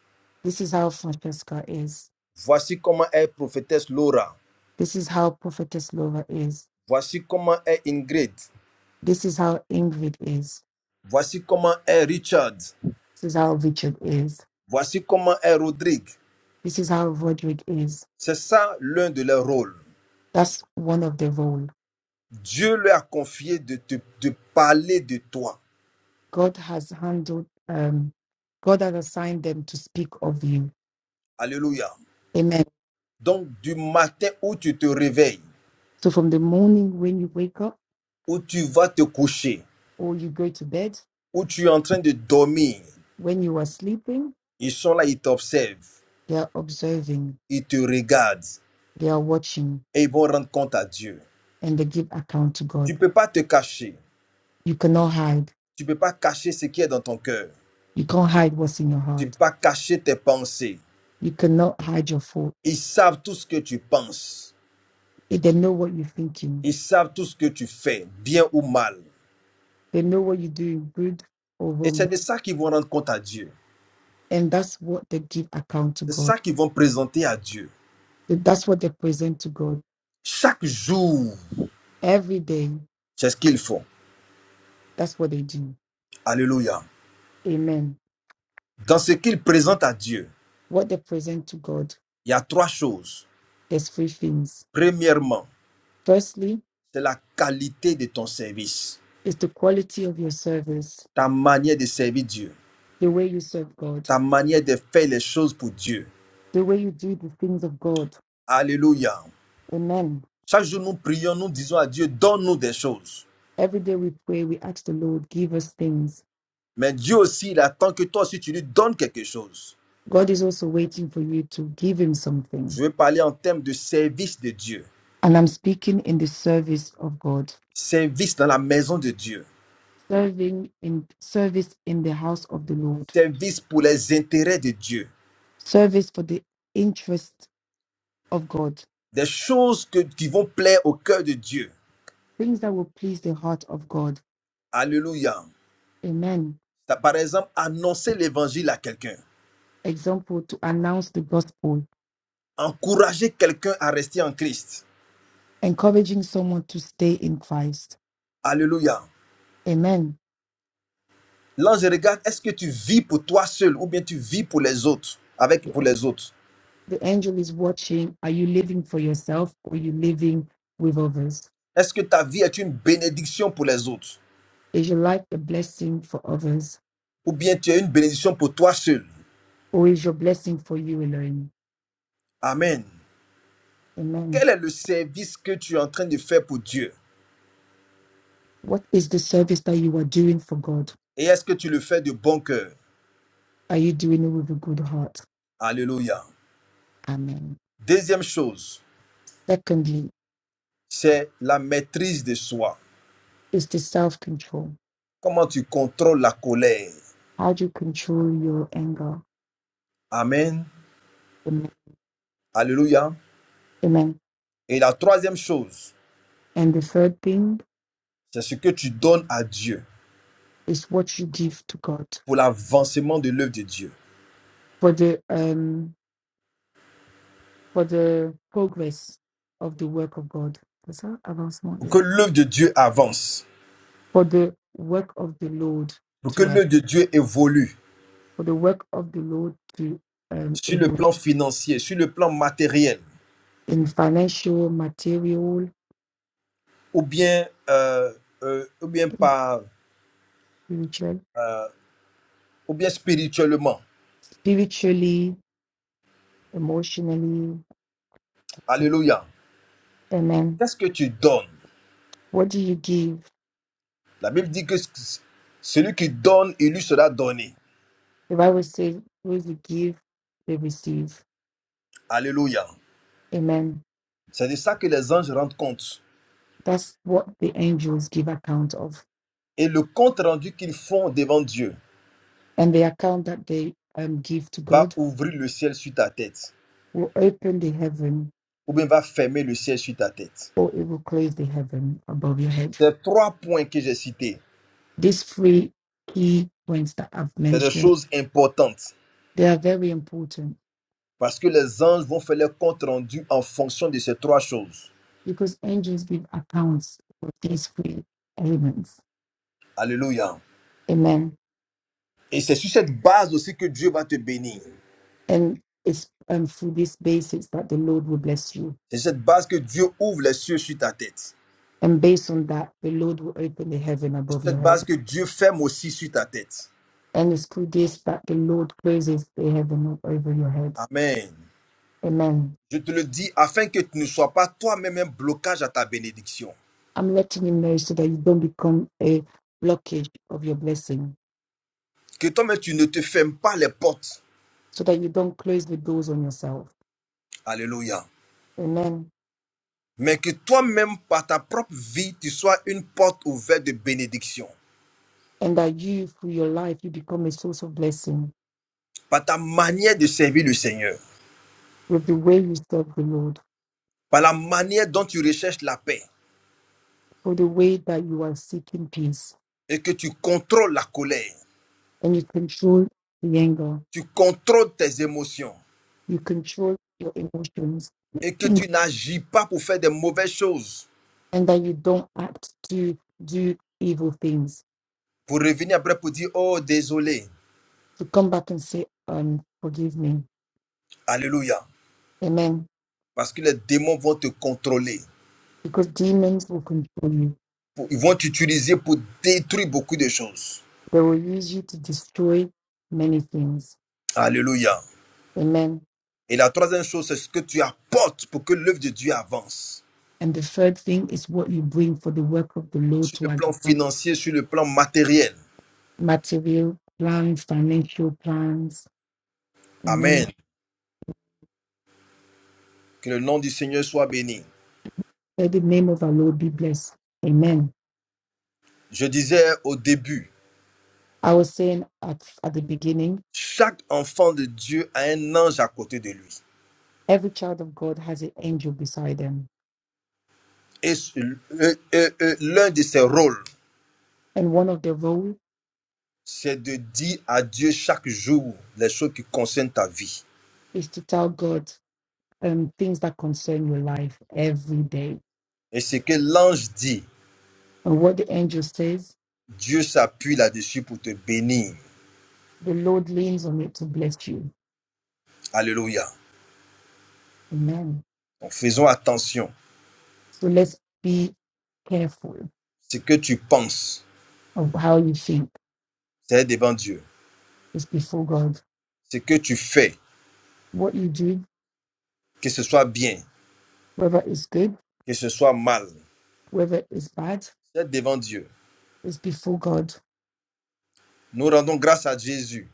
[SPEAKER 2] This is how Francesca is.
[SPEAKER 3] Voici comment est prophétesse Laura.
[SPEAKER 2] This is how Prophetess Lova is.
[SPEAKER 3] Voici comment est Ingrid.
[SPEAKER 2] This is how Ingrid is.
[SPEAKER 3] Voici comment est Richard.
[SPEAKER 2] This is how Richard is.
[SPEAKER 3] Voici comment est Rodrigue.
[SPEAKER 2] This is how Roderick is."
[SPEAKER 3] C'est ça l'un de leurs rôles.
[SPEAKER 2] That's one of the role
[SPEAKER 3] Dieu leur a confié de te de parler de toi.
[SPEAKER 2] God has handled. Um, God has assigned them to speak of you.
[SPEAKER 3] Alléluia.
[SPEAKER 2] Amen.
[SPEAKER 3] Donc du matin où tu te réveilles,
[SPEAKER 2] So from the morning when you wake up
[SPEAKER 3] où tu vas te coucher,
[SPEAKER 2] or you go to bed,
[SPEAKER 3] où tu es en train de dormir,
[SPEAKER 2] when you are sleeping,
[SPEAKER 3] ils sont là, ils t'observent,
[SPEAKER 2] they are observing,
[SPEAKER 3] ils te regardent
[SPEAKER 2] they are watching,
[SPEAKER 3] et ils vont rendre compte à Dieu.
[SPEAKER 2] and they give account to
[SPEAKER 3] Tu
[SPEAKER 2] God.
[SPEAKER 3] ne peux pas te cacher.
[SPEAKER 2] You cannot hide.
[SPEAKER 3] Tu ne peux pas cacher ce qui est dans ton cœur.
[SPEAKER 2] You can't hide what's in your
[SPEAKER 3] Tu ne
[SPEAKER 2] heart.
[SPEAKER 3] peux pas cacher tes pensées.
[SPEAKER 2] You cannot hide your fault.
[SPEAKER 3] Ils savent tout ce que tu penses.
[SPEAKER 2] Eh, They know what you're thinking.
[SPEAKER 3] Ils savent tout ce que tu fais, bien ou mal.
[SPEAKER 2] They know what you're doing, good or
[SPEAKER 3] Et c'est
[SPEAKER 2] wrong.
[SPEAKER 3] de ça qu'ils vont rendre compte à Dieu.
[SPEAKER 2] And that's what they give account to
[SPEAKER 3] C'est
[SPEAKER 2] God.
[SPEAKER 3] ça qu'ils vont présenter à Dieu.
[SPEAKER 2] So That's what they present to God
[SPEAKER 3] Chaque jour,
[SPEAKER 2] every day.
[SPEAKER 3] c'est ce qu'ils font.
[SPEAKER 2] That's what they do.
[SPEAKER 3] Alléluia.
[SPEAKER 2] Amen.
[SPEAKER 3] Dans ce qu'ils présentent à Dieu,
[SPEAKER 2] What they present to God,
[SPEAKER 3] il y a trois choses.
[SPEAKER 2] there's three things.
[SPEAKER 3] Premièrement,
[SPEAKER 2] Firstly,
[SPEAKER 3] c'est la qualité de ton service,
[SPEAKER 2] is the quality of your service,
[SPEAKER 3] ta manière de servir Dieu,
[SPEAKER 2] the way you serve God
[SPEAKER 3] ta manière de faire les choses pour Dieu.
[SPEAKER 2] the way you do the things of God.
[SPEAKER 3] Alléluia.
[SPEAKER 2] Amen.
[SPEAKER 3] Chaque jour, nous prions, nous disons à Dieu, donne-nous des choses.
[SPEAKER 2] Every day we pray, we ask the Lord, give us things.
[SPEAKER 3] Mais Dieu aussi, il attend que toi aussi, tu lui donnes quelque chose.
[SPEAKER 2] God is also waiting for you to give him
[SPEAKER 3] Je
[SPEAKER 2] something.
[SPEAKER 3] vais parler en termes de service de Dieu,
[SPEAKER 2] And I'm speaking in the service of God,
[SPEAKER 3] service dans la maison de Dieu,
[SPEAKER 2] serving in service in the house of the Lord,
[SPEAKER 3] service pour les intérêts de Dieu,
[SPEAKER 2] service for the interest of God,
[SPEAKER 3] des choses que- qui vont plaire au cœur de Dieu.
[SPEAKER 2] things that will please the heart of God.
[SPEAKER 3] Alléluia.
[SPEAKER 2] Amen.
[SPEAKER 3] T'as, Par exemple, annoncer l'évangile à quelqu'un,
[SPEAKER 2] Example to announce the gospel,
[SPEAKER 3] encourager quelqu'un à rester en Christ.
[SPEAKER 2] encouraging someone to stay in Christ.
[SPEAKER 3] Alléluia.
[SPEAKER 2] Amen
[SPEAKER 3] L'ange regarde, est-ce que tu vis pour toi seul ou bien tu vis pour les autres, avec pour les autres?
[SPEAKER 2] The angel is watching. Are you living for yourself or are you living with others?
[SPEAKER 3] Est-ce que ta vie est une bénédiction pour les autres
[SPEAKER 2] Is your life a blessing for others
[SPEAKER 3] Ou bien tu es une bénédiction pour toi seul
[SPEAKER 2] or is your blessing for you alone?
[SPEAKER 3] Amen.
[SPEAKER 2] Amen.
[SPEAKER 3] Quel est le service que tu es en train de faire pour Dieu
[SPEAKER 2] What is the service that you are doing for God?
[SPEAKER 3] Et est-ce que tu le fais de bon cœur
[SPEAKER 2] Are you doing it with a good heart?
[SPEAKER 3] Alléluia.
[SPEAKER 2] Amen.
[SPEAKER 3] Deuxième chose,
[SPEAKER 2] Secondly,
[SPEAKER 3] c'est la maîtrise de soi.
[SPEAKER 2] is the self control.
[SPEAKER 3] Comment tu contrôles la colère
[SPEAKER 2] How do you control your anger?
[SPEAKER 3] Amen.
[SPEAKER 2] Amen.
[SPEAKER 3] Alléluia.
[SPEAKER 2] Amen.
[SPEAKER 3] Et la troisième chose,
[SPEAKER 2] And the third thing
[SPEAKER 3] c'est ce que tu donnes à Dieu
[SPEAKER 2] is what you give to God
[SPEAKER 3] pour l'avancement de l'œuvre de Dieu.
[SPEAKER 2] for the um for the progress of the work of God. Is that about small?
[SPEAKER 3] Pour
[SPEAKER 2] Yeah.
[SPEAKER 3] que l'œuvre de Dieu avance.
[SPEAKER 2] for the work of the Lord
[SPEAKER 3] Pour que
[SPEAKER 2] to ad-
[SPEAKER 3] l'œuvre de Dieu évolue.
[SPEAKER 2] for the work of the Lord to um,
[SPEAKER 3] sur le
[SPEAKER 2] evolve
[SPEAKER 3] plan financier, sur le plan matériel,
[SPEAKER 2] in financial, material,
[SPEAKER 3] ou bien, euh, euh, ou bien, par,
[SPEAKER 2] spiritual,
[SPEAKER 3] euh, ou bien spirituellement.
[SPEAKER 2] spiritually, emotionally, etc.
[SPEAKER 3] Alléluia.
[SPEAKER 2] Amen.
[SPEAKER 3] Qu'est-ce que tu donnes
[SPEAKER 2] What do you give?
[SPEAKER 3] La Bible dit que c- celui qui donne, il lui sera donné.
[SPEAKER 2] The Bible says, "Those who give, they receive."
[SPEAKER 3] Alléluia.
[SPEAKER 2] Amen.
[SPEAKER 3] C'est de ça que les anges rendent compte.
[SPEAKER 2] That's what the angels give account of,
[SPEAKER 3] Et le compte rendu qu'ils font devant Dieu
[SPEAKER 2] and the account that they um, give to
[SPEAKER 3] va
[SPEAKER 2] God
[SPEAKER 3] ouvrir le ciel sur ta tête,
[SPEAKER 2] will open the heaven,
[SPEAKER 3] ou bien va fermer le ciel sur ta tête.
[SPEAKER 2] or it will close the heaven above your head.
[SPEAKER 3] Ces trois points que j'ai cités,
[SPEAKER 2] these three key points that I've
[SPEAKER 3] c'est des
[SPEAKER 2] mentioned,
[SPEAKER 3] choses importantes.
[SPEAKER 2] they are very important
[SPEAKER 3] Parce que les anges vont faire leur compte rendu en fonction de ces trois choses.
[SPEAKER 2] because angels give accounts of these three elements.
[SPEAKER 3] Alléluia.
[SPEAKER 2] Amen.
[SPEAKER 3] Et c'est sur cette base aussi que Dieu va te bénir.
[SPEAKER 2] And it's um, through this basis that the Lord will bless you.
[SPEAKER 3] C'est sur cette base que Dieu ouvre les cieux sur ta tête.
[SPEAKER 2] And based on that, the Lord will open the heaven
[SPEAKER 3] C'est sur
[SPEAKER 2] above
[SPEAKER 3] cette
[SPEAKER 2] your
[SPEAKER 3] base
[SPEAKER 2] head.
[SPEAKER 3] que Dieu ferme aussi sur ta tête.
[SPEAKER 2] And it's through this that the Lord raises the heaven over your head.
[SPEAKER 3] Amen.
[SPEAKER 2] Amen.
[SPEAKER 3] Je te le dis afin que tu ne sois pas toi-même un blocage à ta bénédiction.
[SPEAKER 2] I'm letting you know so that you don't become a blockage of your blessing,
[SPEAKER 3] Que toi-même tu ne te fermes pas les portes.
[SPEAKER 2] so that you don't close the doors on yourself.
[SPEAKER 3] Alléluia.
[SPEAKER 2] Amen
[SPEAKER 3] Mais que toi-même, par ta propre vie, tu sois une porte ouverte de bénédiction.
[SPEAKER 2] and that you, through your life, you become a source of blessing
[SPEAKER 3] Par ta manière de servir le Seigneur.
[SPEAKER 2] with the way you serve the Lord,
[SPEAKER 3] par la manière dont tu recherches la paix
[SPEAKER 2] for the way that you are seeking peace,
[SPEAKER 3] et que tu contrôles la colère,
[SPEAKER 2] and you control the anger,
[SPEAKER 3] tu contrôles tes émotions
[SPEAKER 2] you control your emotions,
[SPEAKER 3] et que
[SPEAKER 2] and
[SPEAKER 3] tu n'agis pas pour faire des mauvaises choses,
[SPEAKER 2] that you don't act to do evil things.
[SPEAKER 3] pour revenir après pour dire, oh désolé,
[SPEAKER 2] To come back and say, um, forgive me.
[SPEAKER 3] alléluia,
[SPEAKER 2] Amen.
[SPEAKER 3] parce que les démons vont te contrôler,
[SPEAKER 2] Because demons will control you.
[SPEAKER 3] pour- ils vont t'utiliser pour détruire beaucoup de choses.
[SPEAKER 2] They will use you to destroy many things.
[SPEAKER 3] Alléluia.
[SPEAKER 2] Amen.
[SPEAKER 3] Et la troisième chose, c'est ce que tu apportes pour que l'œuvre de Dieu avance,
[SPEAKER 2] And the third thing is what you bring for the work of the Lord
[SPEAKER 3] sur
[SPEAKER 2] to
[SPEAKER 3] le plan
[SPEAKER 2] advance
[SPEAKER 3] financier, sur le plan matériel.
[SPEAKER 2] material plans, financial plans. Amen.
[SPEAKER 3] Amen. Que le nom du Seigneur soit béni.
[SPEAKER 2] Let the name of our Lord be blessed. Amen.
[SPEAKER 3] Je disais au début,
[SPEAKER 2] I was saying at, at the beginning,
[SPEAKER 3] Chaque enfant de Dieu a un ange à côté de lui.
[SPEAKER 2] every child of God has an angel beside them.
[SPEAKER 3] Et, euh, euh, euh, l'un de ses rôles,
[SPEAKER 2] And one of their role
[SPEAKER 3] c'est de dire à Dieu chaque jour les choses qui concernent ta vie.
[SPEAKER 2] is to tell God um, things that concern your life every day.
[SPEAKER 3] Et ce que l'ange dit,
[SPEAKER 2] And what the angel says,
[SPEAKER 3] Dieu s'appuie là-dessus pour te bénir.
[SPEAKER 2] the Lord leans on it to bless you.
[SPEAKER 3] Alléluia.
[SPEAKER 2] Amen.
[SPEAKER 3] Donc faisons attention.
[SPEAKER 2] So let's be careful
[SPEAKER 3] Ce que tu penses,
[SPEAKER 2] of how you think
[SPEAKER 3] c'est devant Dieu.
[SPEAKER 2] is before God.
[SPEAKER 3] Ce que tu fais,
[SPEAKER 2] What you do,
[SPEAKER 3] que ce soit bien,
[SPEAKER 2] whether it's good,
[SPEAKER 3] que ce soit mal,
[SPEAKER 2] whether it's bad,
[SPEAKER 3] c'est devant Dieu.
[SPEAKER 2] is before God.
[SPEAKER 3] Nous rendons grâce à Jésus.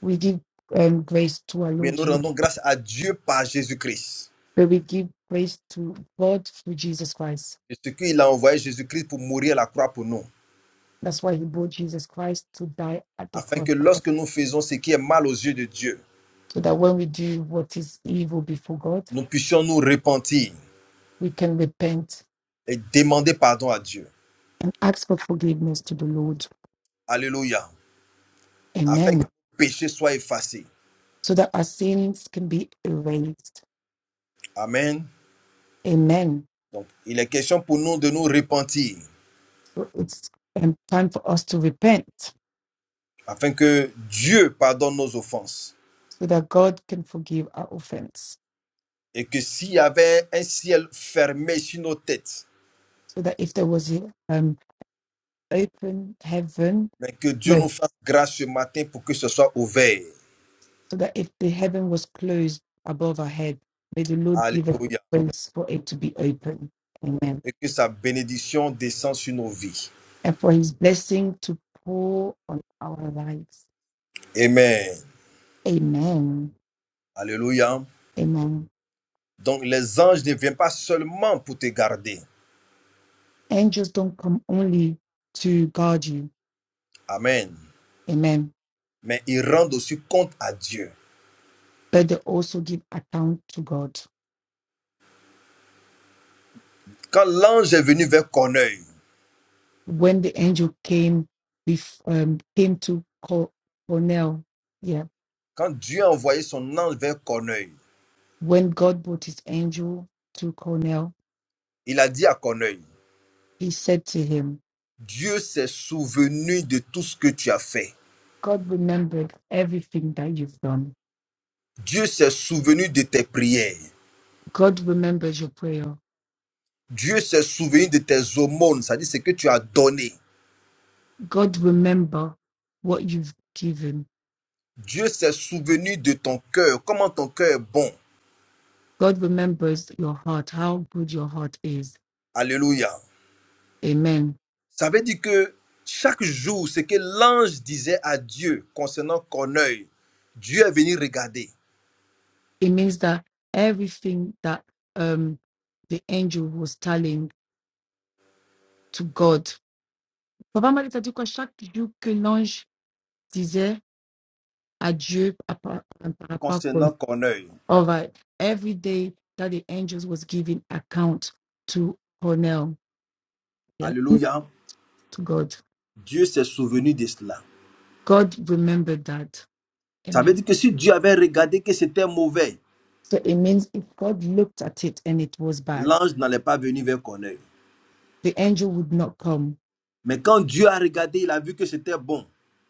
[SPEAKER 2] We give um, grace to our
[SPEAKER 3] Mais
[SPEAKER 2] Lord
[SPEAKER 3] nous
[SPEAKER 2] Jesus,
[SPEAKER 3] rendons grâce à Dieu par Jésus-Christ.
[SPEAKER 2] but we give grace to God through Jesus Christ.
[SPEAKER 3] Et ce qu'il a envoyé Jésus-Christ pour mourir à la croix pour nous,
[SPEAKER 2] That's why He brought Jesus Christ to die at the
[SPEAKER 3] afin
[SPEAKER 2] cross,
[SPEAKER 3] que lorsque nous faisons ce qui est mal aux yeux de Dieu,
[SPEAKER 2] so that when we do what is evil before God,
[SPEAKER 3] nous puissions nous repentir
[SPEAKER 2] we can repent
[SPEAKER 3] et demander pardon à Dieu.
[SPEAKER 2] and ask for forgiveness to the Lord.
[SPEAKER 3] Alléluia. Afin que
[SPEAKER 2] Amen.
[SPEAKER 3] le péché soit effacé.
[SPEAKER 2] So that our sins can be erased.
[SPEAKER 3] Amen.
[SPEAKER 2] Amen.
[SPEAKER 3] Donc, il est question pour nous de nous repentir,
[SPEAKER 2] So it's um, time for us to repent
[SPEAKER 3] afin que Dieu pardonne nos offenses.
[SPEAKER 2] so that God can forgive our offense.
[SPEAKER 3] Et que s'il y avait un ciel fermé sur nos têtes,
[SPEAKER 2] So that if there was an um, open heaven
[SPEAKER 3] mais que Dieu nous
[SPEAKER 2] No,
[SPEAKER 3] fasse grâce ce matin pour que ce soit ouvert.
[SPEAKER 2] so that if the heaven was closed above our head, may the Lord give us
[SPEAKER 3] Alléluia.
[SPEAKER 2] the grace for it to be open. Amen.
[SPEAKER 3] Et que sa bénédiction descende sur nos vies.
[SPEAKER 2] And for his blessing to pour on our lives.
[SPEAKER 3] Amen.
[SPEAKER 2] Amen.
[SPEAKER 3] Alléluia.
[SPEAKER 2] Amen.
[SPEAKER 3] Donc les anges ne viennent pas seulement pour te garder.
[SPEAKER 2] Angels don't come only to guard you.
[SPEAKER 3] Amen.
[SPEAKER 2] Amen.
[SPEAKER 3] Mais ils rendent aussi compte à Dieu.
[SPEAKER 2] But they also give account to God.
[SPEAKER 3] Quand l'ange est venu vers Corneille,
[SPEAKER 2] When the angel came, bef- um, came to Cor- Cornell, yeah.
[SPEAKER 3] quand Dieu a envoyé son ange vers Corneille,
[SPEAKER 2] When God brought his angel to Cornell,
[SPEAKER 3] il a dit à Corneille,
[SPEAKER 2] he said to him,
[SPEAKER 3] Dieu s'est souvenu de tout ce que tu as fait.
[SPEAKER 2] God remembered everything that you've done.
[SPEAKER 3] Dieu s'est souvenu de tes prières.
[SPEAKER 2] God remembers your prayer.
[SPEAKER 3] Dieu s'est souvenu de tes aumônes, c'est-à-dire ce que tu as donné.
[SPEAKER 2] God remember what you've given.
[SPEAKER 3] Dieu s'est souvenu de ton cœur, comment ton cœur est bon.
[SPEAKER 2] God remembers your heart, how good your heart is.
[SPEAKER 3] Alléluia.
[SPEAKER 2] Amen.
[SPEAKER 3] Ça veut dire que chaque jour, ce que l'ange disait à Dieu concernant Corneille, Dieu est venu regarder
[SPEAKER 2] It means that everything that um the angel was telling to God. Papa Marie t'a dit quoi chaque jour que l'ange disait à Dieu à par à par rapport qu'on-
[SPEAKER 3] concernant Corneille.
[SPEAKER 2] All right. Every day that the angels was giving account to Cornell, yeah,
[SPEAKER 3] Alléluia.
[SPEAKER 2] to God.
[SPEAKER 3] Dieu s'est souvenu de cela.
[SPEAKER 2] God remembered that.
[SPEAKER 3] Ça veut
[SPEAKER 2] Amen.
[SPEAKER 3] dire que si Dieu avait regardé que c'était mauvais,
[SPEAKER 2] So it means if God looked at it and it was bad,
[SPEAKER 3] l'ange n'allait pas venir vers Corneille.
[SPEAKER 2] the angel would not come.
[SPEAKER 3] Mais quand Dieu a regardé, il a vu que c'était bon.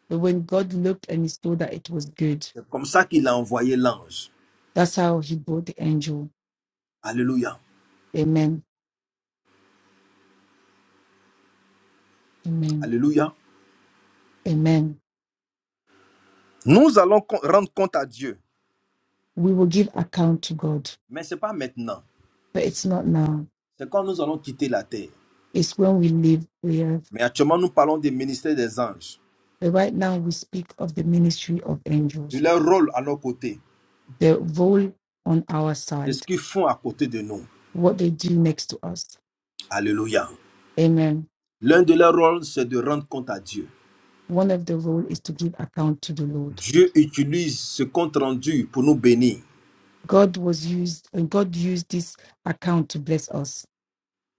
[SPEAKER 2] But when God looked and he saw that it was good,
[SPEAKER 3] C'est comme ça qu'il a envoyé l'ange.
[SPEAKER 2] that's how he brought the angel.
[SPEAKER 3] Alléluia.
[SPEAKER 2] Amen. Amen.
[SPEAKER 3] Alléluia.
[SPEAKER 2] Amen.
[SPEAKER 3] Nous allons con- rendre compte à Dieu.
[SPEAKER 2] We will give account to God,
[SPEAKER 3] Mais ce n'est pas maintenant.
[SPEAKER 2] but it's not now.
[SPEAKER 3] C'est quand nous allons quitter la terre.
[SPEAKER 2] It's when we leave the earth.
[SPEAKER 3] Mais actuellement, nous parlons du ministère des anges.
[SPEAKER 2] But right now, we speak of the ministry of
[SPEAKER 3] de
[SPEAKER 2] angels,
[SPEAKER 3] leur rôle à nos côtés,
[SPEAKER 2] their role on our
[SPEAKER 3] de ce
[SPEAKER 2] side,
[SPEAKER 3] qu'ils font à côté de nous.
[SPEAKER 2] what they do next to us.
[SPEAKER 3] Alléluia.
[SPEAKER 2] Amen.
[SPEAKER 3] L'un de leurs rôles, c'est de rendre compte à Dieu.
[SPEAKER 2] One of the role is to give account to the Lord
[SPEAKER 3] Dieu utilise ce compte rendu pour nous bénir,
[SPEAKER 2] God was used, and God used this account to bless us,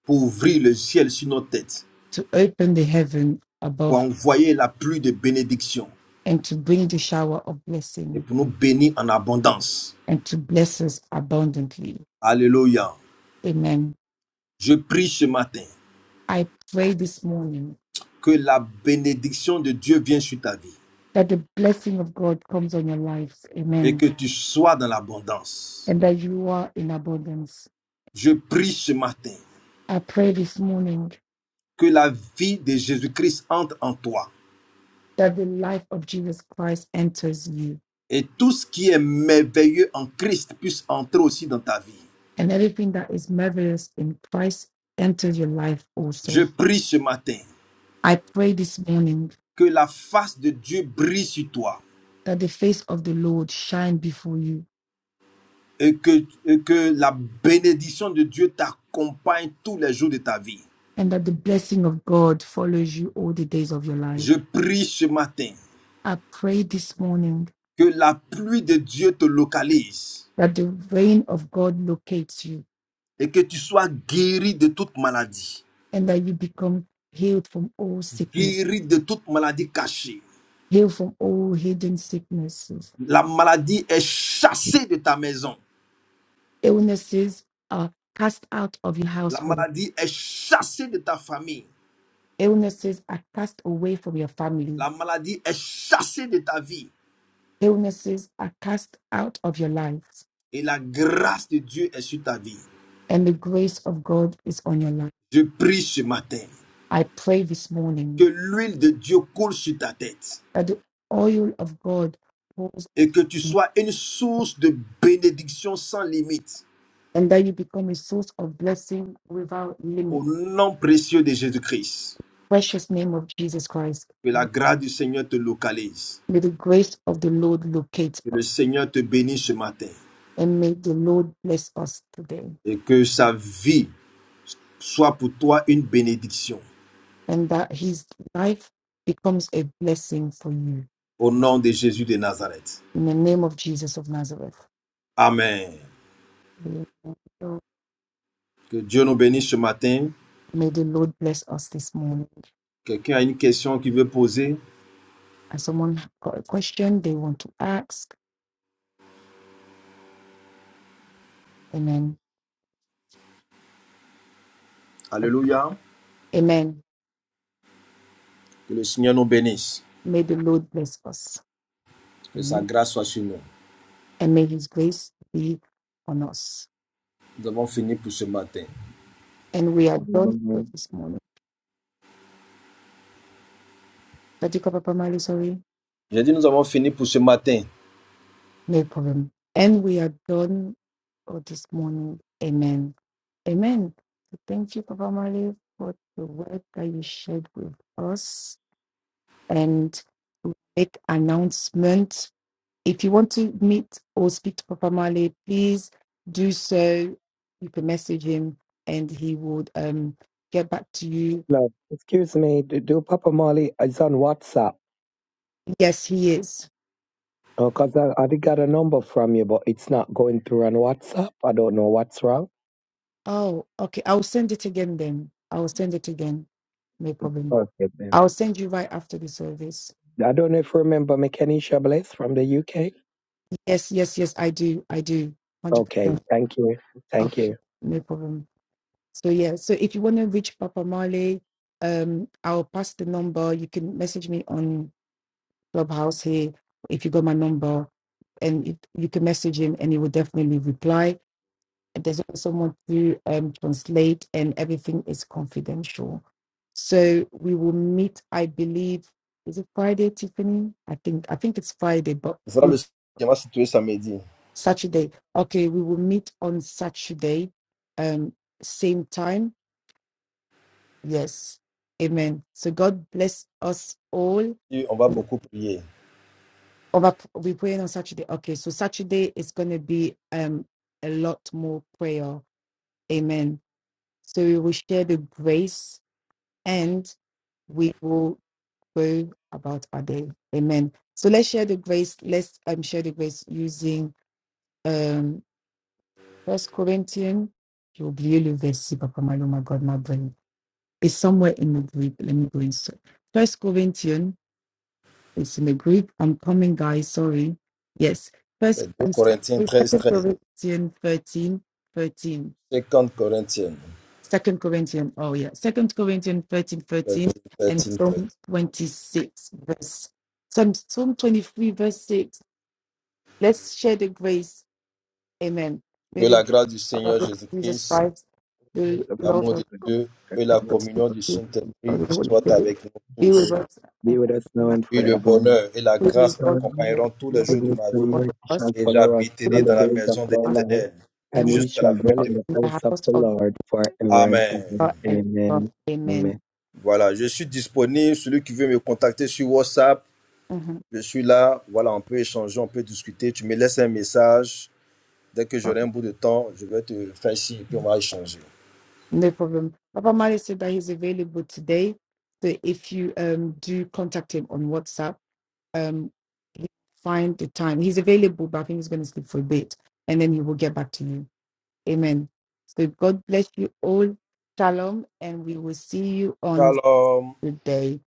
[SPEAKER 3] pour ouvrir le ciel sur nos têtes,
[SPEAKER 2] to open the heaven
[SPEAKER 3] pour
[SPEAKER 2] above,
[SPEAKER 3] envoyer la pluie de bénédiction
[SPEAKER 2] and to bring the shower of
[SPEAKER 3] et
[SPEAKER 2] blessing,
[SPEAKER 3] pour nous bénir en abondance.
[SPEAKER 2] and to bless us abundantly.
[SPEAKER 3] Alléluia.
[SPEAKER 2] Amen.
[SPEAKER 3] Je prie ce matin
[SPEAKER 2] I pray this morning
[SPEAKER 3] que la bénédiction de Dieu vienne sur ta vie
[SPEAKER 2] that the blessing of God comes on your lives.
[SPEAKER 3] et
[SPEAKER 2] Amen.
[SPEAKER 3] que tu sois dans l'abondance.
[SPEAKER 2] And that you are in abundance.
[SPEAKER 3] Je prie ce matin
[SPEAKER 2] I pray this morning
[SPEAKER 3] que la vie de Jésus-Christ entre en toi
[SPEAKER 2] that the life of Jesus Christ enters you,
[SPEAKER 3] et tout ce qui est merveilleux en Christ puisse entrer aussi dans ta vie.
[SPEAKER 2] and everything that is marvelous in Christ enters your life
[SPEAKER 3] Je
[SPEAKER 2] also.
[SPEAKER 3] prie ce matin
[SPEAKER 2] I pray this morning
[SPEAKER 3] que la face de Dieu brille sur toi
[SPEAKER 2] that the face of the Lord shine before you,
[SPEAKER 3] et que, et que la bénédiction de Dieu t'accompagne tous les jours de ta vie.
[SPEAKER 2] and that the blessing of God follows you all the days of your life.
[SPEAKER 3] Je prie ce matin
[SPEAKER 2] I pray this morning
[SPEAKER 3] que la pluie de Dieu te localise
[SPEAKER 2] that the reign of God locates you,
[SPEAKER 3] et que tu sois guéri de toute maladie,
[SPEAKER 2] and that you become healed from all sickness,
[SPEAKER 3] guéri de toute maladie cachée.
[SPEAKER 2] healed from all hidden sicknesses.
[SPEAKER 3] La maladie est chassée de ta maison.
[SPEAKER 2] Illnesses are cast out of your
[SPEAKER 3] La
[SPEAKER 2] household,
[SPEAKER 3] maladie est chassée de ta famille.
[SPEAKER 2] illnesses are cast away from your family,
[SPEAKER 3] La maladie est chassée de ta vie
[SPEAKER 2] illnesses are cast out of your life,
[SPEAKER 3] et la grâce de Dieu est sur ta vie.
[SPEAKER 2] and the grace of God is on your life.
[SPEAKER 3] Je prie ce matin
[SPEAKER 2] I pray this morning
[SPEAKER 3] que l'huile de Dieu coule sur ta tête
[SPEAKER 2] that the oil of God pours
[SPEAKER 3] et que tu
[SPEAKER 2] on you,
[SPEAKER 3] sois une source de bénédiction sans limite.
[SPEAKER 2] and that you become a source of blessing without
[SPEAKER 3] Au
[SPEAKER 2] limit.
[SPEAKER 3] nom précieux de Jésus-Christ,
[SPEAKER 2] Precious name of Jesus Christ.
[SPEAKER 3] que
[SPEAKER 2] Amen.
[SPEAKER 3] la grâce du Seigneur te localise,
[SPEAKER 2] May the grace of the Lord locate
[SPEAKER 3] que le
[SPEAKER 2] us
[SPEAKER 3] Seigneur te bénisse ce matin
[SPEAKER 2] and may the Lord bless us today
[SPEAKER 3] et que sa vie soit pour toi une bénédiction.
[SPEAKER 2] and that his life becomes a blessing for you.
[SPEAKER 3] Au nom de Jésus de Nazareth.
[SPEAKER 2] In the name of Jesus of Nazareth.
[SPEAKER 3] Amen.
[SPEAKER 2] Amen. So
[SPEAKER 3] Que Dieu nous bénisse ce matin.
[SPEAKER 2] May the Lord bless us this morning.
[SPEAKER 3] Quelqu'un a une question qu'il veut poser
[SPEAKER 2] And someone got a question they want to ask. Amen.
[SPEAKER 3] Alléluia.
[SPEAKER 2] Amen.
[SPEAKER 3] Que le Seigneur nous bénisse.
[SPEAKER 2] May the Lord bless us.
[SPEAKER 3] Que
[SPEAKER 2] Amen.
[SPEAKER 3] sa grâce soit sur nous.
[SPEAKER 2] and may His grace be on us.
[SPEAKER 3] Nous avons fini pour ce matin.
[SPEAKER 2] And we are done for
[SPEAKER 6] Love,
[SPEAKER 2] this morning. Katika Papa Mali, sorry,
[SPEAKER 3] J'ai dit nous avons fini pour ce matin.
[SPEAKER 2] no problem. And we are done for this morning. Amen. Amen. So thank you, Papa Mali, for the word that you shared with us. And we make announcement. If you want to meet or speak to Papa Mali, please do so. You can message him and he would um, get back to you.
[SPEAKER 6] excuse me, do, do Papa Molly is on WhatsApp?
[SPEAKER 2] Yes, he is.
[SPEAKER 6] Because I, I did got a number from you, but it's not going through on WhatsApp. I don't know what's wrong.
[SPEAKER 2] Oh, okay. I'll send it again then. I'll send it again. No problem.
[SPEAKER 6] Okay, then.
[SPEAKER 2] I'll send you right after the service.
[SPEAKER 6] I don't know if you remember Mechanisha Bliss from the UK.
[SPEAKER 2] Yes, yes, yes, I do. I do. 100%.
[SPEAKER 6] Okay, thank you. Thank
[SPEAKER 2] Okay,
[SPEAKER 6] you.
[SPEAKER 2] no problem. So, yeah, so if you want to reach Papa Marley, um, I'll pass the number. You can message me on Clubhouse here if you got my number, and if you can message him, and he will definitely reply there's also someone to um, translate, and everything is confidential. So we will meet. I believe is it Friday, Tiffany? I think I think it's Friday, but
[SPEAKER 3] Ce sera
[SPEAKER 2] we-
[SPEAKER 3] le qui va situer samedi.
[SPEAKER 2] Saturday. Okay, we will meet on Saturday, um, same time. Yes, Amen. So God bless us all.
[SPEAKER 3] Et on va beaucoup prier.
[SPEAKER 2] Over, we praying on Saturday. Okay, so Saturday is going to be um a lot more prayer. Amen. So we will share the grace and we will go about our day. Amen. So let's share the grace. Let's um, share the grace using um First Corinthians. J'ai oublié le verset, Papa Malo, my God, my brain. It's somewhere in the Greek. Let me go inside. First Corinthians. It's in the Greek. I'm coming, guys. Sorry. Yes. First,
[SPEAKER 3] C'est 2 Corinthiens treize treize.
[SPEAKER 2] Corinthians 13, 13.
[SPEAKER 3] 50 Corinthiens.
[SPEAKER 2] Second Corinthians, oh yeah, Second Corinthians 13,
[SPEAKER 3] 13,
[SPEAKER 2] 13, and
[SPEAKER 3] 13, 13.
[SPEAKER 2] Psalm 26, verse Psalm, 23, verse 6. Let's share the grace. Amen.
[SPEAKER 3] Que
[SPEAKER 2] May the
[SPEAKER 3] la
[SPEAKER 2] grace
[SPEAKER 3] grâce du
[SPEAKER 2] of our
[SPEAKER 3] Seigneur
[SPEAKER 2] Lord Jesus
[SPEAKER 3] Jésus-Christ,
[SPEAKER 2] Christ, the love
[SPEAKER 3] l'amour de
[SPEAKER 2] of God,
[SPEAKER 3] Dieu et la
[SPEAKER 2] and the sweet
[SPEAKER 3] communion du
[SPEAKER 2] communion
[SPEAKER 3] Saint-Esprit
[SPEAKER 2] of the Holy
[SPEAKER 3] soient
[SPEAKER 2] Spirit
[SPEAKER 3] avec nous
[SPEAKER 2] be with
[SPEAKER 3] tous.
[SPEAKER 2] us
[SPEAKER 6] Be
[SPEAKER 2] and
[SPEAKER 6] with us now
[SPEAKER 2] now.
[SPEAKER 6] and
[SPEAKER 3] Et le
[SPEAKER 6] forever.
[SPEAKER 3] bonheur et la
[SPEAKER 2] Really,
[SPEAKER 3] grâce
[SPEAKER 2] God,
[SPEAKER 6] Remember,
[SPEAKER 2] may
[SPEAKER 3] m'accompagneront tous
[SPEAKER 6] The
[SPEAKER 3] les jours de
[SPEAKER 2] mercy
[SPEAKER 6] goodness
[SPEAKER 3] ma
[SPEAKER 6] and
[SPEAKER 3] vie
[SPEAKER 2] for
[SPEAKER 6] mercy
[SPEAKER 2] us
[SPEAKER 6] shall
[SPEAKER 3] et
[SPEAKER 6] follow us
[SPEAKER 2] to be
[SPEAKER 3] j'habiterai
[SPEAKER 6] all the
[SPEAKER 3] dans
[SPEAKER 2] with
[SPEAKER 3] la
[SPEAKER 6] days of
[SPEAKER 3] maison de
[SPEAKER 6] our
[SPEAKER 2] us
[SPEAKER 6] life,
[SPEAKER 3] l'Éternel
[SPEAKER 6] and
[SPEAKER 2] and with
[SPEAKER 6] we
[SPEAKER 3] jusqu'à la
[SPEAKER 6] shall
[SPEAKER 3] fin
[SPEAKER 6] dwell
[SPEAKER 2] us
[SPEAKER 3] de
[SPEAKER 6] in the
[SPEAKER 2] in the
[SPEAKER 6] house of
[SPEAKER 2] house
[SPEAKER 6] the
[SPEAKER 2] of
[SPEAKER 6] Lord forever and ever.
[SPEAKER 3] Amen.
[SPEAKER 2] God and God.
[SPEAKER 6] Amen. Amen.
[SPEAKER 2] Amen.
[SPEAKER 3] Voilà, je suis disponible. Celui qui veut me contacter sur WhatsApp,
[SPEAKER 2] Mhm.
[SPEAKER 3] je suis là. Voilà, on peut échanger, on peut discuter. Tu me laisses un message. Dès que j'aurai un bout de temps, je vais te faire signe et puis on va échanger.
[SPEAKER 2] No problem. Papa Mali said that he's available today. So if you um do contact him on WhatsApp, um he find the time. He's available, but I think he's gonna sleep for a bit and then he will get back to you. Amen. So God bless you all. Shalom, and we will see you on
[SPEAKER 3] Shalom.
[SPEAKER 2] the day.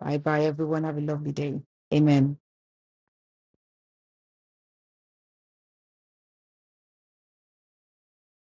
[SPEAKER 2] Bye bye everyone. Have a lovely day. Amen.